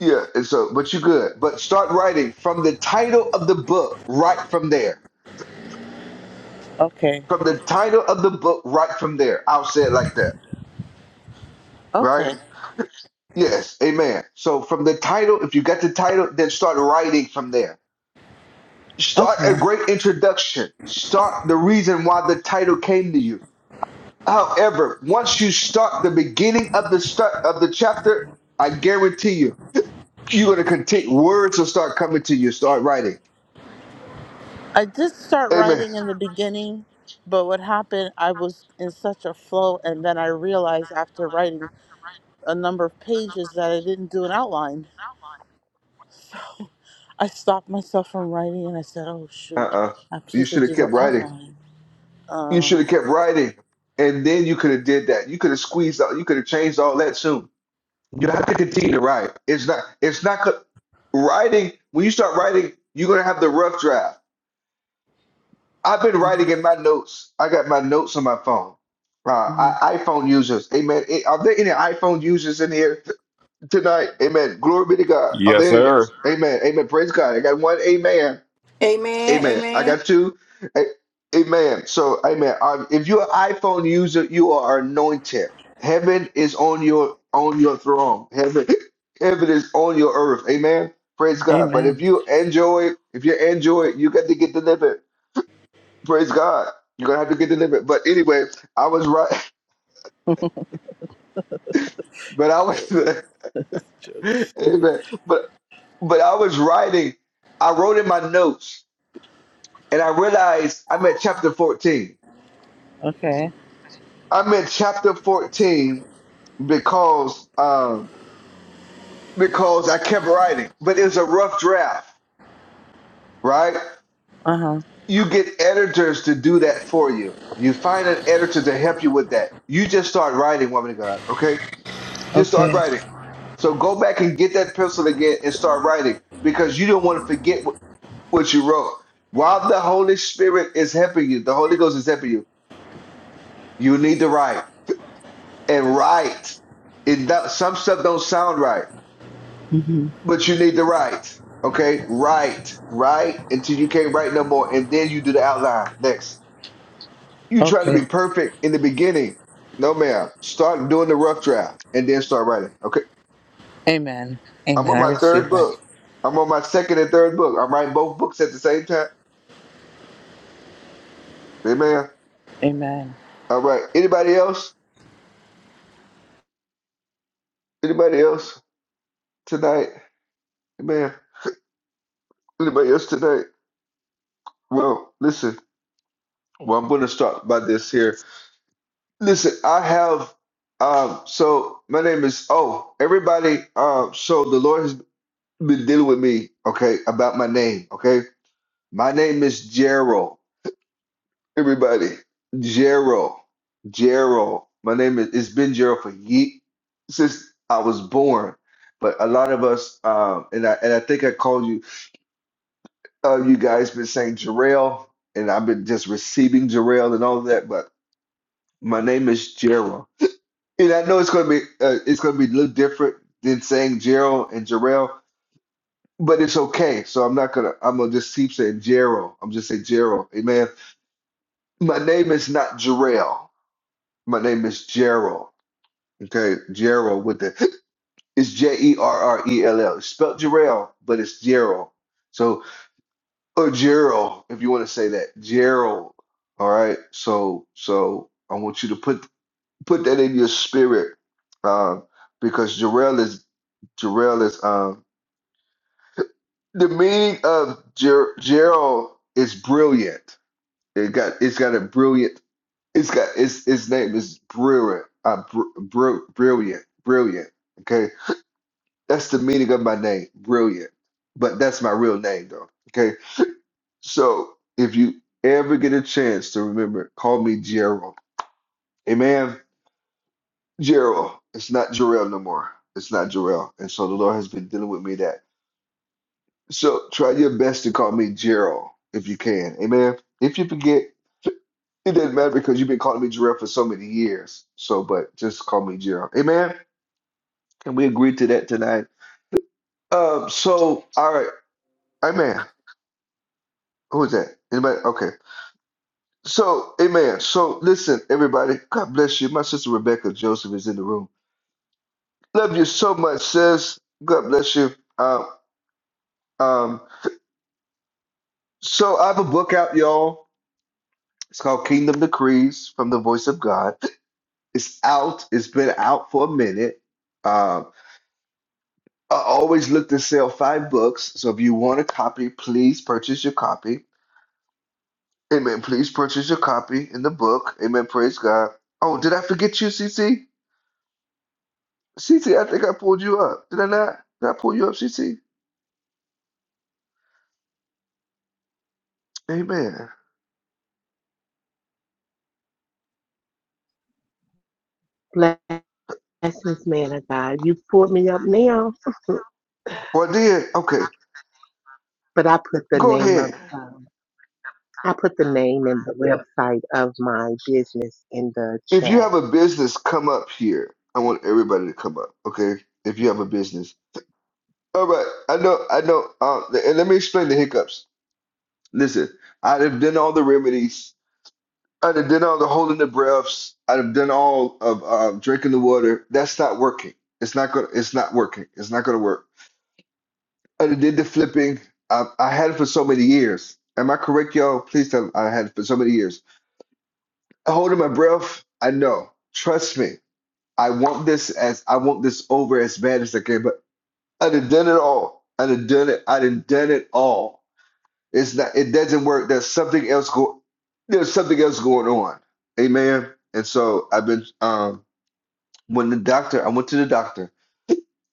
S1: Yeah. And so, but you good. But start writing from the title of the book. Right from there.
S21: Okay.
S1: from the title of the book right from there. I'll say it like that, right?
S21: Okay.
S1: Yes, amen. So from the title, if you got the title, then start writing from there. Start a
S21: Okay.
S1: great introduction. Start the reason why the title came to you. However, once you start the beginning of the start of the chapter, I guarantee you, you're gonna continue. Words will start coming to you. Start writing.
S21: I did start
S1: Amen.
S21: writing in the beginning, but what happened, I was in such a flow, and then I realized after writing a number of pages that I didn't do an outline. I stopped myself from writing and I said, oh,
S1: Uh
S21: shoot,
S1: uh
S21: I'm
S1: You
S21: supposed to
S1: should have
S21: do
S1: kept
S21: an
S1: writing.
S21: outline.
S1: You
S21: Uh,
S1: should have kept writing, and then you could have did that. You could have squeezed out. You could have changed all that soon. You have to continue to write. It's not. It's not co- writing. When you start writing, you're gonna have the rough draft. I've been
S21: mhm,
S1: writing in my notes. I got my notes on my phone. Uh,
S21: mhm.
S1: I, iPhone users, amen. Eh, Are there any iPhone users in here t- tonight? Amen. Glory be to God. Are there
S15: Yes,
S1: any? Yes,
S15: sir.
S1: Amen. Amen. Praise God. I got one. Amen.
S6: Amen.
S1: Amen. I
S6: Amen.
S1: got two. A- Amen. So, amen. Um, If you're an iPhone user, you are anointed. Heaven is on your on your throne. Heaven, [laughs] heaven is on your earth. Amen. Praise God. But if
S21: Amen.
S1: you Android, if you're Android, you got to get delivered. Praise God. You're gonna have to get delivered. But anyway, I was right. [laughs] But I was. [laughs] Amen. But but I was writing. I wrote in my notes, and I realized I'm at chapter 14.
S21: Okay.
S1: I'm in chapter 14 because um, because I kept writing, but it's a rough draft, right?
S21: Uh huh.
S1: You get editors to do that for you. You find an editor to help you with that. You just start writing, woman of God. Okay, you just start
S21: Okay.
S1: writing. So go back and get that pencil again and start writing because you don't want to forget what, what you wrote. While the Holy Spirit is helping you, the Holy Ghost is helping you. You need to write and write. It some stuff don't sound right
S21: hmm
S1: But you need to write. Okay? Write. Write until you can't write no more. And then you do the outline. Next. You try to
S21: Okay.
S1: be perfect in the beginning. No, ma'am. Start doing the rough draft and then start writing. Okay?
S21: Amen.
S1: I'm
S21: Amen.
S1: on
S21: I
S1: my
S21: receive
S1: third
S21: that.
S1: book. I'm on my second and third book. I'm writing both books at the same time. Amen.
S21: Amen.
S1: All right. Anybody else? Anybody else tonight? Amen. Anybody else tonight? Well, listen. Well, I'm going to start by this here. Listen, I have um so my name is oh everybody um so the Lord has been dealing with me, okay, about my name, okay? My name is Gerald. Everybody, Gerald. Gerald. My name is it's been Gerald for ye since I was born. But a lot of us um and I and I think I called you uh you guys been saying Jarrell and I've been just receiving Jarrell and all that, but my name is Gerald. And I know it's going to be uh, it's going to be a little different than saying Gerald and Jarrell, but it's okay. So I'm not gonna I'm gonna just keep saying Gerald. I'm just saying Gerald. Amen. My name is not Jarrell. My name is Gerald. Okay, Gerald with the it's J E R R E L L. It's spelled Jarrell, but it's Gerald. So or Gerald, if you want to say that Gerald. All right. So so I want you to put put that in your spirit, uh, because Jarrell is. Jarrell is um the meaning of Jer- Gerald is brilliant. It got it's got a brilliant. It's got its its name is brilliant. Uh, br- br- brilliant, brilliant. Okay, that's the meaning of my name, brilliant. But that's my real name though. Okay, so if you ever get a chance to remember, call me Gerald. Amen. Gerald. It's not Jarrell no more. It's not Jarrell. And so the Lord has been dealing with me that. So try your best to call me Gerald if you can. Amen. If you forget, it doesn't matter because you've been calling me Gerald for so many years. So, but just call me Gerald. Amen. Can we agree to that tonight? Um, so all right, Amen. Who's that? Anybody? Okay. So, Amen. So listen, everybody. God bless you. My sister Rebecca Joseph is in the room. Love you so much, sis. God bless you. Um, um, so I have a book out, y'all. It's called Kingdom Decrees from the Voice of God. It's out. It's been out for a minute. Um, I always look to sell five books. So if you want a copy, please purchase your copy. Amen. Please purchase your copy in the book. Amen. Praise God. Oh, did I forget you, CC? CC, I think I pulled you up. Did I not? Did I pull you up, CC? Amen.
S22: Blessings, man of God. You pulled me up now,
S1: Well, I did. Okay.
S22: but I put the
S1: Go
S22: name of
S1: ahead.
S22: um, I put the name and the website of my business in the
S1: If you
S22: chat.
S1: have a business, come up here. I want everybody to come up. Okay. If you have a business. All right. I know. I know. Uh, and let me explain the hiccups. Listen, I'd have done all the remedies. I'd have done all the holding the breaths. I'd have done all of uh, drinking the water. That's not working. It's not gonna. It's not working. It's not gonna work. I'd have did the flipping. I, I had it for so many years. Am I correct, y'all? Please tell me I had it for so many years. Holding my breath. I know. Trust me. I want this as I want this over as bad as I can. But I'd have done it all. I'd have done it. I'd have done it all. It's not. It doesn't work. There's something else go. There's something else going on. Amen. And so I've been. Um, when the doctor, I went to the doctor.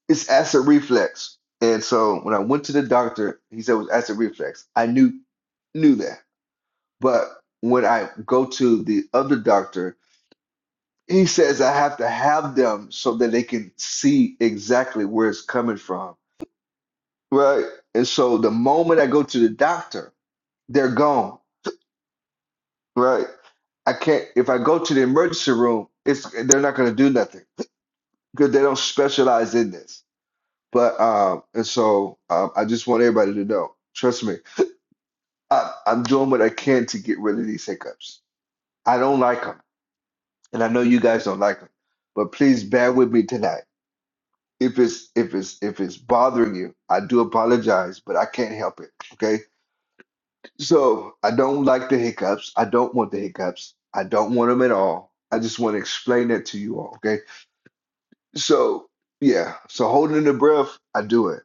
S1: It's acid reflux. And so when I went to the doctor, he said it was acid reflux. I knew knew that. But when I go to the other doctor, he says I have to have them so that they can see exactly where it's coming from. Right. And so the moment I go to the doctor, they're gone. Right. I can't if I go to the emergency room, it's they're not going to do nothing because they don't specialize in this. But um, and so um, I just want everybody to know. Trust me, I, I'm doing what I can to get rid of these hiccups. I don't like them, and I know you guys don't like them. But please bear with me tonight. If it's if it's if it's bothering you, I do apologize, but I can't help it. Okay, so I don't like the hiccups. I don't want the hiccups. I don't want them at all. I just want to explain that to you all. Okay. So yeah, so holding the breath, I do it.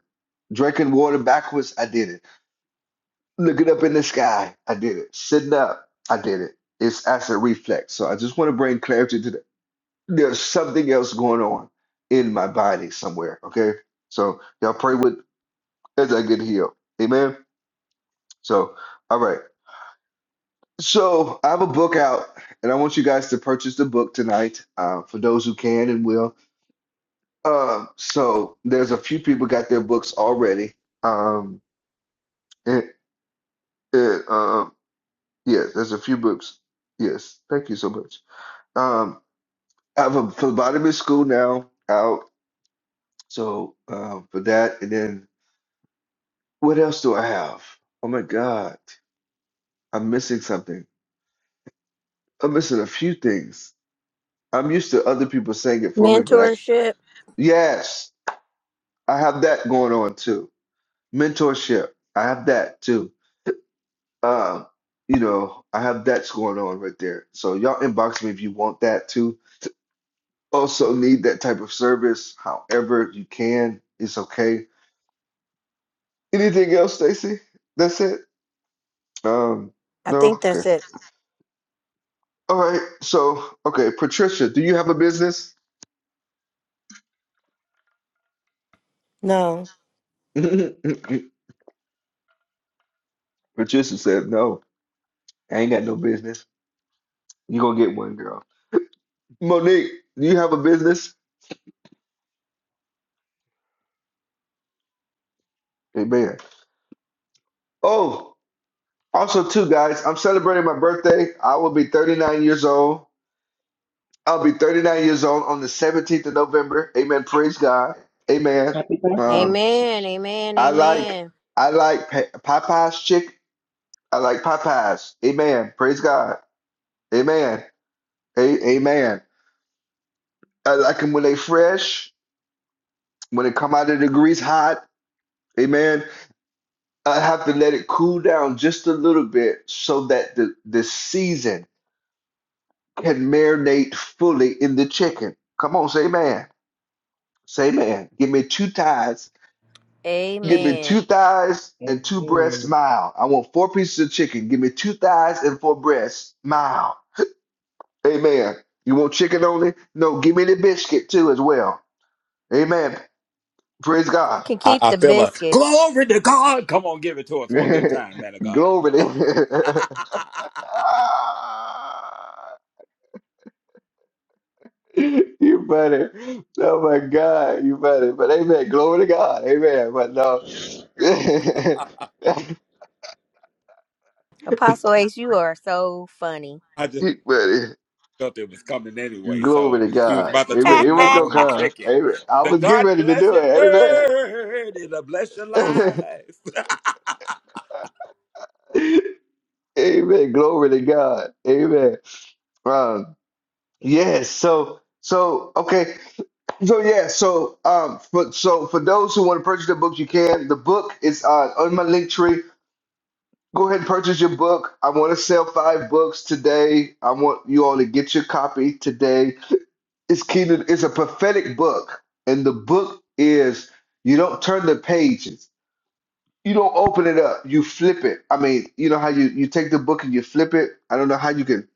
S1: Drinking water backwards, I did it. Looking up in the sky, I did it. Sitting up, I did it. It's acid reflex. So I just want to bring clarity to that. There's something else going on in my body somewhere. Okay, so y'all pray with as I get healed. Amen. So all right. So I have a book out, and I want you guys to purchase the book tonight. Uh, for those who can and will, Uh, so there's a few people got their books already. Um, and, and, um, yeah, there's a few books. Yes, thank you so much. Um, I have a phlebotomy school now out. So um, for that, and then what else do I have? Oh my God, I'm missing something. I'm missing a few things. I'm used to other people saying it for me, but I
S7: Mentorship.
S1: yes, I have that going on too. Mentorship, I have that too. uh, you know, I have that's going on right there. So y'all inbox me if you want that too. Also need that type of service. However, you can, it's okay. Anything else, Stacy? That's it? Um,
S7: I
S1: no?
S7: think
S1: Okay.
S7: that's it.
S1: All right. So, okay, Patricia, do you have a business?
S3: No.
S1: [laughs] Patricia said, no, I ain't got no business. you gonna get one, girl. Monique, do you have a business? Amen. Oh, also too, guys, I'm celebrating my birthday. I will be 39 years old. I'll be 39 years old on the 17th of November. Amen. Praise God. Amen.
S22: Happy birthday.
S1: Um,
S7: Amen. Amen.
S1: I like
S7: Amen.
S1: I like Pa- Popeyes chick. I like Popeyes. Amen. Praise God. Amen. A- amen. I like them when they fresh, when they come out of the grease hot. Amen. I have to let it cool down just a little bit so that the, the season can marinate fully in the chicken. Come on, say amen. Say amen. Give me two ties Give me
S7: Amen.
S1: two thighs and two breasts
S22: Amen.
S1: mild. I want four pieces of chicken. Give me two thighs and four breasts mild. Amen. You want chicken only? No, give me the biscuit too as well. Amen. Praise
S7: You
S1: God.
S7: can
S15: I,
S7: keep
S15: I
S7: the
S15: feel a
S7: biscuit.
S15: glory to God. Come on, give it to
S1: [laughs]
S15: us one good time, man of God.
S1: Glory
S15: [laughs]
S1: to [laughs] Ah, You better. Oh my God, you better. But amen. Glory to God. Amen. But no.
S7: Apostle Ace, you are so funny.
S15: I
S1: [laughs]
S15: just
S1: you better.
S15: felt it was coming anyway,
S1: Glory
S15: so
S1: to
S15: he was
S1: God.
S15: about to
S1: Amen. It
S15: tune
S1: was
S15: up
S7: [laughs]
S1: gonna
S15: on the
S1: come.
S15: chicken.
S1: Amen. I
S15: The
S1: was getting
S15: God
S1: ready to do
S15: blessed
S1: it.
S15: bird, it'll bless your
S1: Amen.
S15: life. [laughs]
S1: [laughs] Amen. Glory to God. Amen. Um, yes, so so okay. So yeah, so um for so for those who want to purchase the book, you can. The book is uh on my link tree. Go ahead and purchase your book. I want to sell five books today. I want you all to get your copy today. It's Kingdom, it's a prophetic book, and the book is you don't turn the pages You don't open it up. You flip it. I mean, you know how you you take the book and you flip it. I don't know how you can.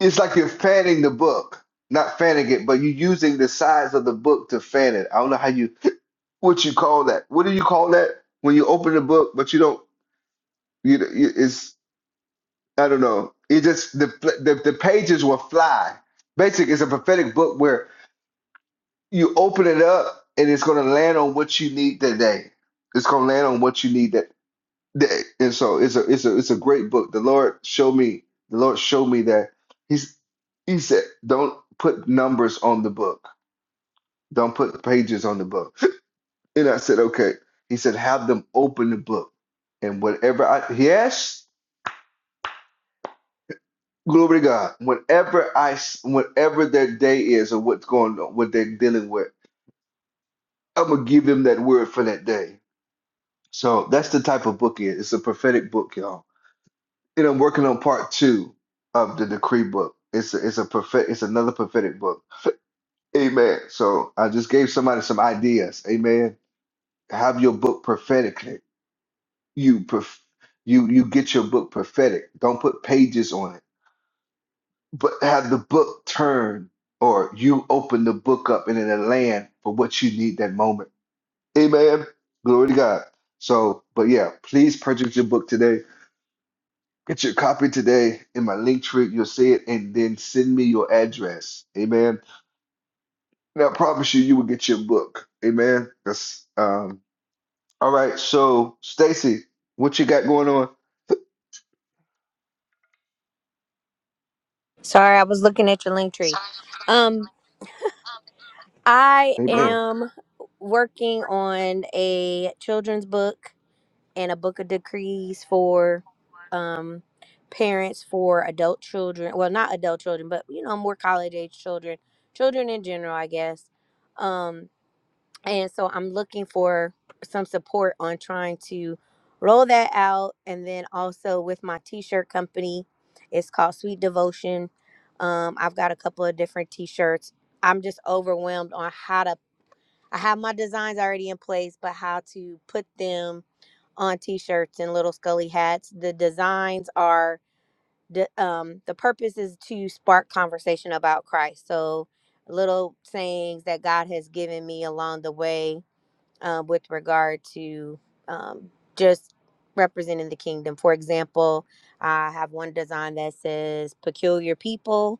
S1: It's like you're fanning the book, not fanning it, but you're using the sides of the book to fan it. I don't know how you [laughs] what you call that. What do you call that when you open the book but you don't? You, you it's I don't know. It just the the, the pages will fly. Basically, it's a prophetic book where you open it up and it's going to land on what you need today. It's going to land on what you need. that. Th- And so it's a it's a it's a great book. The Lord showed me the Lord showed me that he's he said don't put numbers on the book. Don't put pages on the book. [laughs] And I said okay. He said have them open the book and whatever I yes glory to God. Whatever I s- whatever their day is or what's going on what they're dealing with, I'm gonna give them that word for that day. So that's the type of book it is. It's a prophetic book, y'all And I'm working on part two of the decree book. It's a, it's a prophet. It's another prophetic book. Amen. So I just gave somebody some ideas. Amen. Have your book prophetically. You prof- you you get your book prophetic. Don't put pages on it, but have the book turn or you open the book up and in a land for what you need that moment. Amen. Glory to God. So, but yeah, please purchase your book today Get your copy today in my link tree. You'll see it, and then send me your address. Amen. And I promise you, you will get your book. Amen. That's um. All right. So, Stacy, what you got going on?
S7: Sorry, I was looking at your link tree. Um, I
S1: Amen.
S7: am working on a children's book and a book of decrees for um parents for adult children. Well, not adult children, but you know, more college age children, children in general, I guess. Um, and so i'm looking for some support on trying to roll that out and then also with my t-shirt company it's called sweet devotion um, i've got a couple of different t-shirts i'm just overwhelmed on how to i have my designs already in place but how to put them on t-shirts and little scully hats the designs are the um, the purpose is to spark conversation about christ so little sayings that god has given me along the way um, with regard to um, just representing the kingdom. For example, I have one design that says peculiar people.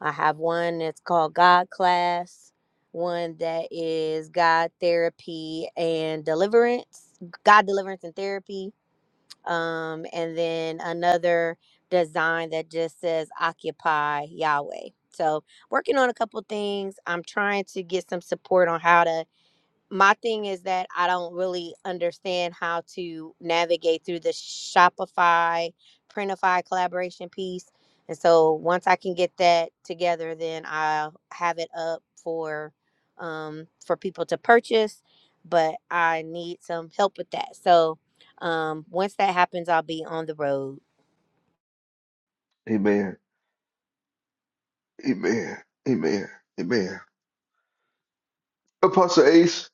S7: I have one that's called God class, one that is God therapy and deliverance, God deliverance and therapy. Um, and then another design that just says occupy Yahweh. So working on a couple things. I'm trying to get some support on how to my thing is that I don't really understand how to navigate through the Shopify, Printify collaboration piece. And so once I can get that together, then I'll have it up for um, for people to purchase. But I need some help with that. So um, once that happens, I'll be on the road.
S1: Amen. Amen. Amen. Amen. Apostle Ace.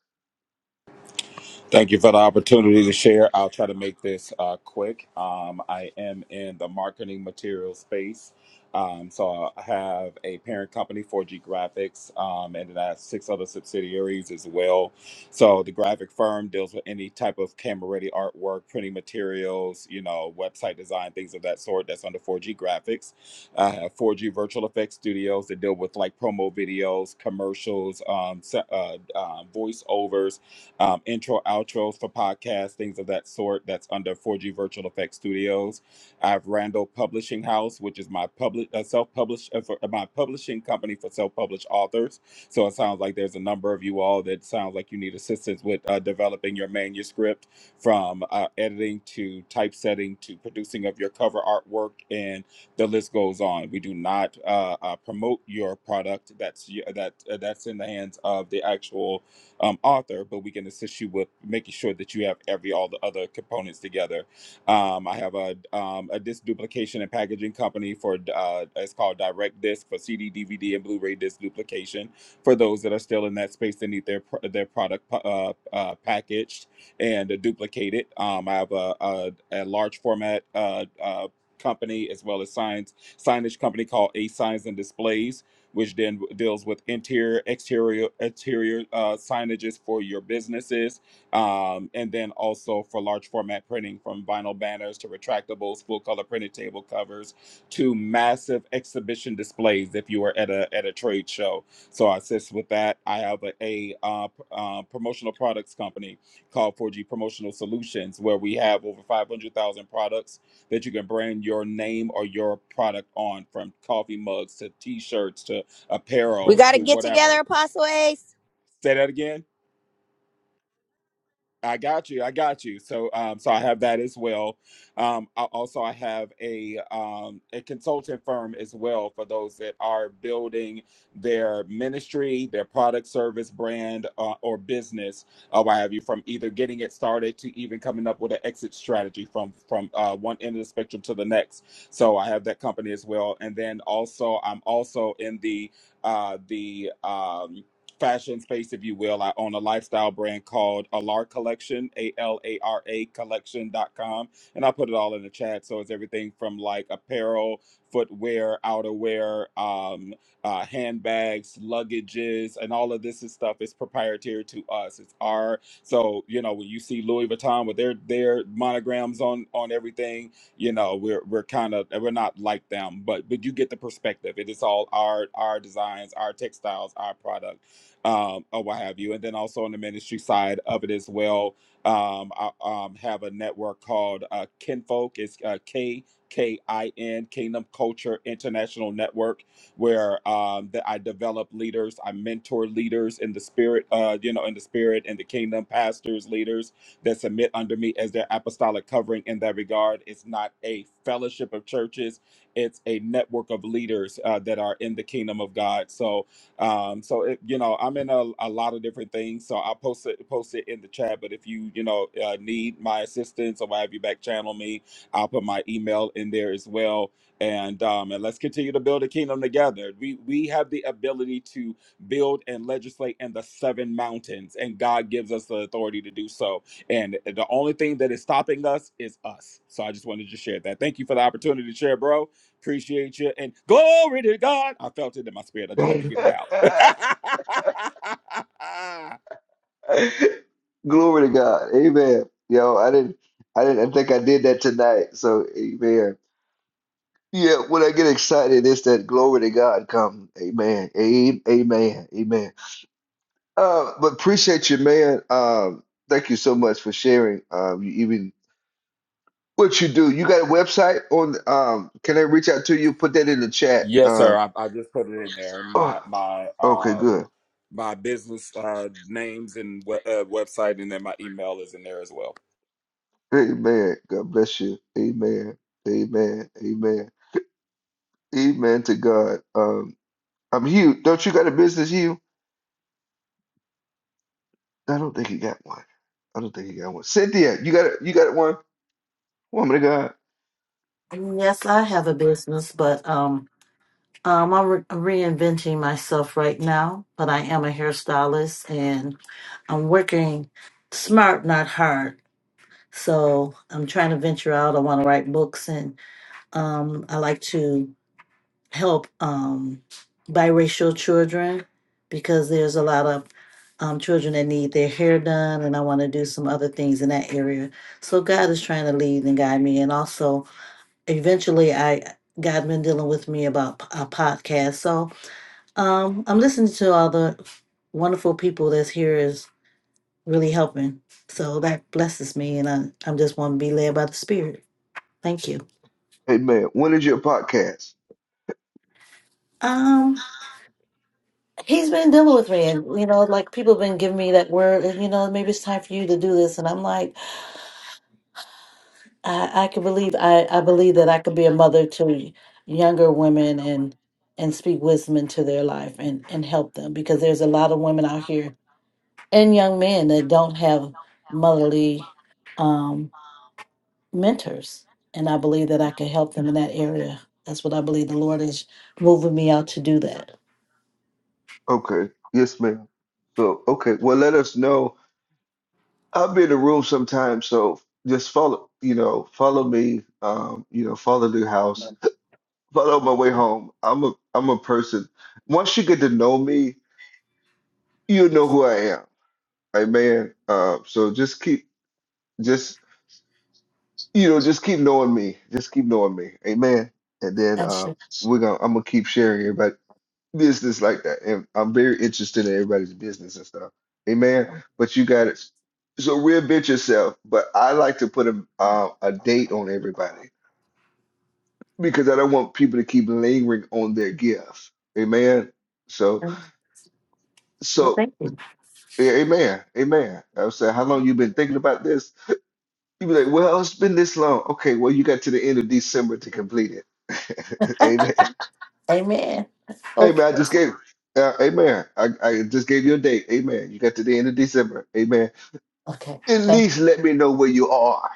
S15: Thank you for the opportunity to share. I'll try to make this uh, quick. Um, I am in the marketing material space. Um, so I have a parent company, 4G Graphics, um, and then I have six other subsidiaries as well. So the graphic firm deals with any type of camera ready artwork, printing materials, you know, website design, things of that sort. That's under 4G Graphics. I have 4G Virtual Effects Studios that deal with like promo videos, commercials, um, se- uh, uh, voiceovers um, intro, outros for podcasts, things of that sort. That's under 4G Virtual Effects Studios. I have Randall Publishing House, which is my public uh, self-published uh, for, uh, my publishing company for self-published authors. So it sounds like there's a number of you all that sounds like you need assistance with uh, developing your manuscript, from uh, editing to typesetting to producing of your cover artwork, and the list goes on. We do not uh, uh, promote your product. That's y- that uh, that's in the hands of the actual um, author, but we can assist you with making sure that you have every all the other components together. Um, I have a um, a disc duplication and packaging company for uh, it's called Direct Disc for CD, DVD, and Blu-ray disc duplication for those that are still in that space that need their pro- their product uh, uh, packaged and duplicated. Um, I have a, a, a large format uh, uh, company as well as signs signage company called A Signs and Displays which then deals with interior, exterior, exterior uh, signages for your businesses, um, and then also for large format printing from vinyl banners to retractables, full color printed table covers to massive exhibition displays. If you are at a at a trade show, so I assist with that. I have a, a uh, uh, promotional products company called 4G Promotional Solutions, where we have over 500,000 products that you can brand your name or your product on, from coffee mugs to T-shirts to
S7: We
S15: apparel
S7: got to
S15: to
S7: get
S15: whatever.
S7: together, Apostle Ace.
S15: Say that again. I got you. I got you. So, um, so I have that as well. Um, I, also, I have a um, a consultant firm as well for those that are building their ministry, their product, service, brand, uh, or business, or what have you, from either getting it started to even coming up with an exit strategy from from uh, one end of the spectrum to the next. So, I have that company as well, and then also I'm also in the uh, the um, fashion space, if you will. I own a lifestyle brand called Alara Collection, A L A R A collection dot com, And I put it all in the chat. So it's everything from like apparel, footwear, outerwear, um, uh, handbags, luggages, and all of this is stuff is proprietary to us. It's our so you know when you see Louis Vuitton with their their monograms on on everything, you know we're we're kind of we're not like them but but you get the perspective it is all our our designs our textiles our product um, or what have you. And then also on the ministry side of it as well, um, I um, have a network called uh, Kinfolk. It's uh, K K I N Kingdom Culture International Network, where um, that I develop leaders, I mentor leaders in the spirit, uh, you know, in the spirit and the kingdom, pastors, leaders that submit under me as their apostolic covering. In that regard, it's not a fellowship of churches; it's a network of leaders uh, that are in the kingdom of God. So um, so it, you know, I'm in a, a lot of different things. So I post it post it in the chat. But if you you know uh, need my assistance or have you back channel me, I'll put my email in there as well. And um, and let's continue to build a kingdom together. We we have the ability to build and legislate in the seven mountains, and God gives us the authority to do so. And the only thing that is stopping us is us. So I just wanted to share that. Thank you for the opportunity to share, bro. Appreciate you. And glory to God. I felt it in my spirit. I
S1: [laughs]
S15: just had to
S1: Glory
S15: get it out.
S1: to God. Amen. Yo, I didn't. I didn't I think I did that tonight. So, amen. Yeah, when I get excited, it's that glory to God come. Amen. A- Amen. Amen. Uh, but appreciate you, man. Um, thank you so much for sharing. Um, you even what you do. You got a website on? Um, can I reach out to you? Put that in the
S15: [laughs]
S1: chat.
S15: yes, sir.
S1: Um,
S15: I, I just put it in there. My
S1: oh,
S15: my
S1: okay,
S15: um
S1: good.
S15: my business uh names and we- uh, website, and then my email is in there as well.
S1: Amen. God bless you. Amen. Amen. Amen. Amen to God. Um, I'm Hugh. Don't you got a business, Hugh? I don't think he got one. I don't think he got one. Cynthia, you got a, you got one? Woman of God.
S17: Yes, I have a business, but um, um, I'm re- reinventing myself right now. But I am a hairstylist, I'm working smart, not hard. So I'm trying to venture out. I want to write books, and um, I like to help um, biracial children because there's a lot of um, children that need their hair done, and I want to do some other things in that area. So God is trying to lead and guide me, and also eventually I. God been dealing with me about a podcast, so um, I'm listening to all the wonderful people that's here. Is really helping. So that blesses me, and I I'm just want to be led by the Spirit. Thank you.
S1: Hey man, when is your podcast?
S17: Um, he's been dealing with me, and you know, like people have been giving me that word, and you know, maybe it's time for you to do this, and I'm like, I I can believe I I believe that I can be a mother to younger women and and speak wisdom into their life and and help them because there's a lot of women out here and young men that don't have motherly. um mentors and i believe that i can help them in that area that's what i believe the lord is moving me out to do that
S1: Okay, yes, ma'am. So, okay, well, let us know. I'll be in the room sometime, so just follow, you know, follow me. Um, you know, follow the house, follow my way home. I'm a, I'm a person. Once you get to know me, you know who I am. Right, man. Uh, so just keep, just you know, just keep knowing me. Just keep knowing me. Amen. And then
S17: That's
S1: uh,
S17: it.
S1: we're gonna, I'm gonna keep sharing everybody. business like that. And I'm very interested in everybody's business and stuff. Amen. But you got it. So reinvent yourself. But I like to put a um, a date on everybody because I don't want people to keep lingering on their gift. Amen. So
S17: well
S1: so
S17: thank you
S1: yeah, amen. Amen. I was saying, how long you been thinking about this? You be like, well, it's been this long. Okay, well, you got to the end of December to complete it. [laughs]
S17: [laughs]
S1: Amen.
S17: amen okay
S1: Amen. I just gave uh, amen. I, I just gave you a date. Amen. You got to the end of December. Amen
S17: okay
S1: at
S17: thank
S1: least let me know where you are.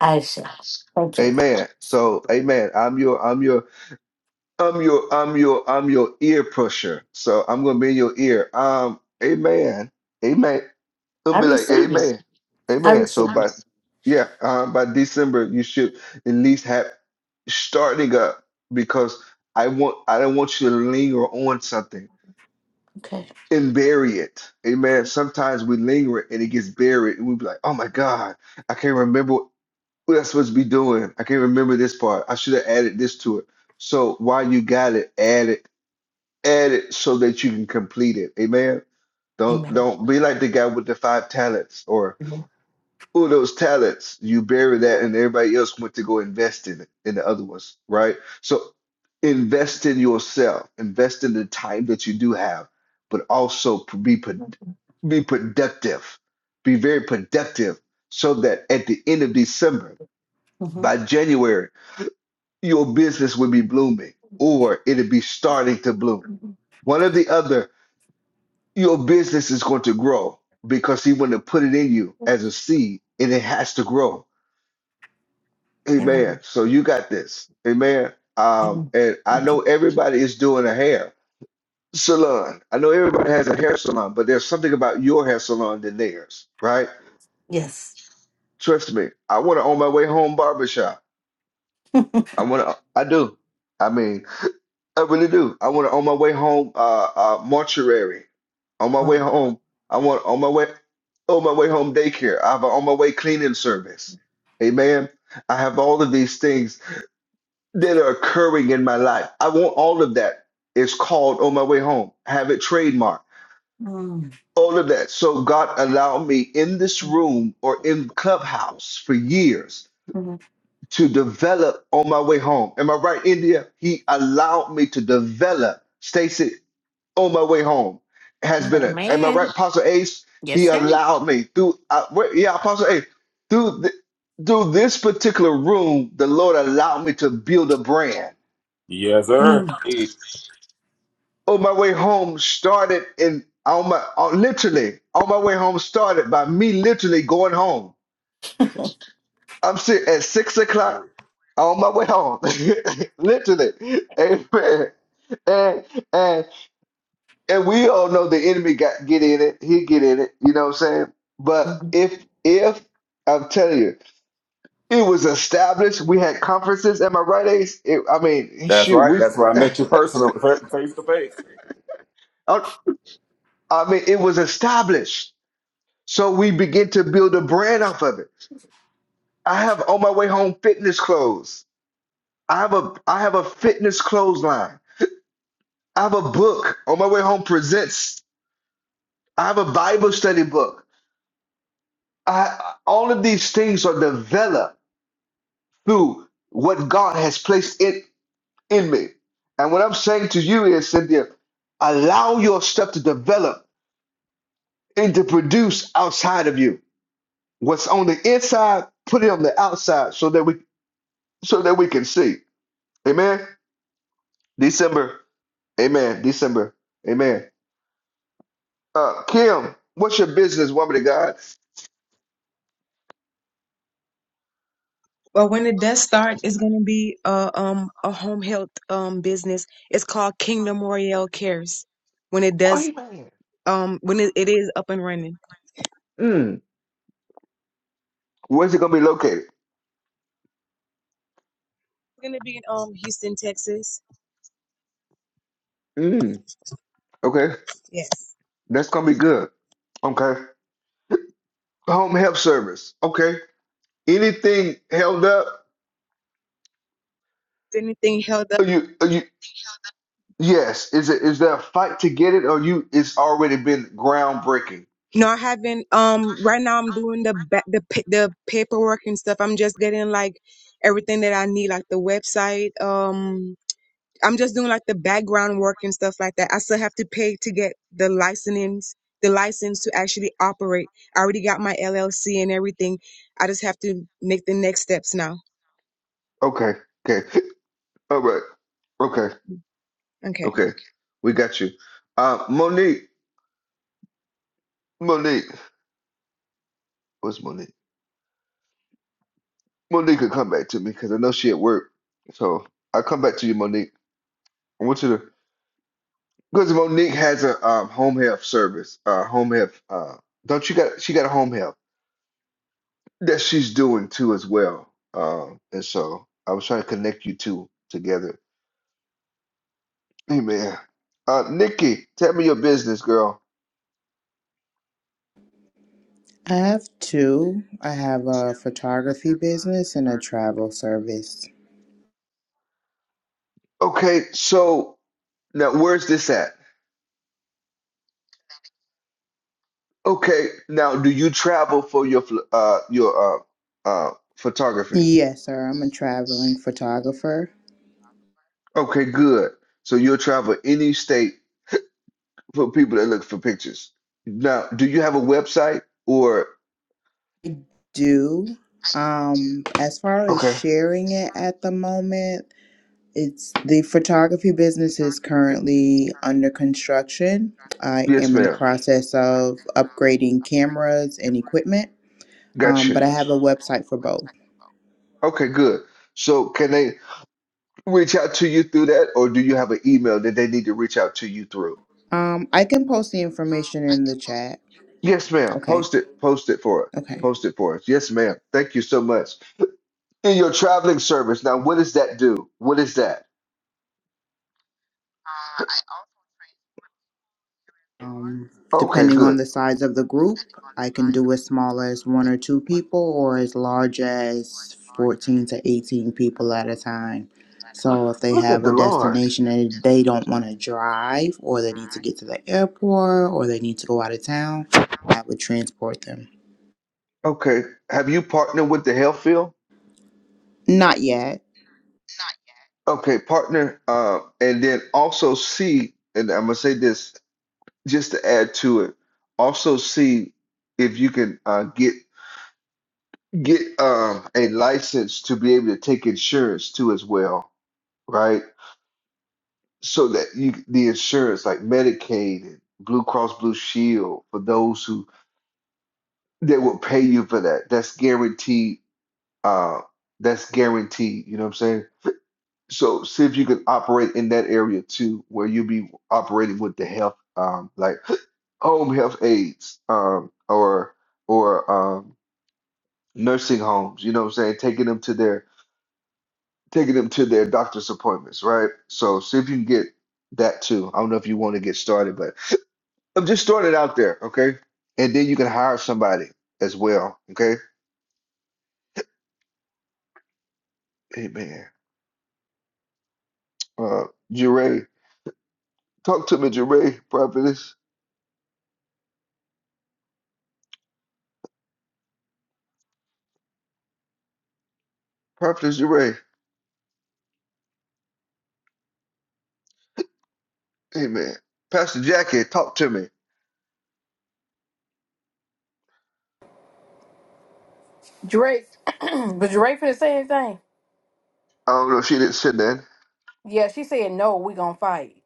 S17: i shall thank you
S1: Amen. So, amen. I'm your, I'm your, I'm your, I'm your, I'm your ear pusher. So I'm gonna be in your ear. Um, amen. Amen. It'll
S17: i
S1: be like,
S17: receive you
S1: amen.
S17: i
S1: Amen.
S17: receive
S1: So
S17: you
S1: by yeah, um, by December you should at least have starting up because I want I don't want you to linger on something
S17: okay
S1: and bury it. Amen. Sometimes we linger and it gets buried and we be like, oh my God, I can't remember. what I supposed to be doing? I can't remember this part. I should have added this to it. So while you got it, add it, add it so that you can complete it. Amen. Don't
S17: amen
S1: don't be like the guy with the five talents or oh those talents. You bury that and everybody else went to go invest in it in the other ones, right? So invest in yourself, invest in the time that you do have, but also be pro- be productive, be very productive, so that at the end of December,
S17: mm-hmm.
S1: by January your business would be blooming or it'd be starting to bloom. One or the other, your business is going to grow because he went to put it in you as a seed and it has to grow. Amen.
S17: amen
S1: So you got this. Amen. Um,
S17: amen
S1: and I
S17: thank
S1: know
S17: you
S1: everybody is doing a hair salon. I know everybody has a hair salon, but there's something about your hair salon than theirs, right?
S17: yes
S1: Trust me. I want to own my way home barbershop. I want to, I do. I mean, I really do. I want to on my way home, uh, uh, mortuary. On my way
S17: Wow.
S1: home, I want on my way, on my way home daycare. I have a on my way cleaning service. Amen. I have all of these things that are occurring in my life. I want all of that. It's called on my way home. Have it trademarked.
S17: Mm,
S1: All of that. So God allowed me in this
S17: mm,
S1: room or in clubhouse for years
S17: mm,
S1: to develop on my way home. Am I right, India? He allowed me to develop. Stacy on my way home has been
S17: mm,
S1: it.
S17: [laughs]
S1: Am I right,
S20: Amen.
S1: Apostle Ace?
S20: Yes,
S1: He
S20: sir.
S1: allowed me through. Uh, wait, yeah, Apostle Ace. Through th- through this particular room, the Lord allowed me to build a brand.
S15: Yes, sir.
S17: mm.
S1: On my way home, started in on my on, literally on my way home started by me literally going home. I'm sitting at six o'clock on my way home, [laughs] literally. Amen. And, and and we all know the enemy got get in it. He get in it. You know what I'm saying? But
S17: Mhm.
S1: if if I'm telling you, it was established. We had conferences. Am I right, Ace? It, I mean,
S15: That's
S1: shoot,
S15: right.
S1: we.
S15: That's where I
S1: [laughs]
S15: met you personally, face to face.
S1: I I mean, it was established. So we begin to build a brand off of it. I have on my way home fitness clothes. I have a I have a fitness clothes line. I have a book on my way home presents. I have a Bible study book. I all of these things are developed through what God has placed in, in me. And what I'm saying to you is, Cynthia, allow your stuff to develop and to produce outside of you. What's on the inside, put it on the outside so that we so that we can see. Amen. December. Amen. December. Amen. Uh Kim, what's your business, woman of God?
S19: Well, when it does start, it's going to be a um a home health um business. It's called Kingdom Royale Cares. When it
S1: Oh,
S19: does
S1: amen.
S19: um when it, it is up and running,
S1: Mm. Where's it gonna be located?
S19: it's going to be in um Houston, Texas.
S1: Mm. Okay.
S19: Yes.
S1: That's gonna be good. Okay. Home health service. Okay. anything held up
S19: If anything held up.
S1: are you are you yes is it is there a fight to get it or you it's already been groundbreaking
S19: No, I haven't. Um, right now I'm doing the ba- the pa- the paperwork and stuff. I'm just getting like everything that I need, like the website. Um, I'm just doing like the background work and stuff like that. I still have to pay to get the license, the license to actually operate. I already got my LLC and everything. I just have to make the next steps now.
S1: okay okay all right okay
S19: Okay.
S1: okay we got you uh monique monique what's monique monique could come back to me because i know she at work so i'll come back to you monique i want you to because monique has a um, home health service uh home health uh don't you got she got a home health that she's doing too as well. Um, and so I was trying to connect you two together. Amen. Uh, Nikki, tell me your business, girl.
S18: I have two. I have a photography business and a travel service.
S1: Okay, so now where's this at? Okay, now do you travel for your ph- uh your uh uh photography?
S18: Yes, sir. I'm a traveling photographer.
S1: Okay, good. So you'll travel any state for people that look for pictures. Now, do you have a website or
S18: Do um as far as
S1: okay?
S18: sharing it at the moment, It's the photography business is currently under construction. I
S1: Yes,
S18: am in the
S1: ma'am.
S18: process of upgrading cameras and equipment, um, but
S1: Gotcha.
S18: I have a website for both.
S1: Okay, good. So can they reach out to you through that, or do you have an email that they need to reach out to you through?
S18: Um, I can post the information in the chat.
S1: Yes, ma'am.
S18: Okay.
S1: Post it. Post it for us.
S18: Okay.
S1: Post it for us. Yes, ma'am. Thank you so much. In your traveling service, now what does that do? What is that?
S18: Um,
S1: Okay,
S18: depending on
S1: good.
S18: the size of the group, I can do as small as one or two people or as large as 14 to 18 people at a time. So if they
S1: Look
S18: have
S1: at
S18: a
S1: the Lord.
S18: destination and they don't want to drive or they need to get to the airport or they need to go out of town, I would transport them.
S1: Okay. Have you partnered with the health field?
S18: Not yet.
S1: Okay, partner. Uh, and then also see, and I'm gonna say this just to add to it. Also see if you can uh, get get um, a license to be able to take insurance too as well, right? So that you the insurance like Medicaid and Blue Cross Blue Shield for those who that will pay you for that. That's guaranteed. Uh, that's guaranteed. You know what I'm saying? So see if you can operate in that area too, where you'll be operating with the health, um, like [gasps] home health aides, um, or or um, nursing homes. You know what I'm saying? Taking them to their taking them to their doctor's appointments, right? So see if you can get that too. I don't know if you want to get started, but [laughs] [sniffs] I'm just starting out there, okay? And then you can hire somebody as well, okay? Amen. Uh, Jeray, talk to me, Jeray, prophetess, prophetess Jeray. Amen. Pastor Jackie, talk to me.
S6: drake [clears throat] was drake for the same thing
S1: I don't know if she didn't sit in.
S6: yeah she said no we gonna fight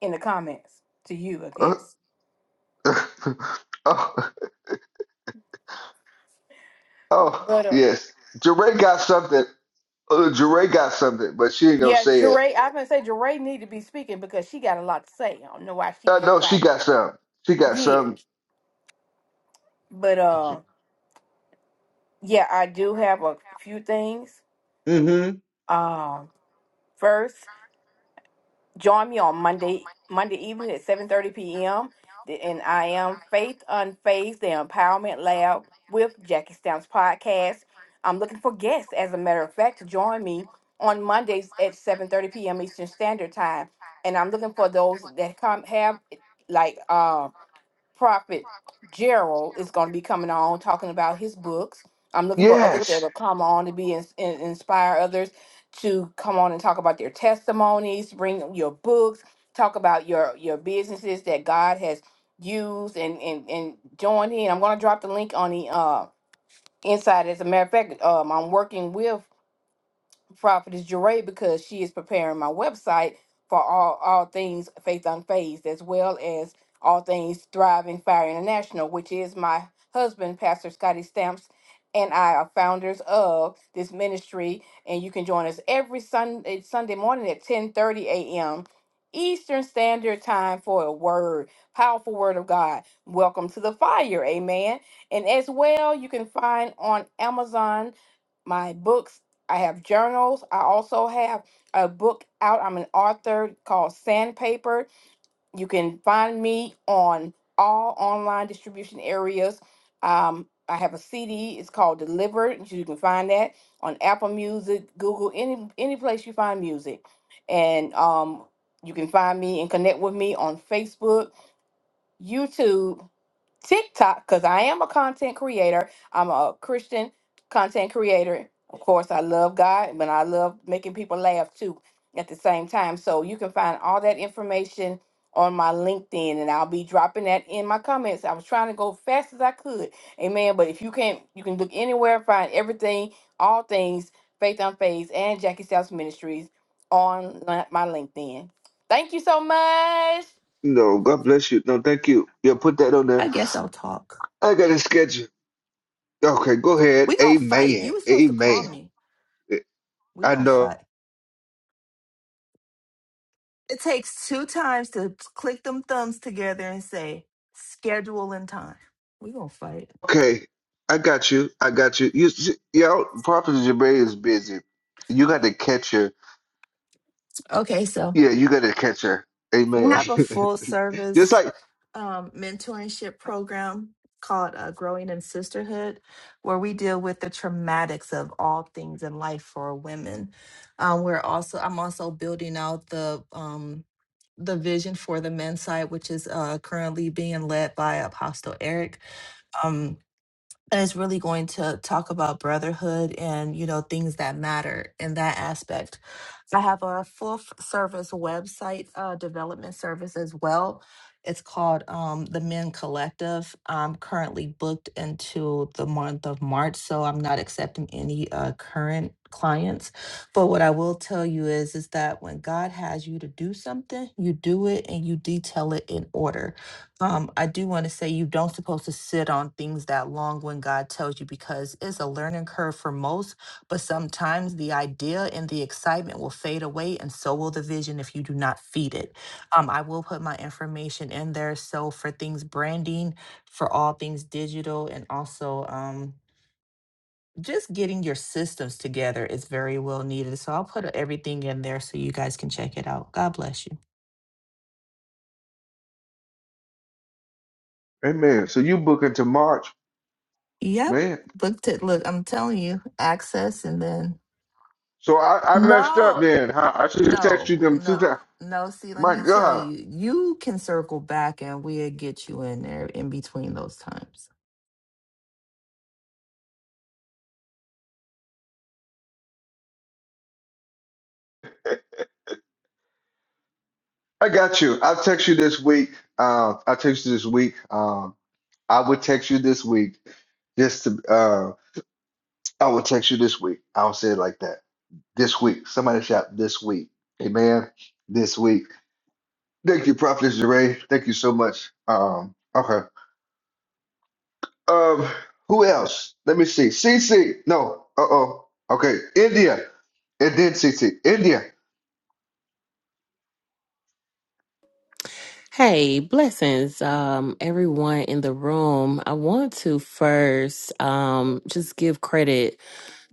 S6: in the comments to you, I
S1: Oh,
S6: guess.
S1: [laughs] oh, oh,
S6: But uh,
S1: yes. Jeray got something. Uh, Jeray got something, but she ain't gonna
S6: yeah,
S1: say it.
S6: Jeray, I can say Jeray need to be speaking because she got a lot to say. I don't know why she
S1: Uh,
S6: being
S1: no, she
S6: quiet.
S1: got
S6: Tonight.
S1: some. She got some.
S6: Yes, but uh,
S1: mm
S6: yeah, I do have a few things.
S1: hmm
S6: Um, first. Join me on Monday Monday evening at 7:30 p.m. and I am Faith Unfazed, the Empowerment Lab with Jackie Stamps podcast. I'm looking for guests, as a matter of fact, to join me on Mondays at 7:30 p.m. Eastern Standard Time. And I'm looking for those that come have like um. Prophet Gerald is going to be coming on talking about his books. I'm looking for others that
S1: Yes.
S6: will come on to be ins- in, inspire others to come on and talk about their testimonies, bring your books, talk about your your businesses that God has used and and and joined in. I'm going to drop the link on the uh inside. As a matter of fact, um, I'm working with prophetess Jeray because she is preparing my website for all all things faith unfazed as well as all things thriving fire international which is my husband pastor scotty stamps and i are founders of this ministry and you can join us every sunday sunday morning at 10 30 a.m eastern standard time for a word powerful word of god welcome to the fire amen and as well you can find on amazon my books I have journals. I also have a book out. I'm an author called Sandpaper. You can find me on all online distribution areas. Um, I have a CD. It's called Delivered. You can find that on Apple Music, Google, any any place you find music. And um, you can find me and connect with me on Facebook, YouTube. TikTok because I am a content creator. I'm a Christian content creator. Of course, I love God, but I love making people laugh too at the same time. So you can find all that information on my LinkedIn, and I'll be dropping that in my comments. I was trying to go fast as I could, amen. But if you can't, you can look anywhere, find everything, all things, Faith on Faith and Jackie South Ministries on li- my LinkedIn. Thank you so much.
S1: No, God bless you. No, thank you. Yeah, put that on there.
S23: I guess I'll talk.
S1: I got a schedule. Okay, go ahead.
S23: We gonna fight.
S1: Amen.
S23: You were supposed to call
S1: Amen.
S23: me. We
S1: I
S23: gonna
S1: know.
S23: fight. It takes two times to click them thumbs together and say schedule and time. We gonna fight.
S1: Okay, I got you. I got you. You, s- yo, Prophet Jabari is busy. You got to catch her.
S23: Okay, so
S1: Yeah, you got to catch her.
S23: we
S1: Amen.
S23: have a full
S1: [laughs] Just
S23: service
S1: like,
S23: um, mentorship program called uh, Growing in Sisterhood, where we deal with the traumatics of all things in life for women. Um, we're also I'm also building out the um, the vision for the men's side, which is uh, currently being led by Apostle Eric. Um, and it's really going to talk about brotherhood and you know things that matter in that aspect I have a full f- service website uh, development service as well. It's called um, the Men Collective. I'm currently booked until the month of March, so I'm not accepting any uh, current clients. But what I will tell you is, is that when God has you to do something, you do it and you detail it in order. Um, I do want to say you don't supposed to sit on things that long when God tells you because it's a learning curve for most but sometimes the idea and the excitement will fade away, and so will the vision if you do not feed it. Um, I will put my information in there. So, for things branding, for all things digital, and also um, just getting your systems together is very well needed. So, I'll put everything in there so you guys can check it out. God bless you.
S1: amen. So you booking to March,
S23: Yep.
S1: man.
S23: Look, to, look I'm telling you, access and then.
S1: So I, I messed up
S23: No,
S1: then. Huh? I should have texted you
S23: No,
S1: them two
S23: no,
S1: times.
S23: no. See, let
S1: My
S23: me tell
S1: God,
S23: you, you can circle back and we'll get you in there in between those times.
S1: I got you. I'll text you this week. Uh, I'll text you this week. Um, I would text you this week. Just to, uh, I will text you this week. I'll say it like that. this week. Somebody shout this week. Amen. This week. Thank you, Prophet Jeray. Thank you so much. Um, okay. Um, who else? Let me see. CC. No. Uh oh. Okay. India. And then CC. India.
S20: Hey, blessings, um, everyone in the room. I want to first um just give credit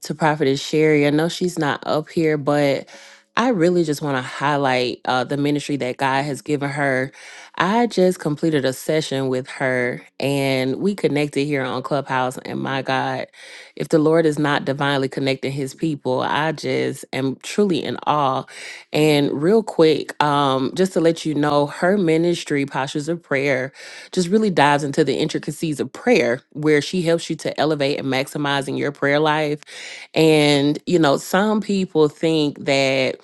S20: to Prophetess Sherry. I know she's not up here, but I really just want to highlight uh, the ministry that God has given her. I just completed a session with her and we connected here on Clubhouse. And my God, if the Lord is not divinely connecting his people, I just am truly in awe. And real quick, um, just to let you know, her ministry, Postures of Prayer, just really dives into the intricacies of prayer, where she helps you to elevate and maximizing your prayer life and, you know, some people think that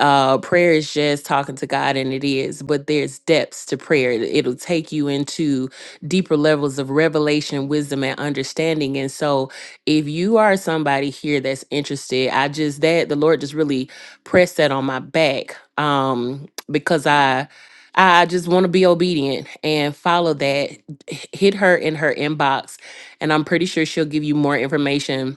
S20: uh, prayer is just talking to God, and it is, but there's depths to prayer. It- It'll take you into deeper levels of revelation, wisdom, and understanding. And so, if you are somebody here that's interested, I just, that the Lord just really pressed that on my back um, because I. I just want to be obedient and follow that. H- Hit her in her inbox, and I'm pretty sure she'll give you more information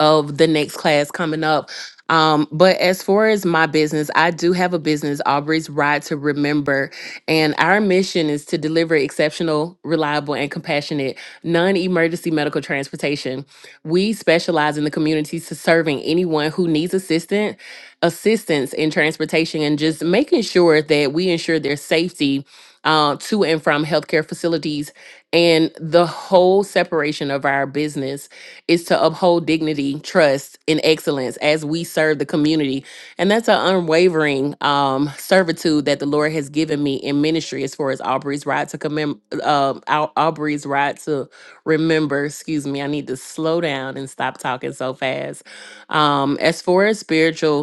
S20: of the next class coming up. Um, but as far as my business, I do have a business, Aubrey's Ride to Remember. And our mission is to deliver exceptional, reliable, and compassionate non emergency medical transportation. We specialize in the community to serving anyone who needs assistance, assistance in transportation and just making sure that we ensure their safety uh, to and from healthcare facilities and the whole separation of our business is to uphold dignity, trust, and excellence as we serve the community. And that's an unwavering um, servitude that the Lord has given me in ministry as far as Aubrey's right to commem- uh, Au- Aubrey's right to remember. Excuse me, I need to slow down and stop talking so fast. Um, as far as spiritual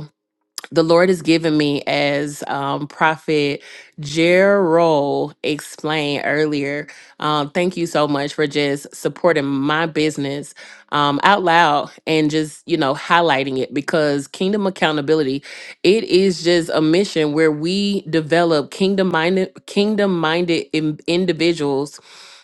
S20: the Lord has given me as um, Prophet Gerald explained earlier. Um, thank you so much for just supporting my business um, out loud and just, you know, highlighting it because Kingdom Accountability, it is just a mission where we develop kingdom minded, kingdom minded individuals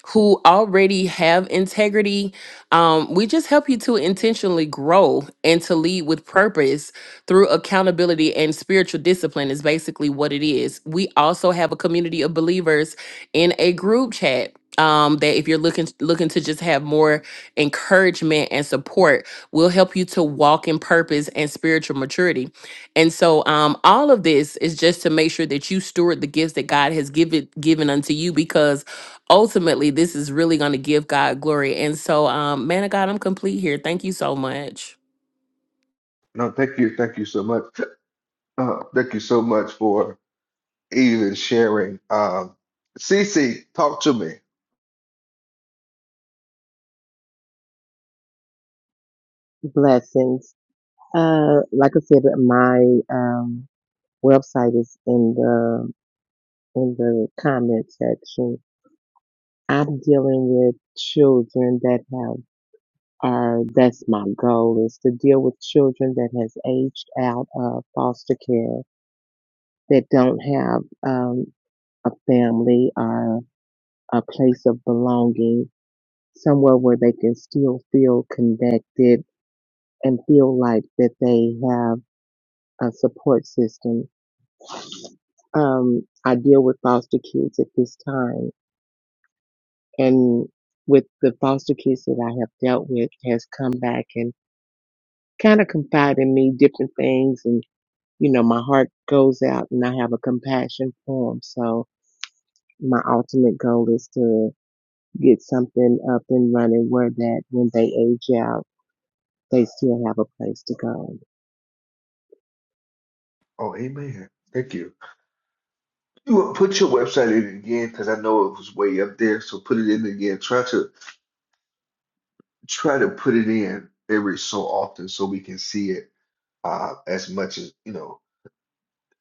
S20: who already have integrity um, we just help you to intentionally grow and to lead with purpose through accountability and spiritual discipline is basically what it is. We also have a community of believers in a group chat um, that if you're looking looking to just have more encouragement and support, will help you to walk in purpose and spiritual maturity. And so, um, all of this is just to make sure that you steward the gifts that God has given given unto you, because ultimately, this is really going to give God glory. And so, um, man of God, I'm complete here. Thank you so much.
S1: No, thank you. Thank you so much. Uh, thank you so much for even sharing. Um, CC, talk to me.
S22: Blessings. Uh, like I said, my um website is in the in the comment section. I'm dealing with children that have are that's my goal is to deal with children that has aged out of foster care that don't have um, a family or a place of belonging, somewhere where they can still feel connected and feel like that they have a support system. Um, I deal with foster kids at this time, and with the foster kids that I have dealt with has come back and kind of confide in me different things and you know my heart goes out and I have a compassion for them so my ultimate goal is to get something up and running where that when they age out, they still have a place to go.
S1: Oh, amen. Thank you. You will put your website in again because I know it was way up there. So put it in again. Try to try to put it in every so often so we can see it uh, as much as you know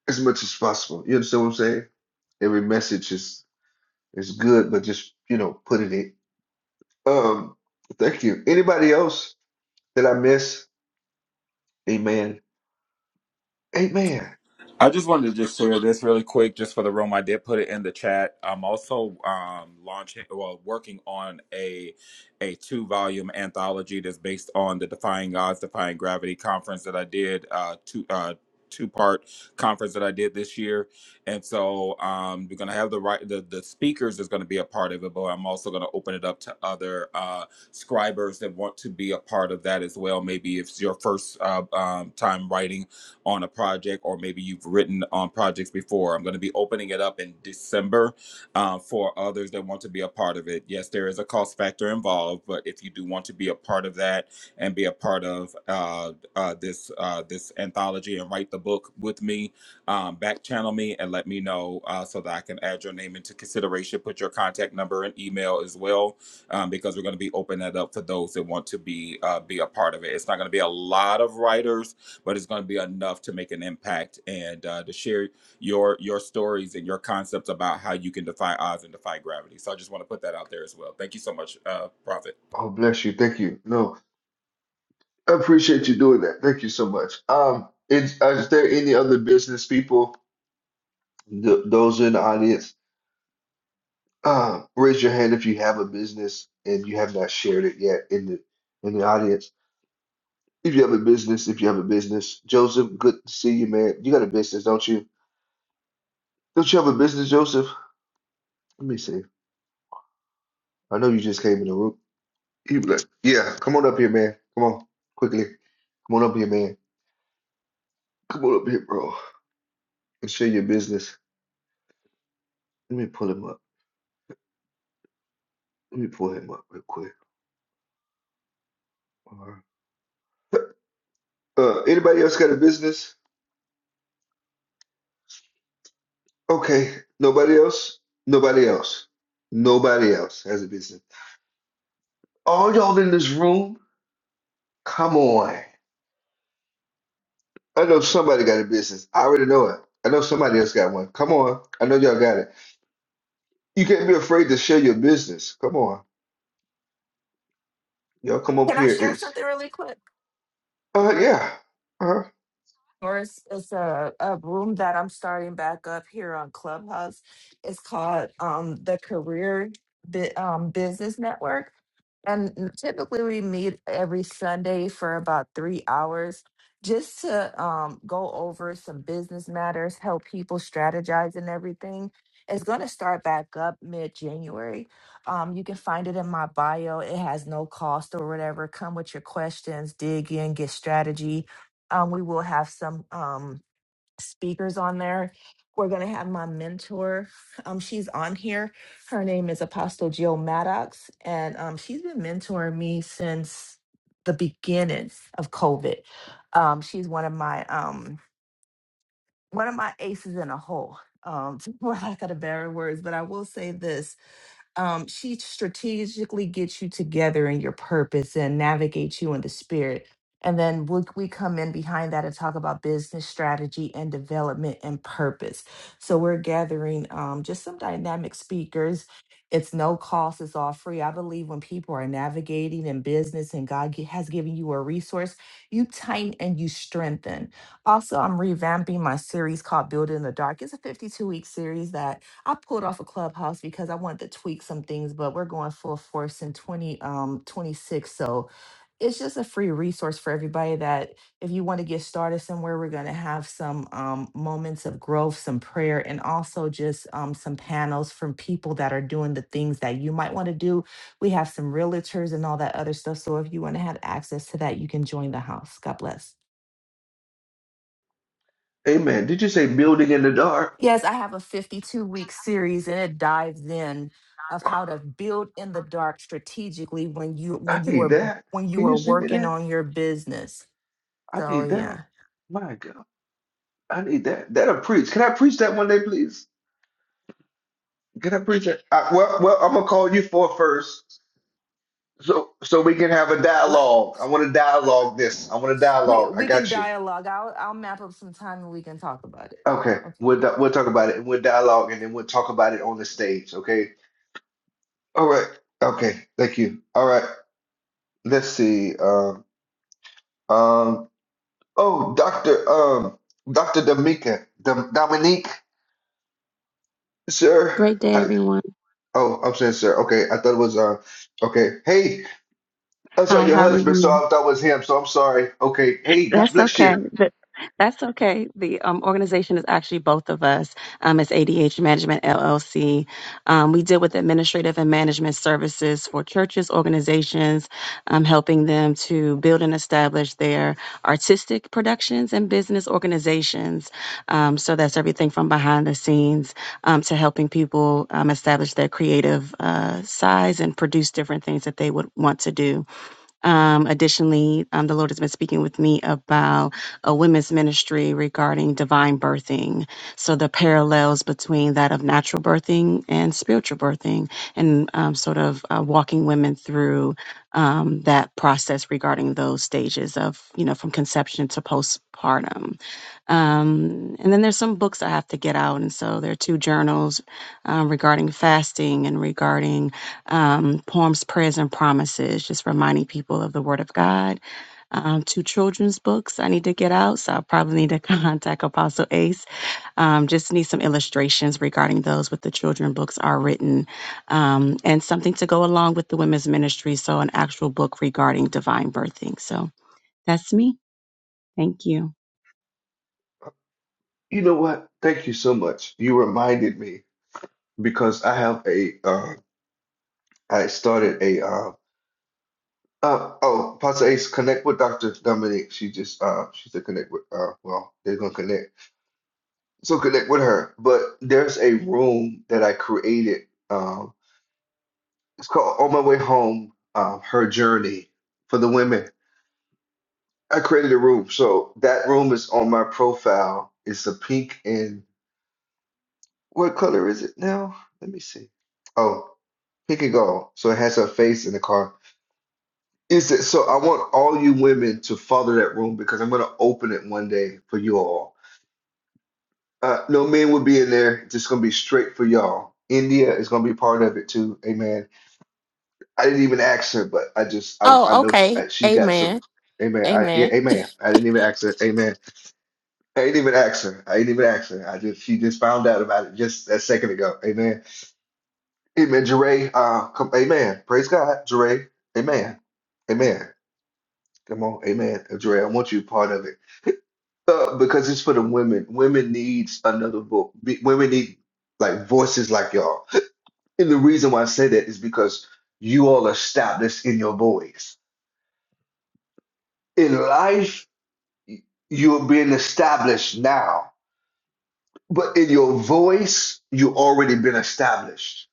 S1: as much as possible. You understand what I'm saying? Every message is is good, but just you know put it in. Um, thank you. Anybody else that I miss? Amen. Amen.
S15: I just wanted to just share this really quick, just for the room. I did put it in the chat. I'm also um, launching, well, working on a a two volume anthology that's based on the Defying Odds, Defying Gravity conference that I did uh, two uh, two part conference that I did this year. And so um, we're gonna have the right the the speakers is gonna be a part of it, but I'm also gonna open it up to other uh, scribers that want to be a part of that as well. Maybe if it's your first uh, um, time writing on a project, or maybe you've written on projects before. I'm going to be opening it up in December uh, for others that want to be a part of it. Yes, there is a cost factor involved, but if you do want to be a part of that and be a part of uh, uh, this uh, this anthology and write the book with me, um, back channel me and let me know uh, so that I can add your name into consideration. Put your contact number and email as well, um, because we're going to be opening that up for those that want to be uh, be a part of it. It's not going to be a lot of writers but it's going to be enough to make an impact and uh, to share your your stories and your concepts about how you can defy odds and defy gravity. So I just want to put that out there as well. Thank you so much, uh, Prophet.
S1: Oh bless you. Thank you. No, I appreciate you doing that. Thank you so much. Um, is, is there any other business people? Th- those in the audience. Uh, raise your hand if you have a business and you have not shared it yet in the in the audience. If you have a business, if you have a business, Joseph, good to see you, man. You got a business, don't you? Don't you have a business, Joseph? Let me see. I know you just came in the room. He be like, yeah, come on up here, man. Come on, quickly. Come on up here, man. Come on up here, bro, and share your business. Let me pull him up. Let me pull him up real quick. All right. Uh, anybody else got a business? Okay. Nobody else? Nobody else. Nobody else has a business. All y'all in this room, come on. I know somebody got a business. I already know it. I know somebody else got one. Come on. I know y'all got it. You can't be afraid to share your business. Come on. Y'all come up
S23: Can I
S1: here.
S23: share
S1: It's,
S23: something really quick?
S1: uh, yeah. Uh,
S23: Or it's, it's a, a room that I'm starting back up here on Clubhouse. It's called um, the Career Bi- um, Business Network. And typically we meet every Sunday for about three hours just to um, go over some business matters, help people strategize and everything. It's going to start back up mid January. Um, you can find it in my bio. It has no cost or whatever. Come with your questions, dig in, get strategy um, we will have some um, speakers on there. We're going to have my mentor. Um, she's on here. Her name is Apostle Jill Maddox, and um, she's been mentoring me since the beginning of COVID. Um, she's one of my um, one of my aces in a hole. Um, [laughs] for lack of the better words, but I will say this um, she strategically gets you together in your purpose and navigates you in the spirit. And then we, we come in behind that and talk about business strategy and development and purpose. So we're gathering um, just some dynamic speakers. It's no cost, it's all free. I believe when people are navigating in business and God gi- has given you a resource, you tighten and you strengthen. Also, I'm revamping my series called Build in the Dark. It's a 52 week series that I pulled off a clubhouse because I wanted to tweak some things, but we're going full force in 20 um 26. So it's just a free resource for everybody that if you want to get started somewhere, we're going to have some um, moments of growth, some prayer, and also just um, some panels from people that are doing the things that you might want to do. We have some realtors and all that other stuff. So if you want to have access to that, you can join the house. God bless.
S1: amen. Did you say building in the dark?
S23: Yes, I have a 52 week series and it dives in of how to build in the dark strategically when you
S1: I
S23: when you
S1: need
S23: are
S1: that.
S23: when you
S1: Can you
S23: are
S1: send me
S23: working
S1: that?
S23: on your business.
S1: I
S23: So
S1: need that.
S23: yeah.
S1: My God. I need that. That'll preach. Can I preach that one day, please? Get up, preacher. Uh, well, well, I'm gonna call you for first, so so we can have a
S23: Le-
S1: dialogue. I want to dialogue this. I want to
S23: We
S1: dialogue. I
S23: we can
S1: got you.
S23: dialogue. I'll I'll map up some time and we can talk about it.
S1: Okay,
S23: Okay.
S1: we'll di- we'll talk about it and we'll dialogue and then we'll talk about it on the stage. Okay. All right. Okay. Thank you. All right. Let's see. Um. Um. Oh, Doctor. Um. Doctor Dominica. Dom- Dominique. Sir.
S24: Great day,
S1: I,
S24: everyone.
S1: oh, I'm saying sir. Okay. I thought it was uh. Okay. Hey. I saw
S24: Hi,
S1: your
S24: how are
S1: husband, so
S24: you?
S1: I thought it was him. So I'm sorry. Okay. Hey, God
S24: That's
S1: bless
S24: okay.
S1: you.
S24: Th- That's okay. The um, organization is actually both of us. Um, it's ADH Management LLC. Um, we deal with administrative and management services for churches, organizations, um, helping them to build and establish their artistic productions and business organizations. Um, so that's everything from behind the scenes um, to helping people um, establish their creative uh, size and produce different things that they would want to do. Um, additionally, um, the Lord has been speaking with me about a women's ministry regarding divine birthing. So the parallels between that of natural birthing and spiritual birthing, and um, sort of uh, walking women through um, that process regarding those stages of, you know, from conception to postpartum. Um, and then there's some books I have to get out. And so there are two journals um, regarding fasting and regarding um, poems, prayers, and promises, just reminding people of the Word of God. Um, two children's books I need to get out. So I probably need to [laughs] contact Apostle Ace. Um, just need some illustrations regarding those with the children books are written um, and something to go along with the women's ministry. So an actual book regarding divine birthing. So that's me. Thank you.
S1: You know what? Thank you so much. You reminded me because I have a. Uh, I started a. Uh, uh, oh, Pastor Ace, connect with Doctor Dominique. She just. Uh, she said connect with. Uh, well, they're gonna connect. So connect with her. But there's a room that I created. Um, it's called On My Way Home. Um, her journey for the women. I created a room. So that room is on my profile. It's a pink and What color is it now? Let me see. Oh, pick a goal. So it has her face in the car. Is it so I want all you women to follow that room because I'm gonna open it one day for you all. Uh, no men will be in there, It's just gonna be straight for y'all. India is gonna be part of it too. Amen. I didn't even ask her, but I just I, I
S20: Oh,
S1: know s-
S20: okay.
S1: uh, she got some.
S20: Amen.
S1: Amen. I, yeah,
S20: Amen.
S1: amen. I didn't even ask her. Amen. I didn't even ask her. I didn't even ask her. I just she just found out about it just a second ago. Amen. Amen, Jeray. Uh, come, amen. Praise God, Jeray. Amen. Amen. Come on, amen, Uh, Jeray. I want you part of it uh, because it's for the women. Women needs another vote. Women need like voices like y'all. And the reason why I say that is because you all established in your voice. In life, you're being established now, but in your voice, you already been established.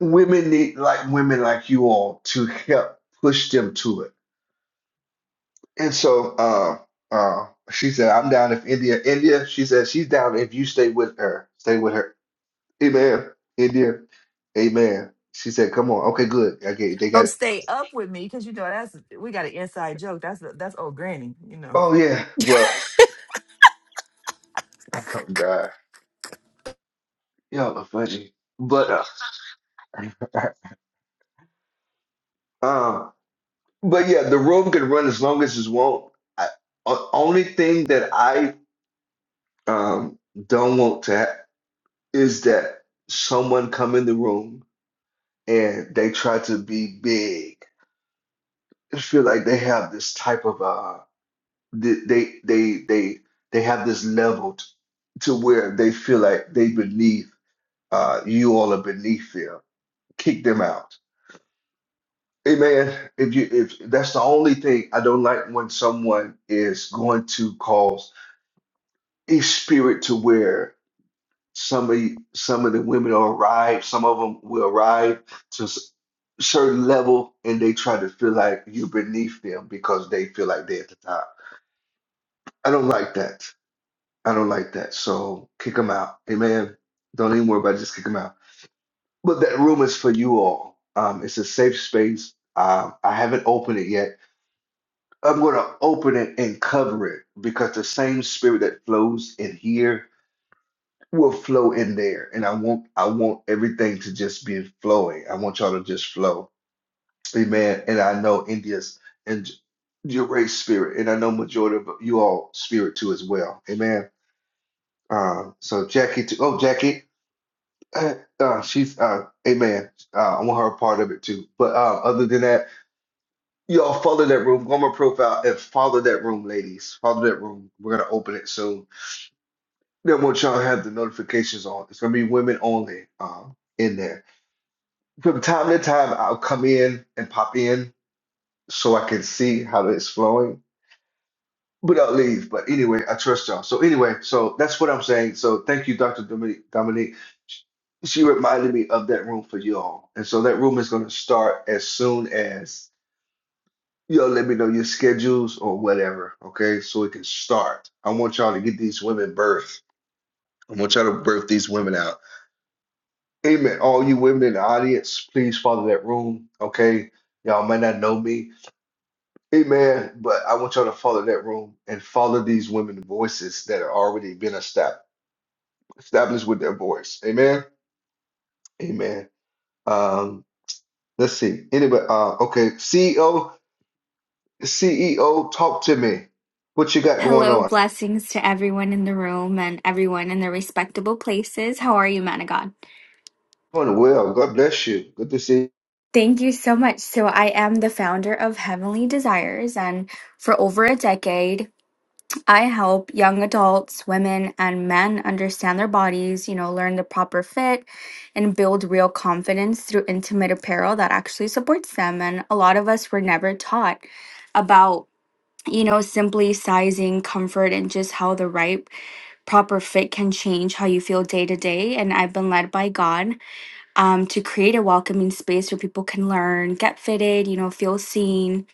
S1: Women need like women like you all to help push them to it And so uh, uh, she said, I'm down if India, India, she said, she's down if you stay with her. Stay with her. Amen. India, amen. She said, come on. Okay, good. Okay, they
S23: Oh,
S1: got it.
S23: stay up with me because you know that's we got an inside joke. That's that's old granny, you know.
S1: Oh, yeah. Well, oh, God. Y'all are funny. But, uh, [laughs] um, but yeah, the room can run as long as it won't. I, o- only thing that I um, don't want to ha- is that someone come in the room and they try to be big I feel like they have this type of uh th- they they they they have this level t- to where they feel like they beneath uh you all are beneath them. Kick them out. Amen. If you if that's the only thing I don't like when someone is going to cause a spirit to where some of you- some of the women will arrive, some of them will arrive to s- certain level and they try to feel like you're beneath them because they feel like they're at the top I don't like that. I don't like that. So kick them out. Amen. Don't even worry about it. Just kick them out. But that room is for you all. Um, it's a safe space. Um, I haven't opened it yet. I'm going to open it and cover it because the same spirit that flows in here will flow in there. And I want I want everything to just be flowing. I want y'all to just flow. Amen. And I know India's and your race spirit, and I know majority of you all spirit too as well. Amen. Uh, so Jackie too. Oh, Jackie. Uh, uh, she's uh, amen. Uh, I want her a part of it too. But uh, other than that, y'all follow that room. Go on my profile and follow that room, ladies. Follow that room. We're gonna open it soon. Then want y'all to have the notifications on. It's gonna be women only. Um, in there from time to time, I'll come in and pop in so I can see how it's flowing. without leave. But anyway, I trust y'all. So anyway, so that's what I'm saying. So thank you, Dr. Dominique. Dominique. She she reminded me of that room for y'all. And so that room is going to start as soon as y'all let me know your schedules or whatever. Okay. So it can start. I want y'all to get these women birthed. I want y'all to birth these women out. Amen. All you women in the audience, please follow that room. Okay. Y'all might not know me. Amen. But I want y'all to follow that room and follow these women voices that are already been established established with their voice. Amen. Amen. Um, let's see. Anybody uh okay, CEO, CEO, talk to me. What you got going
S25: Hello,
S1: on?
S25: blessings to everyone in the room and everyone in their respectable places. How are you, man of God?
S1: Doing well. God bless you. Good to see you.
S25: Thank you so much. So, I am the founder of Heavenly Desires, and for over a decade, I help young adults, women, and men understand their bodies, you know, learn the proper fit, and build real confidence through intimate apparel that actually supports them. And a lot of us were never taught about, you know, simply sizing, comfort, and just how the right proper fit can change how you feel day to day. And I've been led by God um, to create a welcoming space where people can learn, get fitted, you know, feel seen.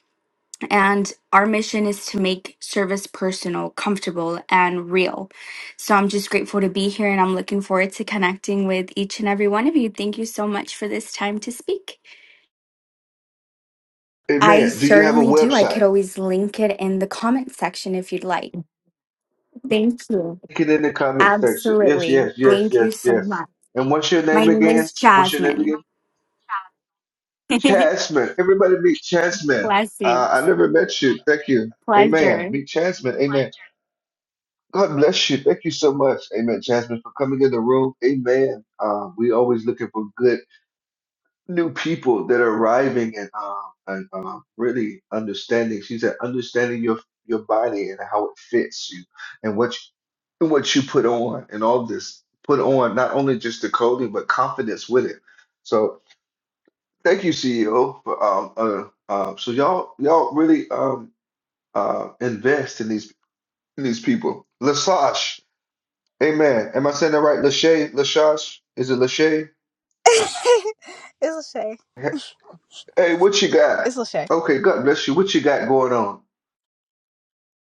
S25: And our mission is to make service personal, comfortable, and real. So I'm just grateful to be here and I'm looking forward to connecting with each and every one of you. Thank you so much for this time to speak. I
S1: Amen. Do you have a
S25: certainly do. I could
S1: website?
S25: always link it in the comment section if you'd like. Thank you.
S1: Link it in the comment section. Yes,
S25: Absolutely.
S1: yes, yes,
S25: Thank
S1: yes,
S25: you so much.
S1: yes. And what's your
S25: My
S1: name
S25: name
S1: again?
S25: is
S1: And what's your name
S25: Jasmine.
S1: again?
S25: [laughs]
S1: Chasman. Everybody meet Chasman. Uh, I
S25: Blessings.
S1: never met you. Thank you. Amen.
S25: Pleasure.
S1: Meet Chasman. Amen. God bless you. Thank you so much. Amen, Chasman for coming in the room. Amen. Uh, we always looking for good new people that are arriving and, uh, and uh, really understanding. She said, understanding your your body and how it fits you and what you, and what you put on and all this put on not only just the clothing but confidence with it. So. Thank you, CEO. For, um, uh, uh, so y'all, y'all really um, uh, invest in these in these people. Lasash, amen. Am I saying that right? Lashay, Lashash, is it Lashay?
S26: [laughs] it's Lachey.
S1: Hey, what you got?
S26: It's Lachey.
S1: Okay, God bless you. What you got going on?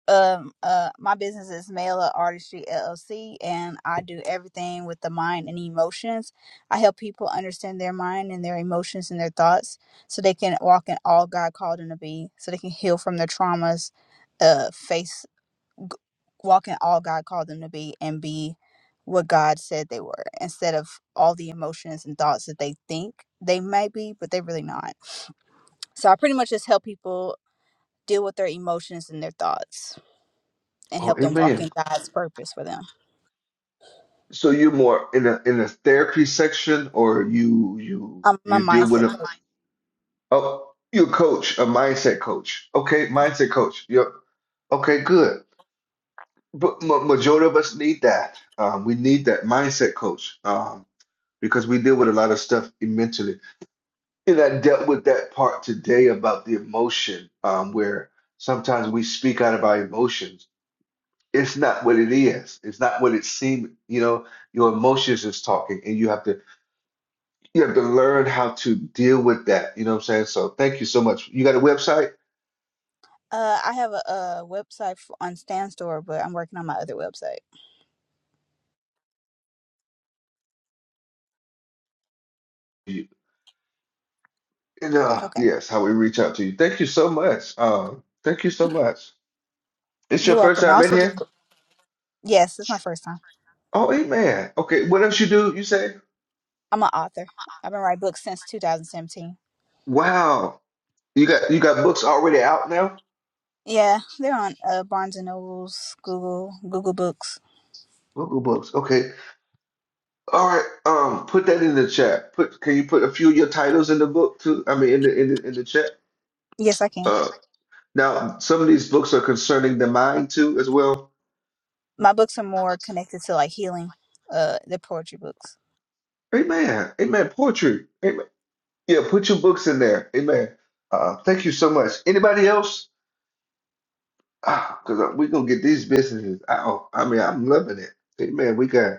S26: Um, uh, my business is Mela Artistry LLC, and I do everything with the mind and emotions. I help people understand their mind and their emotions and their thoughts, so they can walk in all God called them to be, so they can heal from their traumas, uh, face g- walk in all God called them to be, and be what God said they were, instead of all the emotions and thoughts that they think they might be, but they really not. So I pretty much just help people deal with their emotions and their thoughts and
S1: Oh,
S26: help them walk
S1: amen.
S26: in God's purpose for them.
S1: So you're more in a in a therapy section, or you you
S26: I'm a
S1: you deal with
S26: mindset
S1: a
S26: coach.
S1: oh you're a coach, a mindset coach. Okay, mindset coach. Yep. Okay, good. But ma- majority of us need that. Um, we need that mindset coach um, because we deal with a lot of stuff mentally. And I dealt with that part today about the emotion, um, where sometimes we speak out of our emotions. It's not what it is. It's not what it seems. You know, your emotions is talking, and you have to you have to learn how to deal with that. You know what I'm saying? So thank you so much. You got a website?
S26: Uh, I have a, a website f on Standstore, but I'm working on my other website.
S1: You, and, uh,
S26: Okay,
S1: yes, how we reach out to you. Thank you so much. Um, thank you so much. It's your
S26: you're
S1: first
S26: welcome. I
S1: time in
S26: also
S1: here.
S26: do. bo- Yes, it's my first time.
S1: Oh, Amen. Okay, what else you do? You say?
S26: I'm an author. I've been writing books since 2017.
S1: Wow. You got you got books already out now?
S26: Yeah, they're on uh, Barnes and Nobles, Google, Google Books.
S1: Local books. Okay. All right. Um, put that in the chat. Put can you put a few of your titles in the book too? I mean in the in the in the chat.
S26: Yes, I can.
S1: Uh now some of these books are concerning the mind too as well.
S26: My books are more connected to like healing, uh, the poetry books.
S1: Amen. Amen. Poetry. Amen. Yeah, put your books in there. Amen. Uh thank you so much. Anybody else? Ah, because we're gonna get these businesses. Oh, I mean, I'm loving it. Amen. We got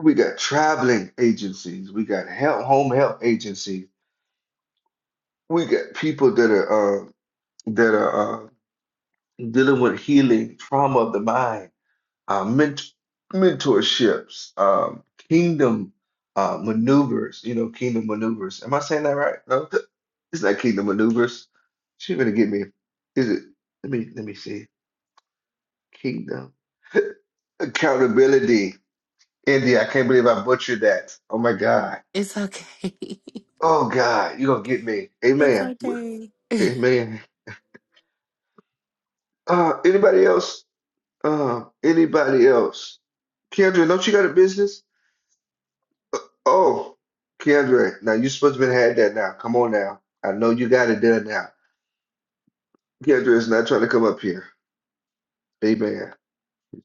S1: We got traveling agencies. We got help, home help agencies. We got people that are uh, that are uh, dealing with healing, trauma of the mind, uh, ment- mentorships, um, kingdom uh, maneuvers. You know, kingdom maneuvers. Am I saying that right? No, th- it's not kingdom maneuvers. She gonna get me. Is it? Let me let me see. Kingdom accountability. India, I can't believe I butchered that. Oh my God.
S20: It's okay. [laughs]
S1: Oh God, you're gonna get me.
S20: it's
S1: Amen.
S20: okay.
S1: Amen. Uh anybody else? Um, anybody else? Kendra, don't you got a business? Oh, Kendra, now you supposed to have had that now. Come on now. I know you got it done now. Kendra is not trying to come up here. Amen.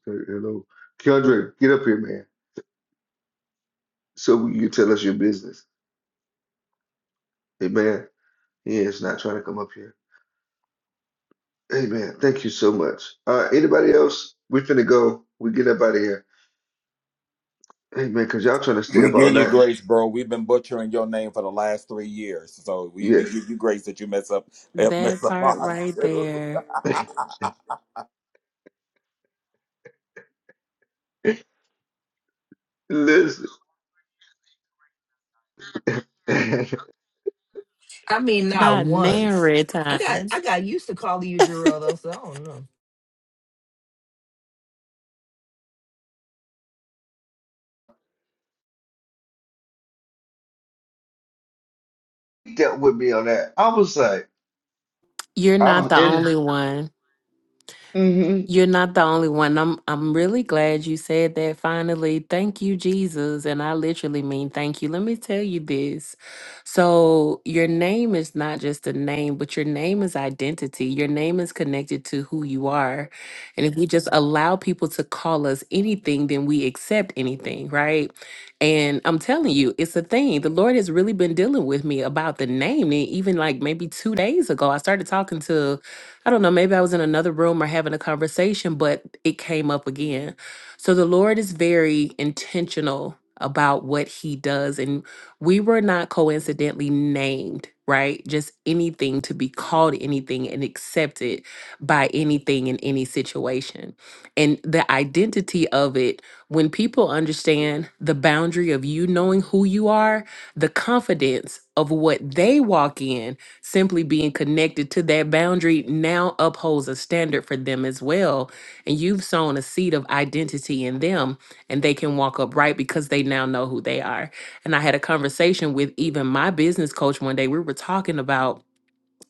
S1: Hello. Kendra, get up here, man. So you can tell us your business. Amen. He is not trying to come up here. Amen. Thank you so much. Uh anybody else? We finna go. We get up out of here. Hey man, cause y'all trying to stay
S15: We
S1: up all
S15: give you
S1: night.
S15: grace, bro. We've been butchering your name for the last three years, so we,
S1: Yeah.
S15: we give you grace that you mess up mess
S20: That
S15: up
S20: part
S15: odds
S20: right
S15: too.
S20: there.
S15: [laughs]
S1: [laughs] Listen. [laughs]
S23: I mean, not
S20: Not
S23: once.
S20: nary
S23: I got I
S20: times.
S23: got used to calling you
S20: [laughs]
S23: Jarrell though, so I don't know.
S1: He dealt with me on that. I was like,
S20: You're
S1: I
S20: not
S1: was
S20: the
S1: in
S20: only one.
S1: mm-hmm.
S20: You're not the only one. I'm I'm really glad you said that finally. Thank you, Jesus. And I literally mean thank you. Let me tell you this. So your name is not just a name, but your name is identity. Your name is connected to who you are. And if we just allow people to call us anything, then we accept anything, right? And I'm telling you, it's a thing. The Lord has really been dealing with me about the name. And even like maybe two days ago, I started talking to I don't know, maybe I was in another room or having a conversation, but it came up again. So the Lord is very intentional about what he does. And we were not coincidentally named, right? Just anything to be called anything and accepted by anything in any situation. And the identity of it, when people understand the boundary of you knowing who you are, the confidence of what they walk in simply being connected to that boundary now upholds a standard for them as well. And you've sown a seed of identity in them, and they can walk upright because they now know who they are. And I had a conversation with even my business coach one day. We were talking about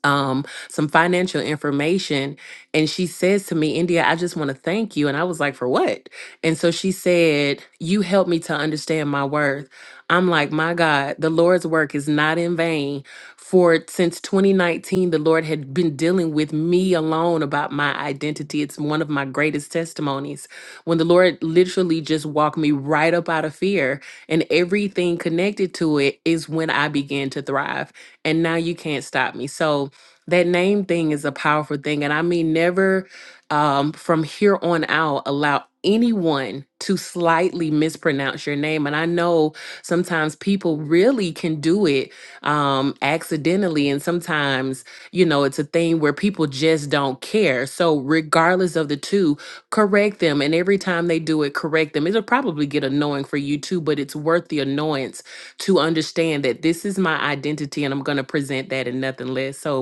S20: um some financial information and she says to me india i just want to thank you and i was like for what and so she said you helped me to understand my worth i'm like my god the lord's work is not in vain for since 2019 the lord had been dealing with me alone about my identity it's one of my greatest testimonies when the lord literally just walked me right up out of fear and everything connected to it is when i began to thrive and now you can't stop me so that name thing is a powerful thing and i mean never um, from here on out allow anyone to slightly mispronounce your name and i know sometimes people really can do it um, accidentally and sometimes you know it's a thing where people just don't care so regardless of the two correct them and every time they do it correct them it'll probably get annoying for you too but it's worth the annoyance to understand that this is my identity and i'm going to present that and nothing less so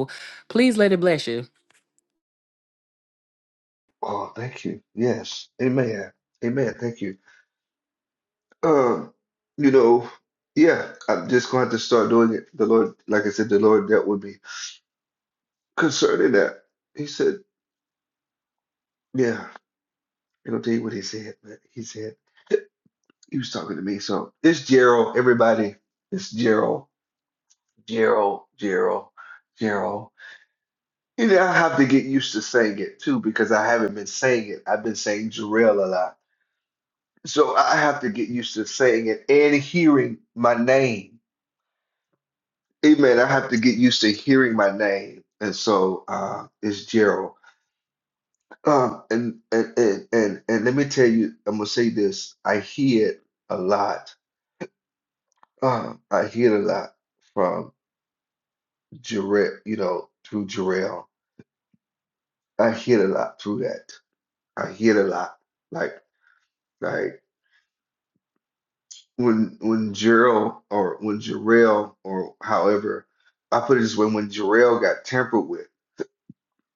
S20: Please let it bless you.
S1: Oh, thank you. Yes. Amen. Amen. Thank you. Um, you know, yeah, I'm just gonna have to start doing it. The Lord, like I said, the Lord dealt with me concerning that. He said, Yeah, I'm gonna tell you what he said, man. He said he was talking to me. So it's Gerald, everybody. It's Gerald. Gerald, Gerald, Gerald. And I have to get used to saying it too because I haven't been saying it. I've been saying Jarrell a lot. So I have to get used to saying it and hearing my name. Amen. I have to get used to hearing my name. And so uh, it's Gerald. Um, and, and, and, and, and let me tell you, I'm going to say this. I hear it a lot. Um, I hear it a lot from Jarrell, you know, through Jarrell. I hear it a lot through that. I hear it a lot. Like like when when Jarrell or when Jarrell or however I put it this way, when Jarrell got tampered with,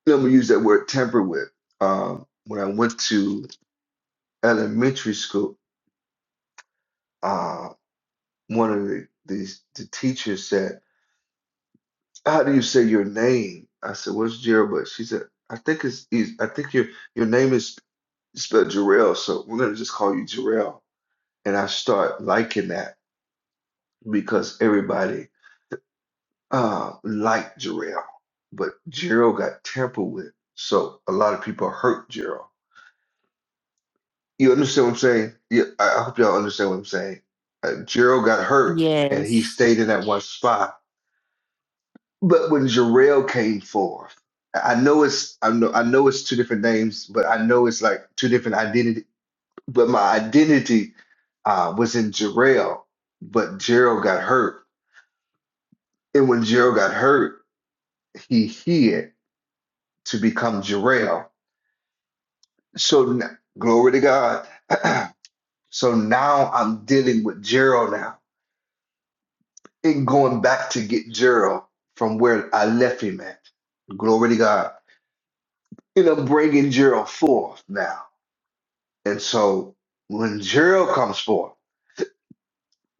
S1: let me use that word tampered with. Um, when I went to elementary school, uh, one of the, the the teachers said, "How do you say your name?" I said, "What's Jarrell?" But she said, "I think it's, it's I think your your name is spelled Jarrell, so we're gonna just call you Jarrell." And I start liking that because everybody. uh, like Jarrell, but Jarrell got tampered with. So a lot of people hurt Jarrell. You understand what I'm saying? Yeah, I I hope y'all understand what I'm saying. Uh, Jarrell got hurt and he stayed in that one spot. But when Jarrell came forth, I I know it's I know I know it's two different names, but I know it's like two different identity. But my identity uh, was in Jarrell, but Jarrell got hurt, and when Jarrell got hurt, he hid to become Jarrell So n- glory to God. [clears throat] so now I'm dealing with Gerald now and going back to get Gerald from where I left him at. Glory to God. And I'm bringing Gerald forth now. And so when Gerald comes forth,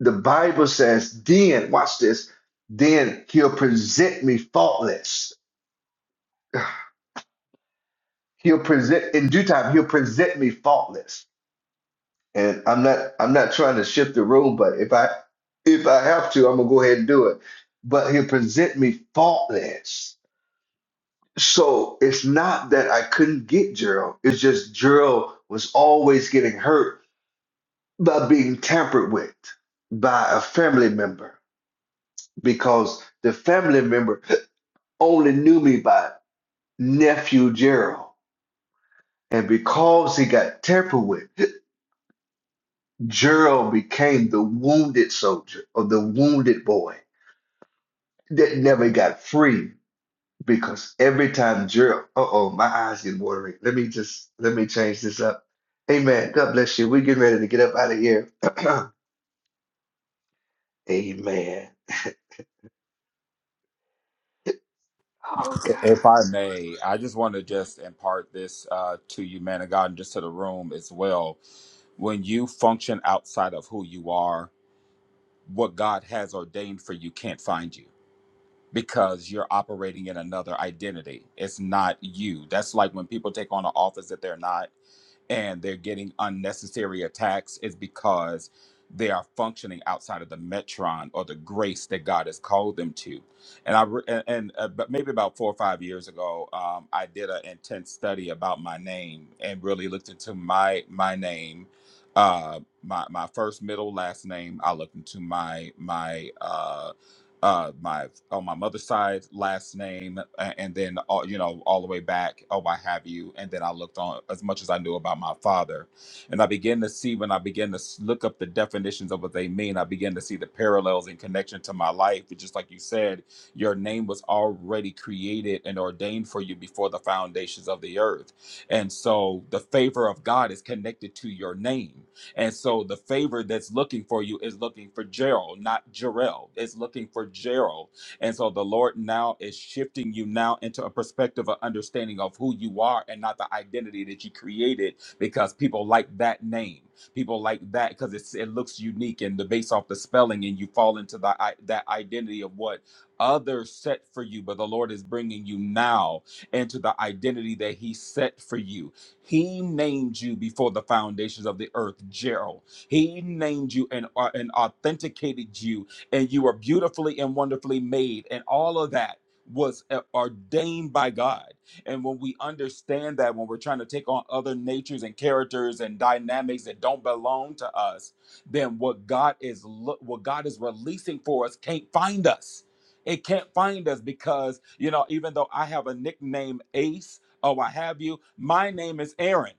S1: the Bible says, then, watch this, then he'll present me faultless. [sighs] He'll present, in due time, he'll present me faultless. And I'm not I'm not trying to shift the room, but if I if I have to, I'm gonna go ahead and do it. But he'll present me faultless. So it's not that I couldn't get Gerald. It's just Gerald was always getting hurt by being tampered with by a family member because the family member only knew me by nephew Gerald. And because he got tampered with, Gerald became the wounded soldier or the wounded boy. that never got free because every time Gerald, uh oh, my eyes get watering. Let me just let me change this up. Amen. God bless you. We're getting ready to get up out of here. [clears throat] Amen. Oh God.
S15: If I may, I just want to just impart this uh, to you, man of God, and just to the room as well. When you function outside of who you are, what God has ordained for you can't find you because you're operating in another identity. It's not you. That's like when people take on an office that they're not and they're getting unnecessary attacks, Is because they are functioning outside of the metron or the grace that God has called them to. And I re- and, and uh, but maybe about four or five years ago, um, I did an intense study about my name and really looked into my my name. Uh, my my first middle last name. I looked into my my uh uh my on my mother's side last name a- and then all you know all the way back oh I have you and then I looked on as much as I knew about my father and I began to see when I began to s- look up the definitions of what they mean I began to see the parallels in connection to my life It's just like you said your name was already created and ordained for you before the foundations of the earth and so the favor of God is connected to your name and so the favor that's looking for you is looking for Gerald, not Jarrell. It's looking for Gerald. And so the Lord now is shifting you now into a perspective of understanding of who you are and not the identity that you created because people like that name. People like that because it's it looks unique and the based off the spelling and you fall into the i- that identity of what others set for you but the Lord is bringing you now into the identity that he set for you he named you before the foundations of the earth, Gerald. He named you and, uh, and authenticated you, and you were beautifully and wonderfully made, and all of that was uh, ordained by God. And when we understand that, when we're trying to take on other natures and characters and dynamics that don't belong to us, then what God is lo- what God is releasing for us can't find us. It can't find us because you know, even though I have a nickname Ace. Oh, I have you. My name is Aaron,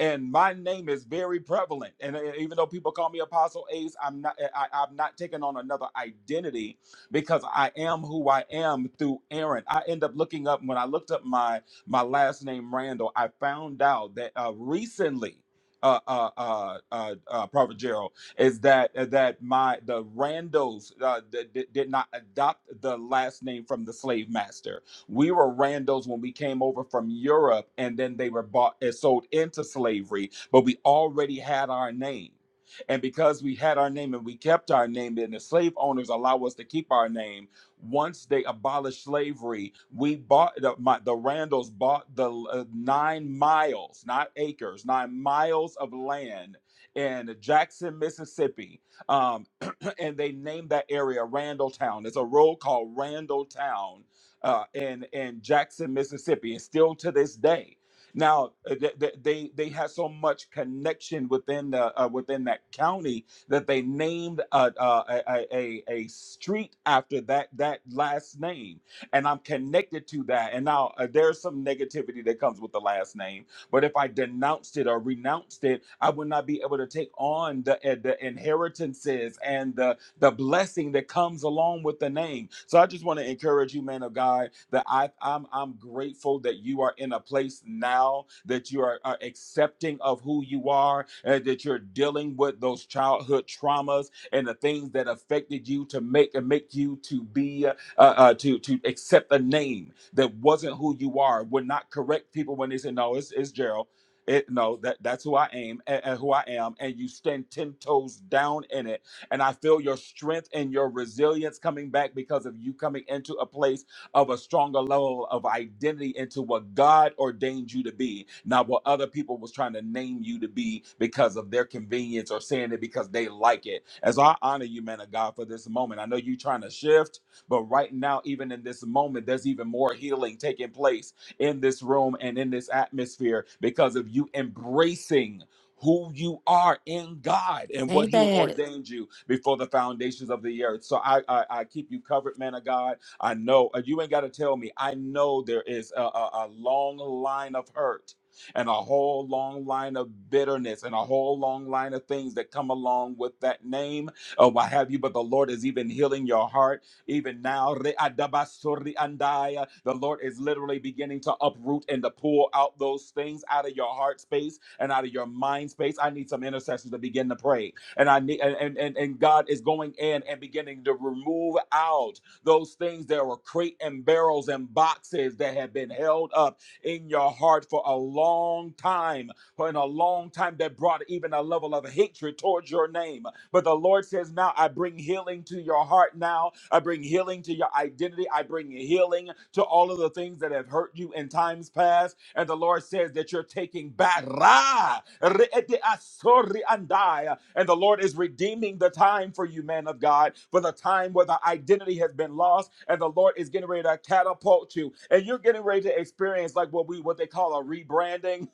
S15: and my name is very prevalent. And uh, even though people call me Apostle Ace, I'm not. uh, I, I'm not taking on another identity because I am who I am through Aaron. I end up looking up when I looked up my my last name Randall. I found out that uh, recently. Uh, uh, uh, uh, uh, Prophet Gerald is that uh, that my the Randalls uh, d- d- did not adopt the last name from the slave master we were randos when we came over from Europe, and then they were bought and sold into slavery, but we already had our name. And because we had our name and we kept our name, and the slave owners allow us to keep our name. Once they abolished slavery, we bought the, my, the Randalls bought the uh, nine miles, not acres, nine miles of land in Jackson, Mississippi, um, [clears throat] and they named that area Randalltown. It's a road called Randalltown uh, in in Jackson, Mississippi, and still to this day. Now uh, th- th- they they had so much connection within the uh, within that county that they named a, a, a a a street after that that last name, and I'm connected to that. And now uh, there's some negativity that comes with the last name but if I denounced it or renounced it, I would not be able to take on the, eh, the inheritances and the, the blessing that comes along with the name. So I just want to encourage you, man of God, that I, I'm, I'm grateful that you are in a place now that you are, are accepting of who you are, and that you're dealing with those childhood traumas and the things that affected you to make and make you to be uh, uh, to to accept the name that wasn't who you are would not correct people when they say no it's, it's gerald it no that that's who i am and, and who i am and you stand 10 toes down in it and i feel your strength and your resilience coming back because of you coming into a place of a stronger level of identity into what god ordained you to be not what other people was trying to name you to be because of their convenience or saying it because they like it as i honor you man of god for this moment i know you trying to shift but right now, even in this moment, there's even more healing taking place in this room and in this atmosphere because of you embracing who you are in God and
S20: Say
S15: what He
S20: that.
S15: ordained you before the foundations of the earth. So I I, I keep you covered, man of God. I know uh, you ain't got to tell me. I know there is a, a, a long line of hurt and a whole long line of bitterness and a whole long line of things that come along with that name or what have you. But the Lord is even healing your heart even now, Re'adabasori andaya, the Lord is literally beginning to uproot and to pull out those things out of your heart space and out of your mind space. I need some intercessors to begin to pray. And I need and and, and God is going in and beginning to remove out those things that were crate and barrels and boxes that have been held up in your heart for a long time for in a long time that brought even a level of hatred towards your name. But the Lord says, Now I bring healing to your heart now. I bring healing to your identity. I bring healing to all of the things that have hurt you in times past. And the Lord says that you're taking back. Ra, re- ete asori andai. And the Lord is redeeming the time for you, man of God, for the time where the identity has been lost. And the Lord is getting ready to catapult you. And you're getting ready to experience like what we what they call a rebranding.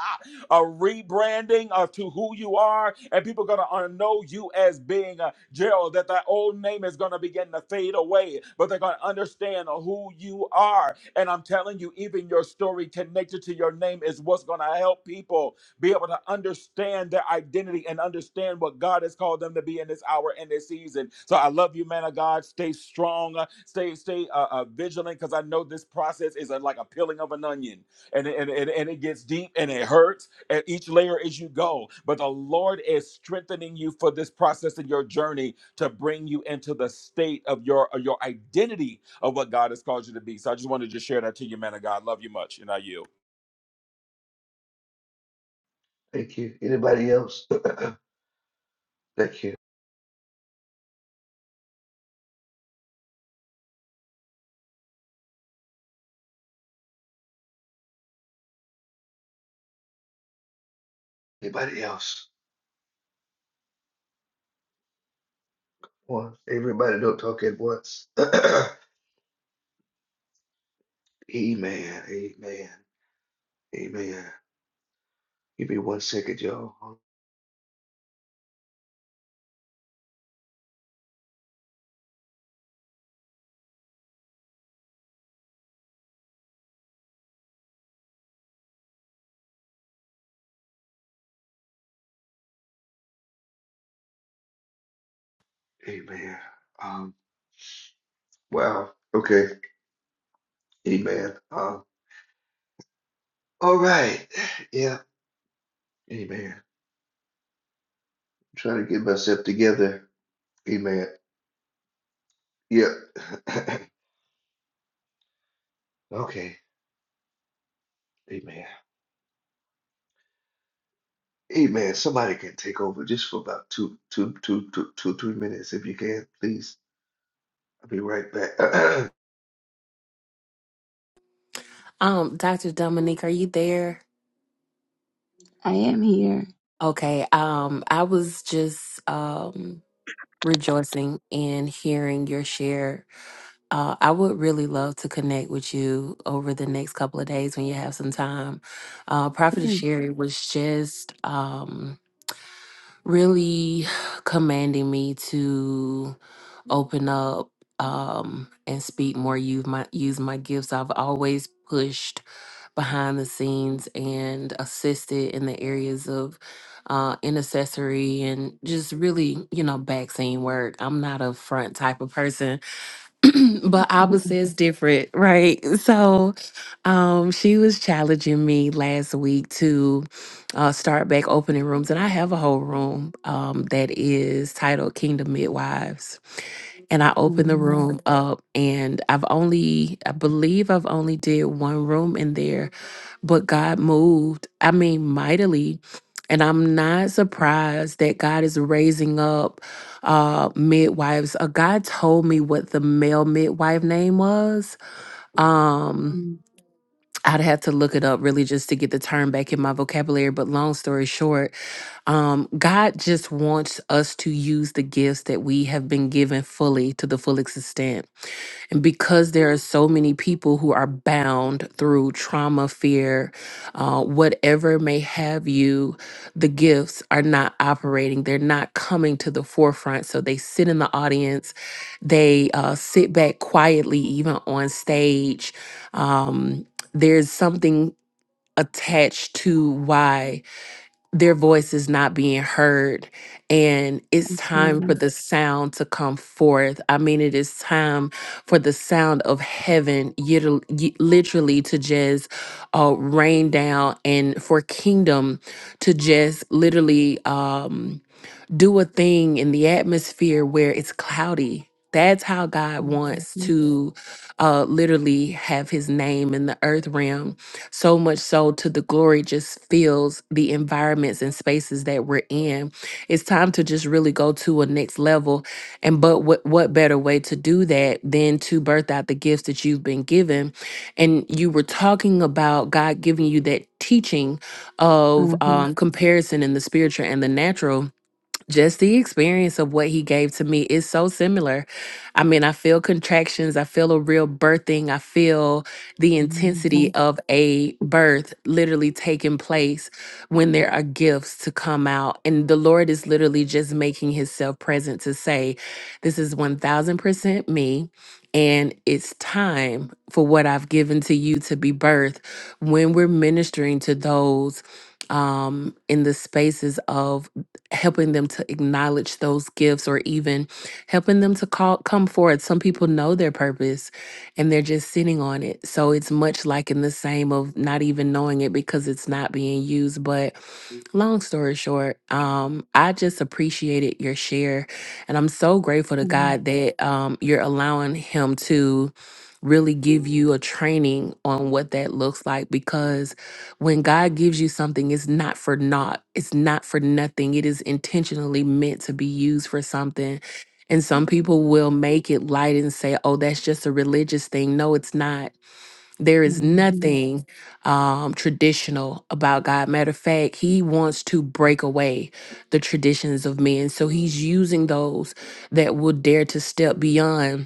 S15: [laughs] a rebranding of to who you are, and people are going to know you as being uh, Gerald. That that old name is going to begin to fade away, but they're going to understand who you are. And I'm telling you, even your story connected to your name is what's going to help people be able to understand their identity and understand what God has called them to be in this hour and this season. So I love you, man of God. Stay strong. uh, Stay stay uh, uh, vigilant because I know this process is a, like a peeling of an onion and it- and, and, and it gets deep and it hurts at each layer as you go. But the Lord is strengthening you for this process in your journey to bring you into the state of your of your identity of what God has called you to be. So I just wanted to just share that to you, man of God. Love you much, and I you.
S1: Thank you. Anybody else? Thank you. Anybody else? One. Everybody don't talk at once. [clears throat] Amen. Amen. Amen. Give me one second, y'all. Amen. Um, wow. Okay. Amen. Um, all right. Yeah. Amen. trying to get myself together. Amen. Yep. [laughs] okay. Amen. Amen. Somebody can take over just for about two, two, two, two, two, three minutes if you can, please. I'll be right back. [clears throat]
S20: Um, Dr. Dominique, are you there?
S24: I am here.
S20: Okay. Um, I was just um rejoicing in hearing your share. Uh, I would really love to connect with you over the next couple of days when you have some time. Uh, Prophet Sherry was just um really [sighs] commanding me to open up um and speak more use my use my gifts. I've always pushed behind the scenes and assisted in the areas of uh, intercessory and just really, you know, back scene work. I'm not a front type of person, [clears throat] but Abba
S24: Mhm.
S20: says different, right? [laughs] So um, she was challenging me last week to uh, start back opening rooms. And I have a whole room um, that is titled Kingdom Midwives. And I opened the
S24: hmm
S20: room up and I've only, I believe I've only did one room in there but God moved, I mean, mightily. And I'm not surprised that God is raising up uh, midwives. Uh, God told me what the male midwife name was. Um,
S24: hmm
S20: I'd have to look it up really just to get the term back in my vocabulary. But long story short, um, God just wants us to use the gifts that we have been given fully to the full extent and because there are so many people who are bound through trauma, fear, uh, whatever may have you, the gifts are not operating. They're not coming to the forefront. So they sit in the audience, they uh, sit back quietly, even on stage. Um, there's something attached to why their voice is not being heard and it's
S24: hmm
S20: time for
S24: hmm
S20: the sound to come forth i mean it is time for the sound of heaven yitter- y- literally to just uh, rain down and for kingdom to just literally um do a thing in the atmosphere where it's cloudy. That's how God
S24: hmm
S20: wants to uh, literally have his name in the earth realm. So much so to the glory just fills the environments and spaces that we're in. It's time to just really go to a next level. And but what, what better way to do that than to birth out the gifts that you've been given? And you were talking about God giving you that teaching of
S24: hmm
S20: um, comparison in the spiritual and the natural just the experience of what he gave to me is so similar. I mean, I feel contractions, I feel a real birthing, I feel the intensity of a birth literally taking place when there are gifts to come out. And the Lord is literally just making himself present to say, This is 1000% me. And it's time for what I've given to you to be birthed when we're ministering to those um, in the spaces of helping them to acknowledge those gifts or even helping them to call come forward some people know their purpose and they're just sitting on it so it's much like in the same of not even knowing it because it's not being used but long story short, um, I just appreciated your share. And I'm so grateful to God that um, you're allowing Him to really give you a training on what that looks like because when God gives you something, it's not for naught, it's not for nothing. It is intentionally meant to be used for something. And some people will make it light and say, oh, that's just a religious thing. No, it's not there is
S24: hmm
S20: nothing um, traditional about God. Matter of fact, He wants to break away the traditions of men. So He's using those that will dare to step beyond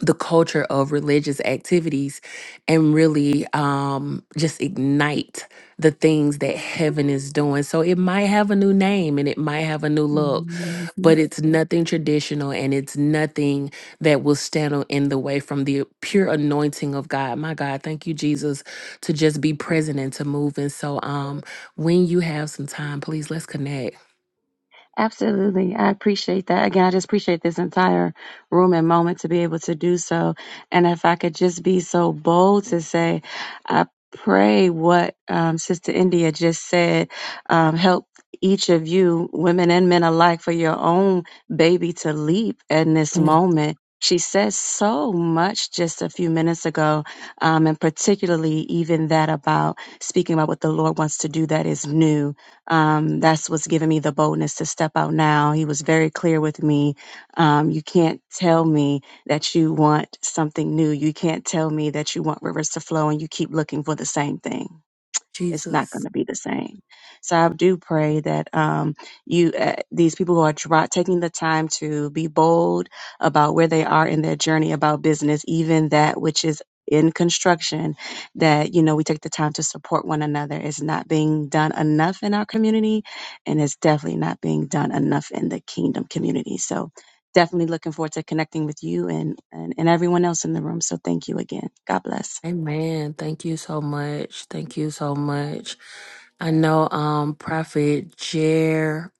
S20: the culture of religious activities and really um, just ignite the things that heaven is doing. So it might have a new name and it might have a new look,
S24: hmm hmm
S20: but it's nothing traditional and it's nothing that will stand o- in the way from the pure anointing of God. My God, thank you, Jesus, to just be present and to move. And so um, when you have some time, please let's connect.
S24: Absolutely. I appreciate that. Again, I just appreciate this entire room and moment to be able to do so. And if I could just be so bold to say, I pray what um, Sister India just said um, help each of you, women and men alike, for your own baby to leap in this
S20: Mm.
S24: moment. She said so much just a few minutes ago, um, and particularly even that about speaking about what the Lord wants to do that is new um, that's what's given me the boldness to step out now. He was very clear with me. Um, you can't tell me that you want something new. You can't tell me that you want rivers to flow and you keep looking for the same thing it's not
S20: Jesus.
S24: going to be the same. So I do pray that um, you, uh, these people who are try- taking the time to be bold about where they are in their journey about business, even that which is in construction, that you know we take the time to support one another. It's not being done enough in our community, and it's definitely not being done enough in the kingdom community. So. Definitely looking forward to connecting with you and, and, and everyone else in the room. So thank you again. God bless.
S20: Amen. Thank you so much. Thank you so much. I know um Prophet Jer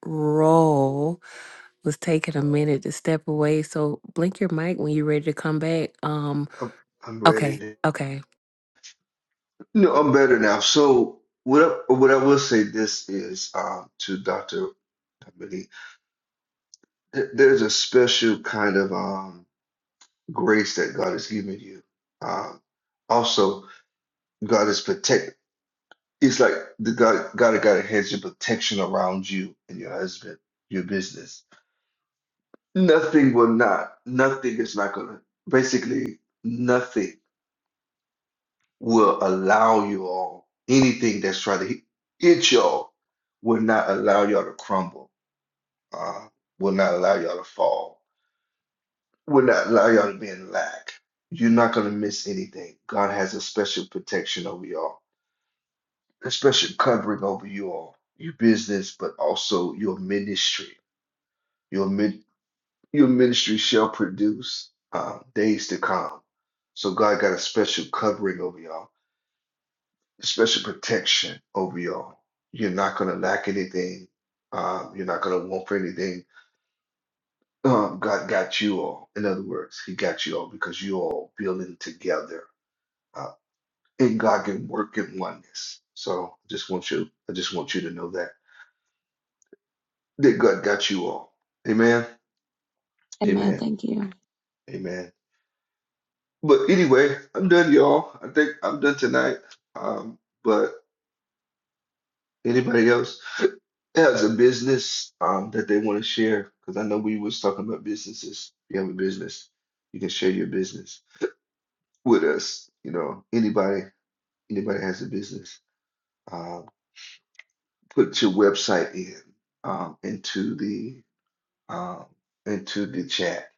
S20: was taking a minute to step away. So blink your mic when you're ready to come back. Um
S1: I'm, I'm ready.
S20: okay,
S1: To,
S20: okay.
S1: no, I'm better now. So what? I, what I will say this is um, to Doctor Dominique. th- There's a special kind of um, grace that God has given you. Um, also, God is protect. It's like the guy gotta gotta has your protection around you and your husband, your business. Nothing will not, nothing is not gonna basically nothing will allow you all anything that's trying to hit hit y'all will not allow y'all to crumble, uh, will not allow y'all to fall, will not allow y'all to be in lack. You're not gonna miss anything. God has a special protection over y'all, a special covering over you all, your business, but also your ministry Your min- your ministry shall produce uh, days to come. So God got a special covering over y'all, a special protection over y'all. You're not gonna lack anything. Um, you're not gonna want for anything. Um, God got you all. In other words, He got you all because you all building together, uh, and God can work in oneness. So I just want you, I just want you to know that that God got you all. Amen.
S24: Amen.
S1: Amen.
S24: Thank you.
S1: Amen. But anyway, I'm done, y'all. I think I'm done tonight. Um, but anybody else has a business um, that they want to share? Because I know we was talking about businesses. If you have a business, you can share your business with us. You know, anybody, anybody has a business. Um, put your website in um, into the um, into the chat.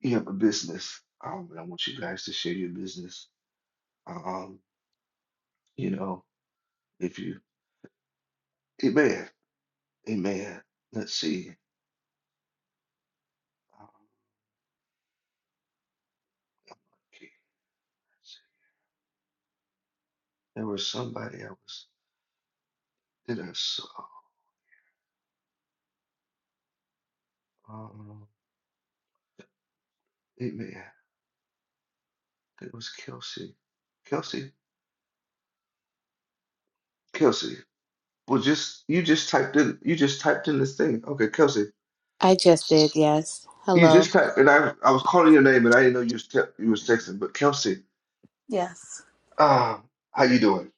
S1: You have a business, um, and I want you guys to share your business. Um, you know, if you Amen. Amen. Let's see. Um, okay, let's see. There was somebody I was that I saw. Um, amen. It was Kelsey. Kelsey. Kelsey. Well, just you just typed in you just typed in this thing. Okay, Kelsey.
S27: I just did, yes.
S1: You
S27: Hello.
S1: just typed and I I was calling your name and I didn't know you was te you was texting. But Kelsey,
S27: Yes.
S1: um, how you doing?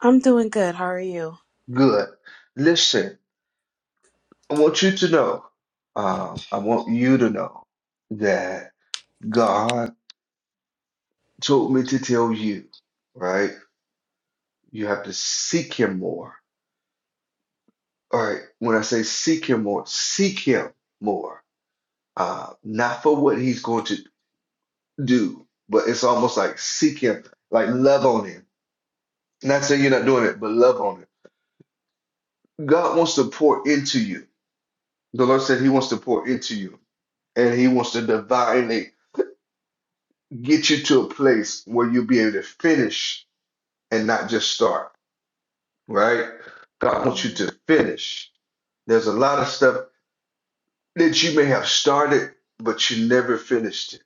S27: I'm doing good. How are you?
S1: Good. Listen, I want you to know. Um, I want you to know that God told me to tell you, right? You have to seek him more. All right. When I say seek him more, seek him more. Uh, not for what he's going to do, but it's almost like seek him, like love on him. Not saying you're not doing it, but love on him. God wants to pour into you. The Lord said he wants to pour into you and he wants to divinely get you to a place where you'll be able to finish and not just start, right? God wants you
S27: Mm,
S1: to finish. There's a lot of stuff that you may have started, but you never finished it.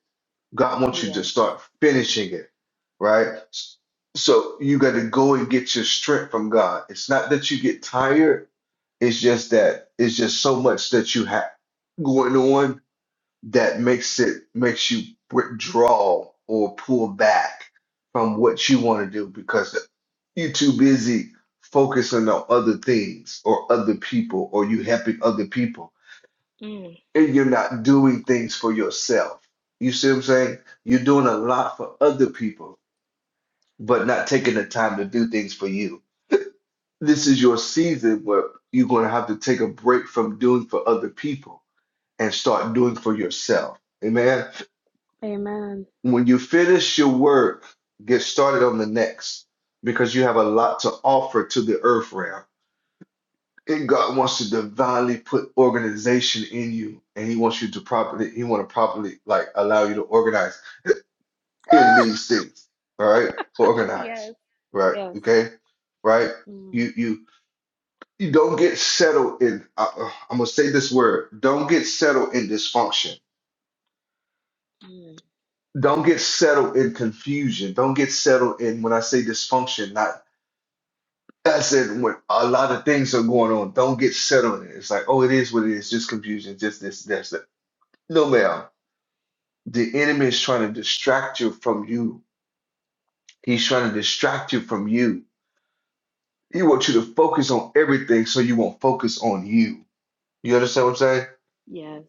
S1: God wants you to
S27: yes.
S1: start finishing it, right? So you got to go and get your strength from God. It's not that you get tired, it's just that it's just so much that you have going on that makes it makes you withdraw or pull back from what you want to do because you're too busy focusing on other things or other people or you helping other people
S27: Mm.
S1: and you're not doing things for yourself. You see what I'm saying? You're doing a lot for other people, but not taking the time to do things for you. This is your season where you're going to have to take a break from doing for other people and start doing for yourself. Amen.
S27: Amen.
S1: When you finish your work, get started on the next because you have a lot to offer to the earth realm. And God wants to divinely put organization in you, and He wants you to properly, He want to properly like allow you to organize in
S27: Ah!
S1: these things, all right? Organize,
S27: Yes.
S1: right?
S27: Yes.
S1: Okay, right?
S27: Mm.
S1: You you you don't get settled in. I, I'm gonna say this word. Don't get settled in dysfunction.
S27: Mm.
S1: Don't get settled in confusion. Don't get settled in when I say dysfunction. Not that's it. When a lot of things are going on, don't get settled in. it. It's like oh, it is what it is. Just confusion. Just this. That's that. No, ma'am. The enemy is trying to distract you from you. He's trying to distract you from you He wants you to focus on everything so you won't focus on you. You understand what I'm saying?
S27: Yes.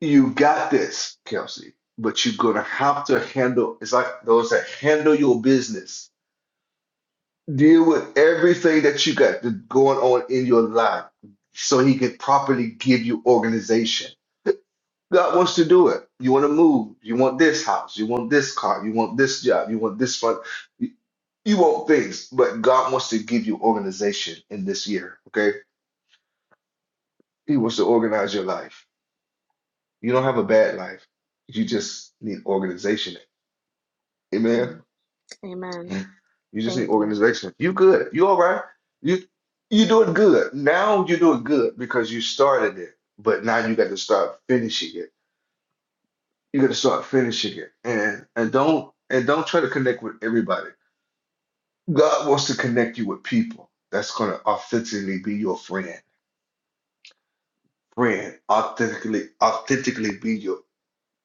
S1: You got this, Kelsey, but you're going to have to handle, it's like those that handle your business. Deal with everything that you got going on in your life so he can properly give you organization. God wants to do it. You want to move. You want this house. You want this car. You want this job. You want this fun you want things, but God wants to give you organization in this year. Okay. He wants to organize your life. You don't have a bad life. You just need organization.
S27: Mm.
S1: Amen.
S27: Amen.
S1: You just need
S27: Thank you.
S1: organization. You good. You all right. You you doing good. Now you're doing good because you started it. But now you got to start finishing it. You got to start finishing it. And and don't and don't try to connect with everybody. God wants to connect you with people that's gonna authentically be your friend. Friend, authentically, authentically be your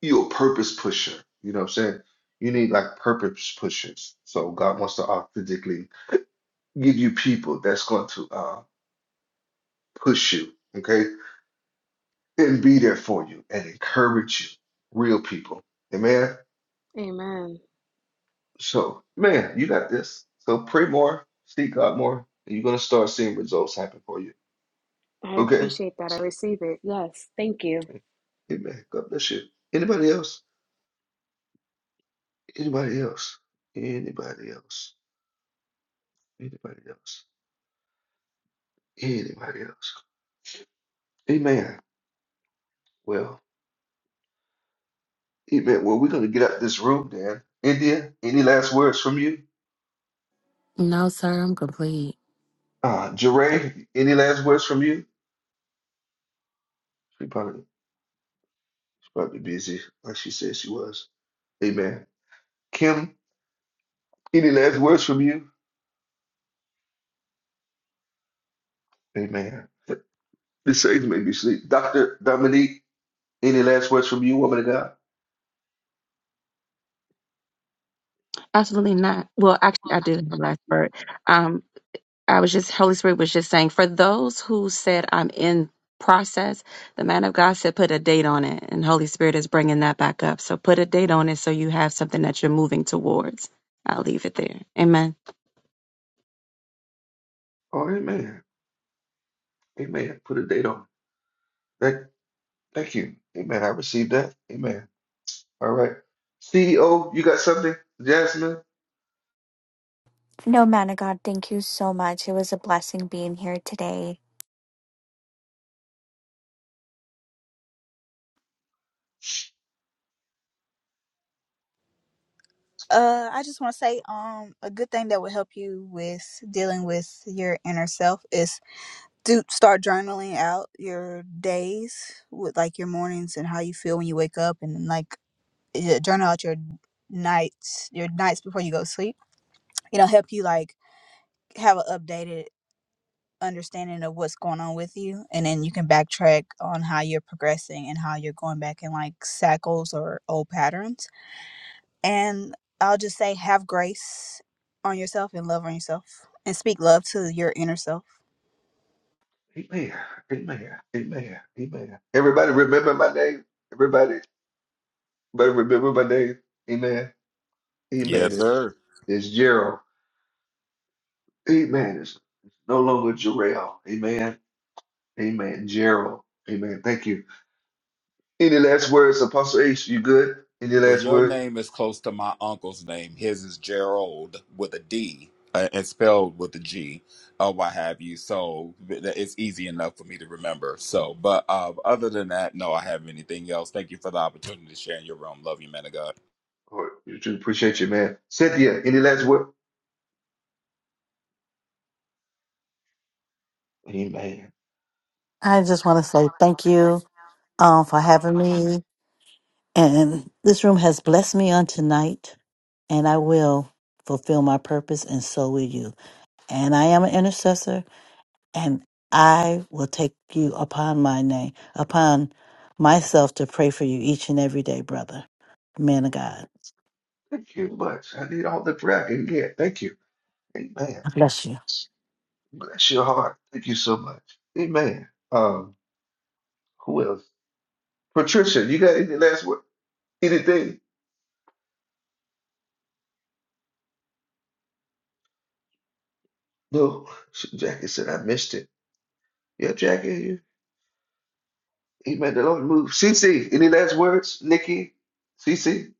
S1: you're a purpose pusher. You know what I'm saying? You need like purpose pushers. So God wants to authentically give you people that's going to uh, push you, okay, and be there for you and encourage you, real people. Amen.
S27: Amen.
S1: So, man, you got this. So pray more, seek God more, and you're gonna start seeing results happen for you.
S27: I
S1: Okay.
S27: appreciate that. I receive it. Yes. Thank you.
S1: Amen. God bless you. Anybody else? Anybody else? Anybody else? Anybody else? Anybody else? Amen. Well. Amen. Well, we're going to get out this room, Dan. India, any last words from you?
S20: No, sir, I'm complete.
S1: Uh, Jeray, any last words from you? She probably, she's probably busy, like she said she was. Amen. Kim, any last words from you? Amen. This saves made me sleep. Dr. Dominique, any last words from you, woman of God?
S24: Absolutely not. Well, actually, I do have a last word. Um, I was just Holy Spirit was just saying for those who said I'm in process, the man of God said put a date on it, and Holy Spirit is bringing that back up. So put a date on it so you have something that you're moving towards. I'll leave it there. Amen.
S1: Oh, amen. Amen. Put a date on. Thank, thank you. Amen. I received that. Amen. All right. CEO, you got something? Jasmine?
S25: No, man of God, thank you so much. It was a blessing being here today.
S26: Uh, I just want to say, um, a good thing that will help you with dealing with your inner self is do start journaling out your days with like your mornings and how you feel when you wake up, and like yeah, journal out your nights, your nights before you go to sleep. It'll help you like have an updated understanding of what's going on with you, and then you can backtrack on how you're progressing and how you're going back in like cycles or old patterns And I'll just say, have grace on yourself and love on yourself and speak love to your inner self.
S1: Amen. Amen. Amen. Amen. Everybody remember my name. Everybody, everybody remember my name. Amen. Amen.
S15: Yes,
S1: It's,
S15: sir.
S1: it's Gerald. Amen. It's, no longer Jarrell. Amen. Amen. Gerald. Amen. Thank you. Any last words, Apostle Ace? You good? Any
S15: Well,
S1: last
S15: your
S1: words?
S15: name is close to my uncle's name. His is Gerald with a D uh, and spelled with a G or what have you. So th- th- it's easy enough for me to remember. So, but uh, other than that, no, I have anything else. Thank you for the opportunity to share in your room. Love you, man of God.
S1: Or you do appreciate you, man. Cynthia, any last word? Amen.
S17: I just want to say thank you um, for having me. And this room has blessed me on tonight, and I will fulfill my purpose, and so will you. And I am an intercessor, and I will take you upon my name, upon myself to pray for you each and every day, brother, man of God.
S1: Thank you much. I need all the prayer I can get. Thank you. Amen.
S17: I bless you.
S1: Bless your heart. Thank you so much. Amen. Um, who else? Patricia, you got any last word? Anything? No. She- Jackie said, I missed it. Yeah, Jackie, he made the Lord move. CC, any last words? Nikki, CC,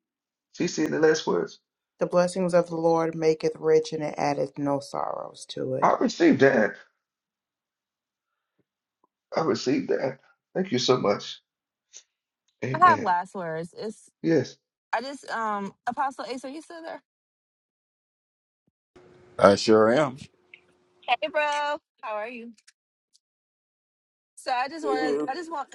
S1: CC, any last words?
S18: The blessings of the Lord maketh rich and it addeth no sorrows to it.
S1: I received that. I received that. Thank you so much.
S23: I have
S1: Amen.
S23: last words. It's
S1: Yes.
S23: I just um Apostle Ace, are you still there?
S15: I sure am.
S23: Hey, bro. How are you? So I just want to, I just want,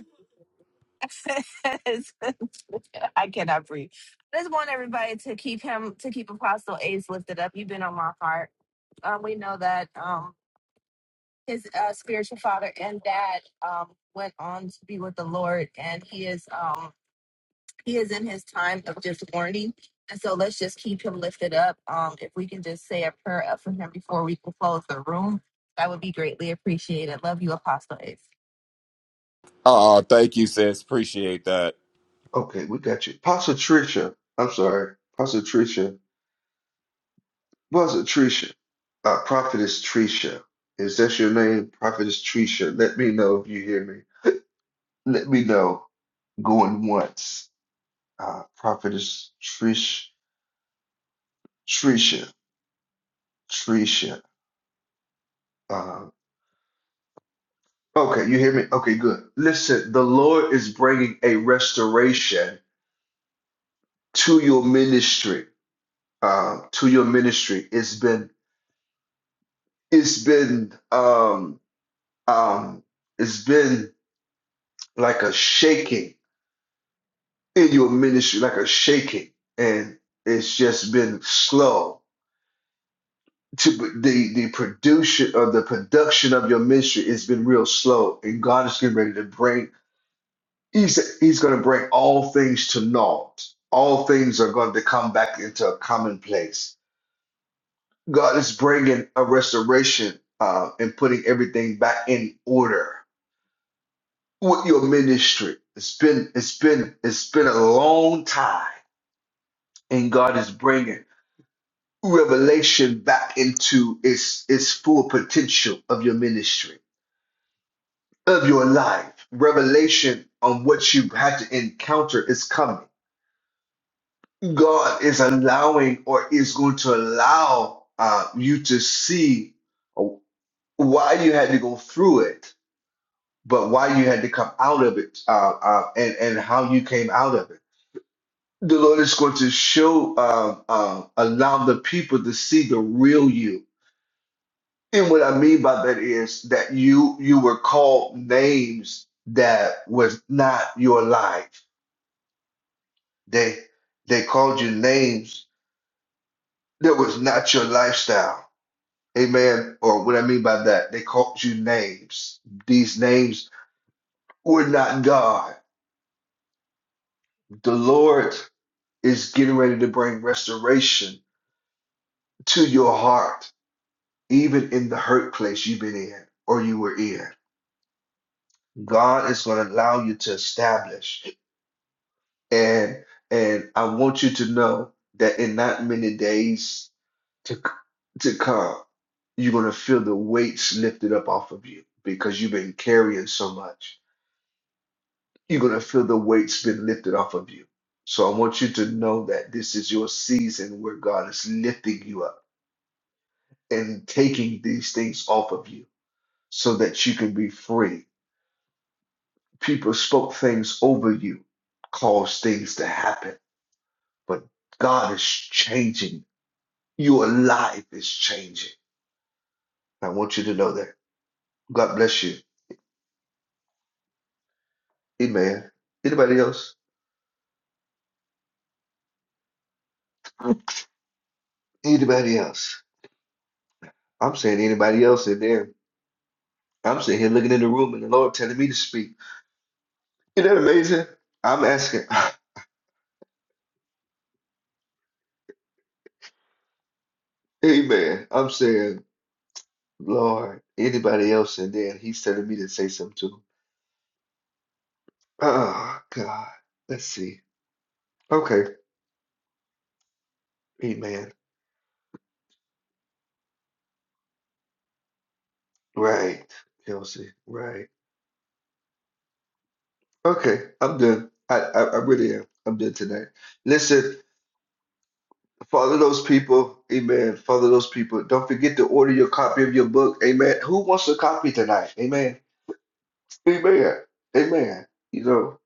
S23: [laughs] I cannot breathe. I just want everybody to keep him, to keep Apostle Ace lifted up. You've been on my heart. Um, we know that um, his uh, spiritual father and dad um, went on to be with the Lord, and he is um, he is in his time of just warning. And so let's just keep him lifted up. Um, if we can just say a prayer up for him before we close the room, that would be greatly appreciated. Love you, Apostle Ace.
S15: Oh, thank you, sis. Appreciate that.
S1: Okay, we got you. Pastor Tricia, I'm sorry. Pastor Tricia, was it Tricia? Uh, Prophetess Tricia. Is that your name? Prophetess Tricia. Let me know if you hear me. Let me know going once. uh, prophetess Trish, Trisha, Trisha. Uh, okay, you hear me? Okay, good. Listen, the Lord is bringing a restoration to your ministry. Uh, to your ministry, it's been, it's been, um, um, it's been like a shaking in your ministry, like a shaking, and it's just been slow to the the production of the production of your ministry has been real slow, and God is getting ready to bring. He's he's going to bring all things to naught. All things are going to come back into a common place. God is bringing a restoration uh, and putting everything back in order with your ministry. It's been it's been it's been a long time, and God is bringing revelation back into its its full potential of your ministry of your life. Revelation on what you have to encounter is coming. God is allowing or is going to allow uh, you to see why you had to go through it, but why you had to come out of it uh, uh, and, and how you came out of it. The Lord is going to show, uh, uh, allow the people to see the real you. And what I mean by that is that you you were called names that was not your life They they called you names that was not your lifestyle. Amen. Or what I mean by that, they called you names. These names were not God. The Lord is getting ready to bring restoration to your heart, even in the hurt place you've been in or you were in. God is going to allow you to establish. And and I want you to know that in not many days to to come, you're gonna feel the weights lifted up off of you because you've been carrying so much. You're gonna feel the weights been lifted off of you. So I want you to know that this is your season where God is lifting you up and taking these things off of you so that you can be free. People spoke things over you, caused things to happen, but God is changing. Your life is changing. I want you to know that. God bless you. Amen. Anybody else? Anybody else? I'm saying anybody else in there. I'm sitting here looking in the room and the Lord telling me to speak. Isn't that amazing? I'm asking, [laughs] [sighs] Amen. I'm saying, Lord, anybody else in there? And He's telling me to say something to him. Oh, God. Let's see. Okay. Amen. Right. Kelsey. Right. Okay. I'm done. I, I, I really am. I'm done tonight. Listen. Father those people, amen. Father those people. Don't forget to order your copy of your book, amen. Who wants a copy tonight? Amen. Amen. Amen. You know,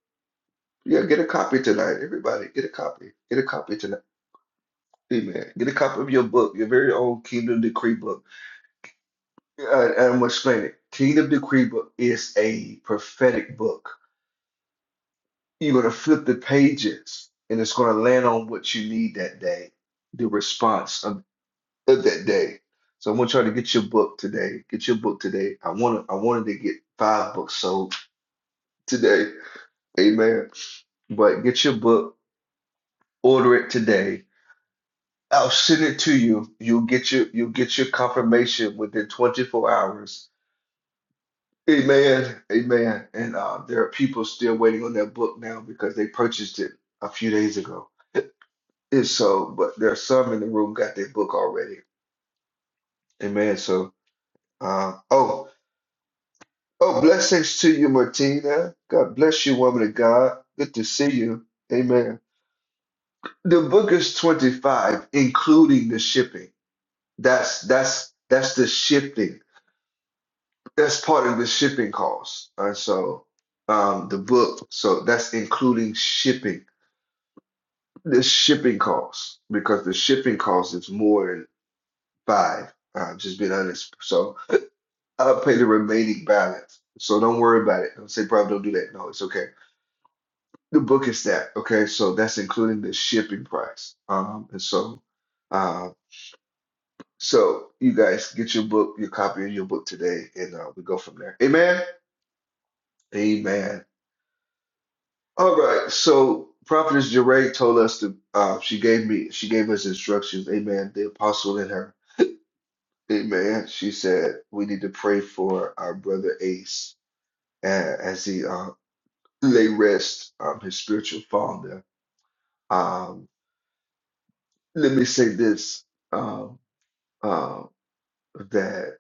S1: yeah, get a copy tonight. Everybody, get a copy. Get a copy tonight. Amen. Get a copy of your book, your very own Kingdom Decree book. Uh, and I'm going to explain it. Kingdom Decree book is a prophetic book. You're going to flip the pages and it's going to land on what you need that day. The response of. of that day. So I want y'all to get your book today. Get your book today. I want I wanted to get five books sold today. Amen. But get your book, order it today. I'll send it to you. You'll get your you'll get your confirmation within 24 hours. Amen. Amen. And uh, there are people still waiting on that book now because they purchased it a few days ago. And so, but there are some in the room got their book already. Amen. So, uh, oh. Oh, blessings to you, Martina. God bless you, woman of God. Good to see you. Amen. The book is 25, including the shipping. That's that's that's the shipping. That's part of the shipping cost. And so um the book, so that's including shipping. The shipping cost, because the shipping cost is more than five. Uh, just being honest. So I'll pay the remaining balance. So don't worry about it. Don't say, bro, don't do that. No, it's okay the book is that okay so that's including the shipping price um and so uh so you guys get your book your copy of your book today and uh, we go from there amen amen all right so prophetess Jeray told us to uh she gave me she gave us instructions amen the apostle in her amen she said we need to pray for our brother ace uh, as he uh lay rest um his spiritual father um let me say this um um, that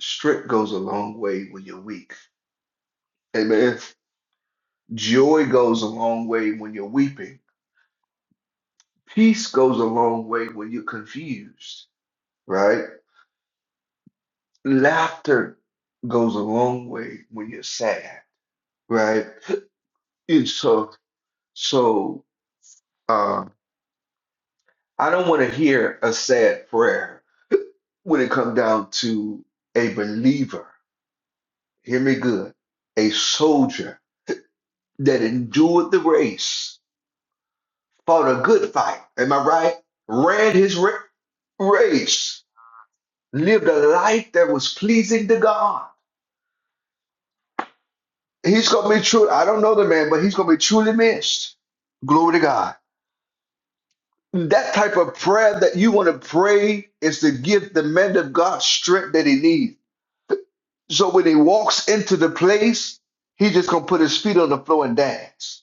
S1: strength goes a long way when you're weak. Amen. Joy goes a long way when you're weeping. Peace goes a long way when you're confused, right? Laughter goes a long way when you're sad, right? And so, so uh, I don't want to hear a sad prayer when it comes down to a believer. Hear me good, a soldier that endured the race fought a good fight. Am I right? Ran his ra- race, lived a life that was pleasing to God. He's gonna be true. I don't know the man, but he's gonna be truly missed. Glory to God. That type of prayer that you want to pray is to give the man of God strength that he needs. So when he walks into the place, he's just gonna put his feet on the floor and dance.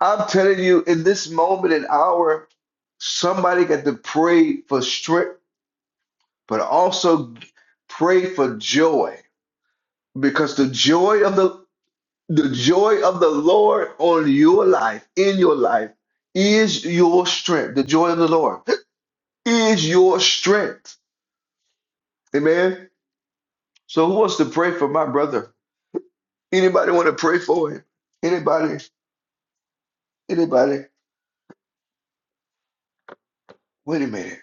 S1: I'm telling you, in this moment and hour, somebody got to pray for strength but also pray for joy because the joy of the the joy of the Lord on your life in your life is your strength. The joy of the Lord is your strength. Amen. So who wants to pray for my brother? Anybody want to pray for him? Anybody? Anybody? Wait a minute.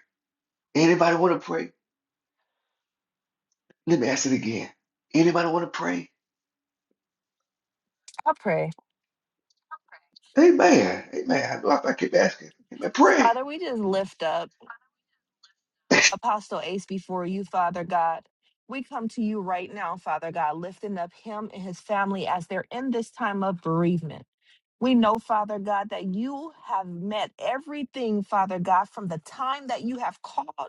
S1: Anybody want to pray? Let me ask it again. Anybody want to pray?
S23: I pray.
S1: Amen. Amen. I know I keep asking. Amen. Pray.
S23: Father, we just lift up Apostle Ace before you, Father God. We come to you right now, Father God, lifting up him and his family as they're in this time of bereavement. We know, Father God, that you have met everything, Father God, from the time that you have called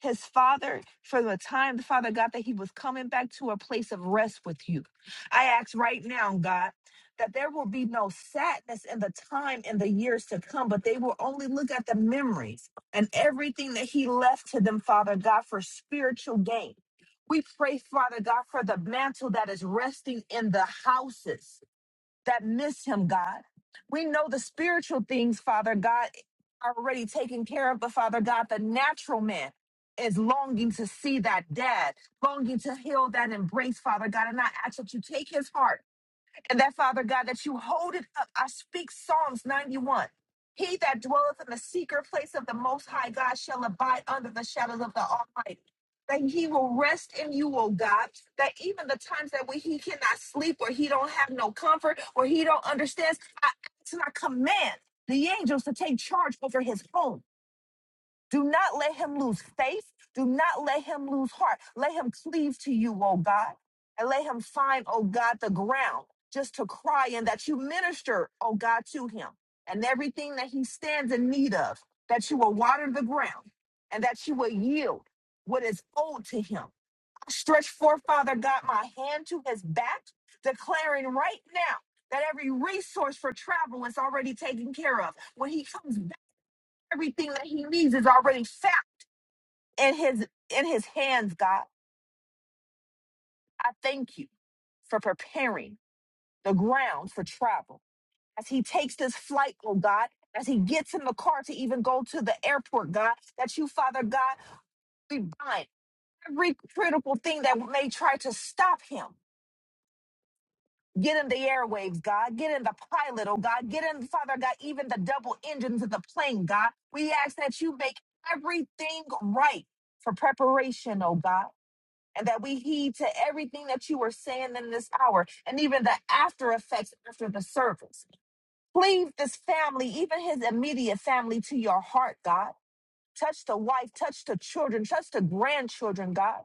S23: his father from the time the father God that he was coming back to a place of rest with you. I ask right now, God, that there will be no sadness in the time in the years to come, but they will only look at the memories and everything that he left to them, Father God, for spiritual gain. We pray, Father God, for the mantle that is resting in the houses that miss him, God. We know the spiritual things, Father God, are already taken care of, but Father God, the natural man is longing to see that dad, longing to heal that embrace, Father God. And I ask that you take his heart and that, Father God, that you hold it up. I speak Psalms 91. He that dwelleth in the secret place of the Most High God shall abide under the shadows of the Almighty. That he will rest in you, O God. That even the times that we, he cannot sleep or he don't have no comfort or he don't understand, I, I command the angels to take charge over his home do not let him lose faith. Do not let him lose heart. Let him cleave to you, oh God, and let him find, oh God, the ground just to cry and that you minister, oh God, to him and everything that he stands in need of, that you will water the ground and that you will yield what is owed to him. I stretch forth, Father God, my hand to his back, declaring right now that every resource for travel is already taken care of. When he comes back, everything that he needs is already found in his in his hands, God. I thank you for preparing the ground for travel. As he takes this flight, oh God, as he gets in the car to even go to the airport, God, that you, Father God, we bind every critical thing that may try to stop him. Get in the airwaves, God. Get in the pilot, oh God. Get in, Father God, even the double engines of the plane, God. We ask that you make everything right for preparation, oh God. and that we heed to everything that you are saying in this hour and even the after effects after the service. Cleave this family, even his immediate family, to your heart, God. Touch the wife, touch the children, touch the grandchildren, God.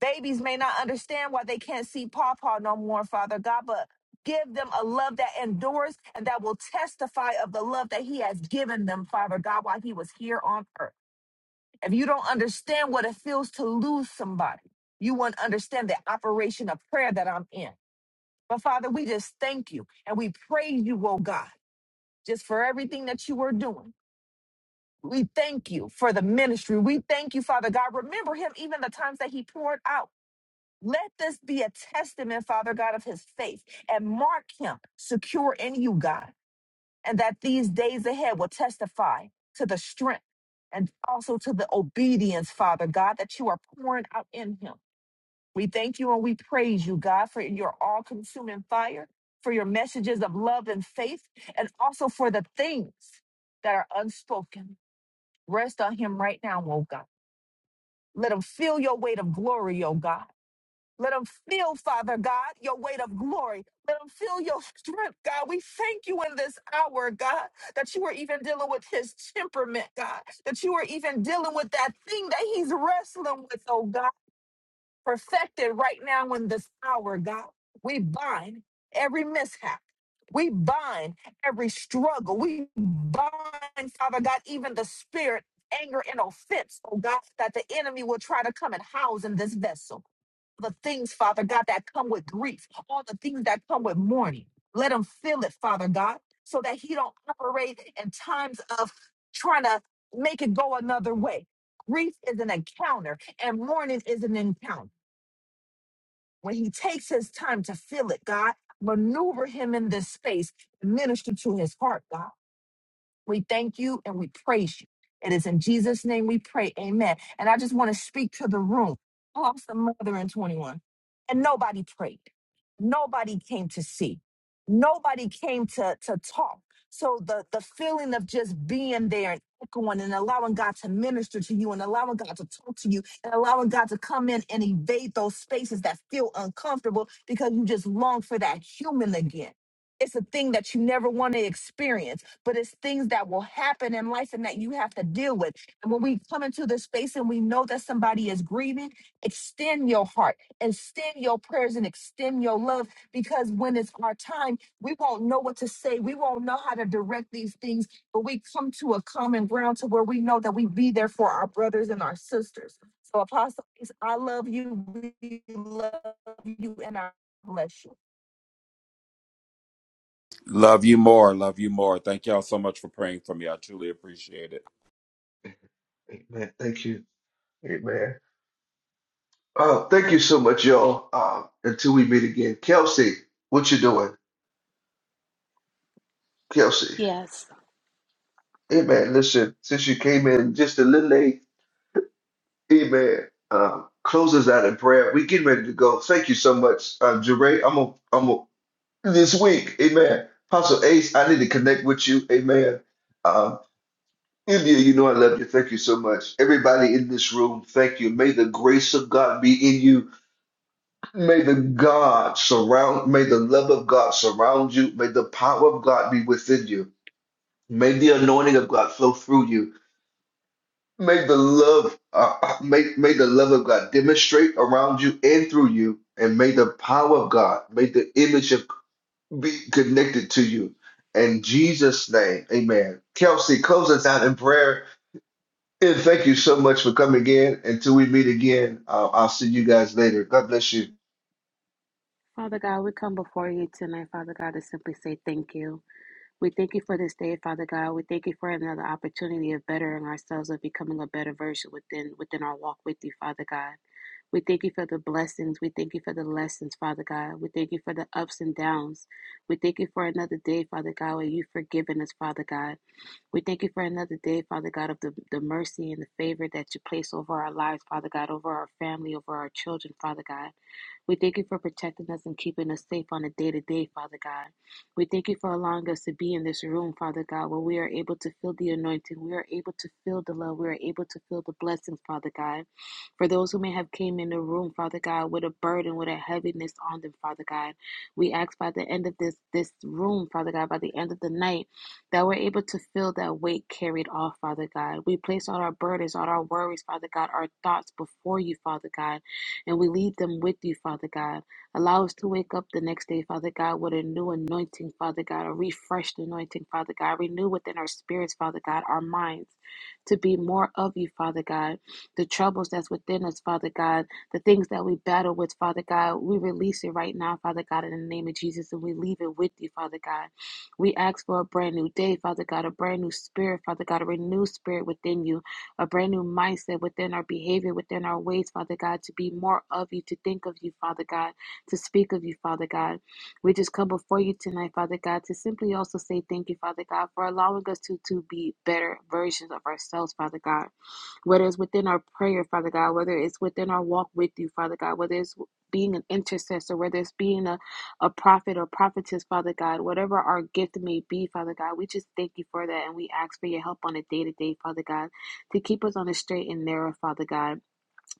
S23: Babies may not understand why they can't see Pawpaw no more, Father God, but give them a love that endures and that will testify of the love that He has given them, Father God, while He was here on earth. If you don't understand what it feels to lose somebody, you won't understand the operation of prayer that I'm in. But Father, we just thank you and we praise you, oh God, just for everything that you are doing. We thank you for the ministry. We thank you, Father God. Remember him even the times that he poured out. Let this be a testament, Father God, of his faith and mark him secure in you, God and that these days ahead will testify to the strength and also to the obedience, Father God, that you are pouring out in him. We thank you and we praise you, God, for your all consuming fire, for your messages of love and faith, and also for the things that are unspoken. Rest on him right now, oh God. Let him feel your weight of glory, oh God. Let them feel, Father God, your weight of glory. Let them feel your strength, God. We thank you in this hour, God, that you are even dealing with his temperament, God, that you are even dealing with that thing that he's wrestling with, oh God, perfected right now in this hour, God. We bind every mishap. We bind every struggle. We bind, Father God, even the spirit, anger, and offense, oh God, that the enemy will try to come and house in this vessel the things, Father God, that come with grief, all the things that come with mourning. Let him feel it, Father God, so that he don't operate in times of trying to make it go another way. Grief is an encounter and mourning is an encounter. When he takes his time to feel it, God, maneuver him in this space and minister to his heart, God. We thank you and we praise you. It is in Jesus' name we pray. Amen. And I just want to speak to the room. I lost a mother in 21, and nobody prayed. Nobody came to see. Nobody came to, to talk. So the, the feeling of just being there and echoing and allowing God to minister to you and allowing God to talk to you and allowing God to come in and evade those spaces that feel uncomfortable because you just long for that human again. It's a thing that you never want to experience but it's things that will happen in life and that you have to deal with. And when we come into this space and we know that somebody is grieving, extend your heart, extend your prayers, and extend your love because when it's our time, we won't know what to say. We won't know how to direct these things, but we come to a common ground to where we know that we be there for our brothers and our sisters. So, Apostle, Ace, I love you. We love you, and I bless you.
S15: Love you more. Love you more. Thank y'all so much for praying for me. I truly appreciate it.
S1: Amen. Thank you. Amen. Oh, thank you so much, y'all. Uh, until we meet again, Kelsey, what you doing, Kelsey?
S27: Yes.
S1: Hey man, listen. Since you came in just a little late, hey man, um, close us out in prayer. We getting ready to go. Thank you so much, uh, Jeray. I'm gonna, I'm gonna this week, hey man. Apostle Ace, I need to connect with you, hey man. Um, India, you know I love you. Thank you so much, everybody in this room. Thank you. May the grace of God be in you. May the God surround, may the love of God surround you. May the power of God be within you. May the anointing of God flow through you. May the love, uh, uh, may, may the love of God demonstrate around you and through you. And may the power of God, may the image of be connected to you. In Jesus' name, amen. Kelsey, close us out in prayer. And thank you so much for coming again. Until we meet again, uh, I'll see you guys later. God bless you.
S27: Father God, we come before you tonight, Father God, to simply say thank you. We thank you for this day, Father God. We thank you for another opportunity of bettering ourselves, of becoming a better version within within our walk with you, Father God. We thank you for the blessings. We thank you for the lessons, Father God. We thank you for the ups and downs. We thank you for another day, Father God, where you've forgiven us, Father God. We thank you for another day, Father God, of the, the mercy and the favor that you place over our lives, Father God, over our family, over our children, Father God. We thank you for protecting us and keeping us safe on a day to day, Father God. We thank you for allowing us to be in this room, Father God, where we are able to feel the anointing. We are able to feel the love. We are able to feel the blessings, Father God. For those who may have came in the room, Father God, with a burden, with a heaviness on them, Father God, we ask by the end of this this room, Father God, by the end of the night that we're able to feel that weight carried off, Father God. We place all our burdens, all our worries, Father God, our thoughts before you, Father God, and we leave them with you, Father God. Allow us to wake up the next day, Father God, with a new anointing, Father God, a refreshed anointing, Father God. Renew within our spirits, Father God, our minds to be more of you, Father God. The troubles that's within us, Father God, the things that we battle with, Father God, we release it right now, Father God, in the name of Jesus, and we leave it with you, Father God. We ask for a brand new day, Father God, a brand new spirit, Father God, a renewed spirit within you, a brand new mindset within our behavior, within our ways, Father God, to be more of you, to think of you, Father God, to speak of you, Father God. We just come before you tonight, Father God, to simply also say thank you, Father God, for allowing us to, to be better versions of ourselves, Father God whether it's within our prayer, Father God, whether it's within our walk with you, Father God, whether it's being an intercessor, whether it's being a, a prophet or prophetess, Father God, whatever our gift may be, Father God, we just thank you for that and we ask for your help on a day to day, Father God, to keep us on the straight and narrow, Father God.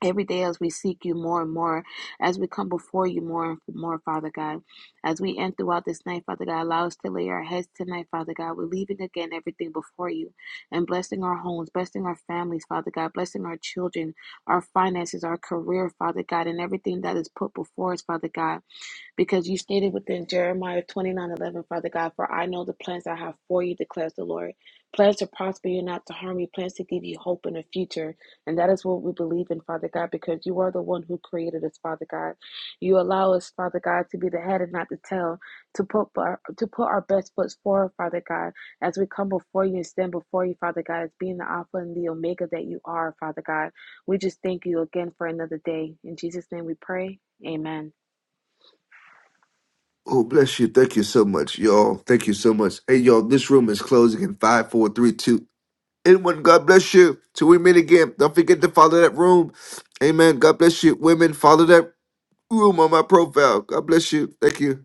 S27: Every day, as we seek you more and more, as we come before you more and more, Father God, as we end throughout this night, Father God, allow us to lay our heads tonight, Father God. We're leaving again everything before you and blessing our homes, blessing our families, Father God, blessing our children, our finances, our career, Father God, and everything that is put before us, Father God. Because you stated within Jeremiah twenty nine eleven, Father God, for I know the plans I have for you, declares the Lord. Plans to prosper you, not to harm you, plans to give you hope in the future. And that is what we believe in, Father God, because you are the one who created us, Father God. You allow us, Father God, to be the head and not the tail, to put our, to put our best foot forward, Father God, as we come before you and stand before you, Father God, as being the Alpha and the Omega that you are, Father God. We just thank you again for another day. In Jesus' name we pray. Amen.
S1: Oh, bless you. Thank you so much, y'all. Thank you so much. Hey, y'all, this room is closing in five, four, three, two. and one. God bless you. Till we meet again, don't forget to follow that room. Amen. God bless you. Women, follow that room on my profile. God bless you. Thank you.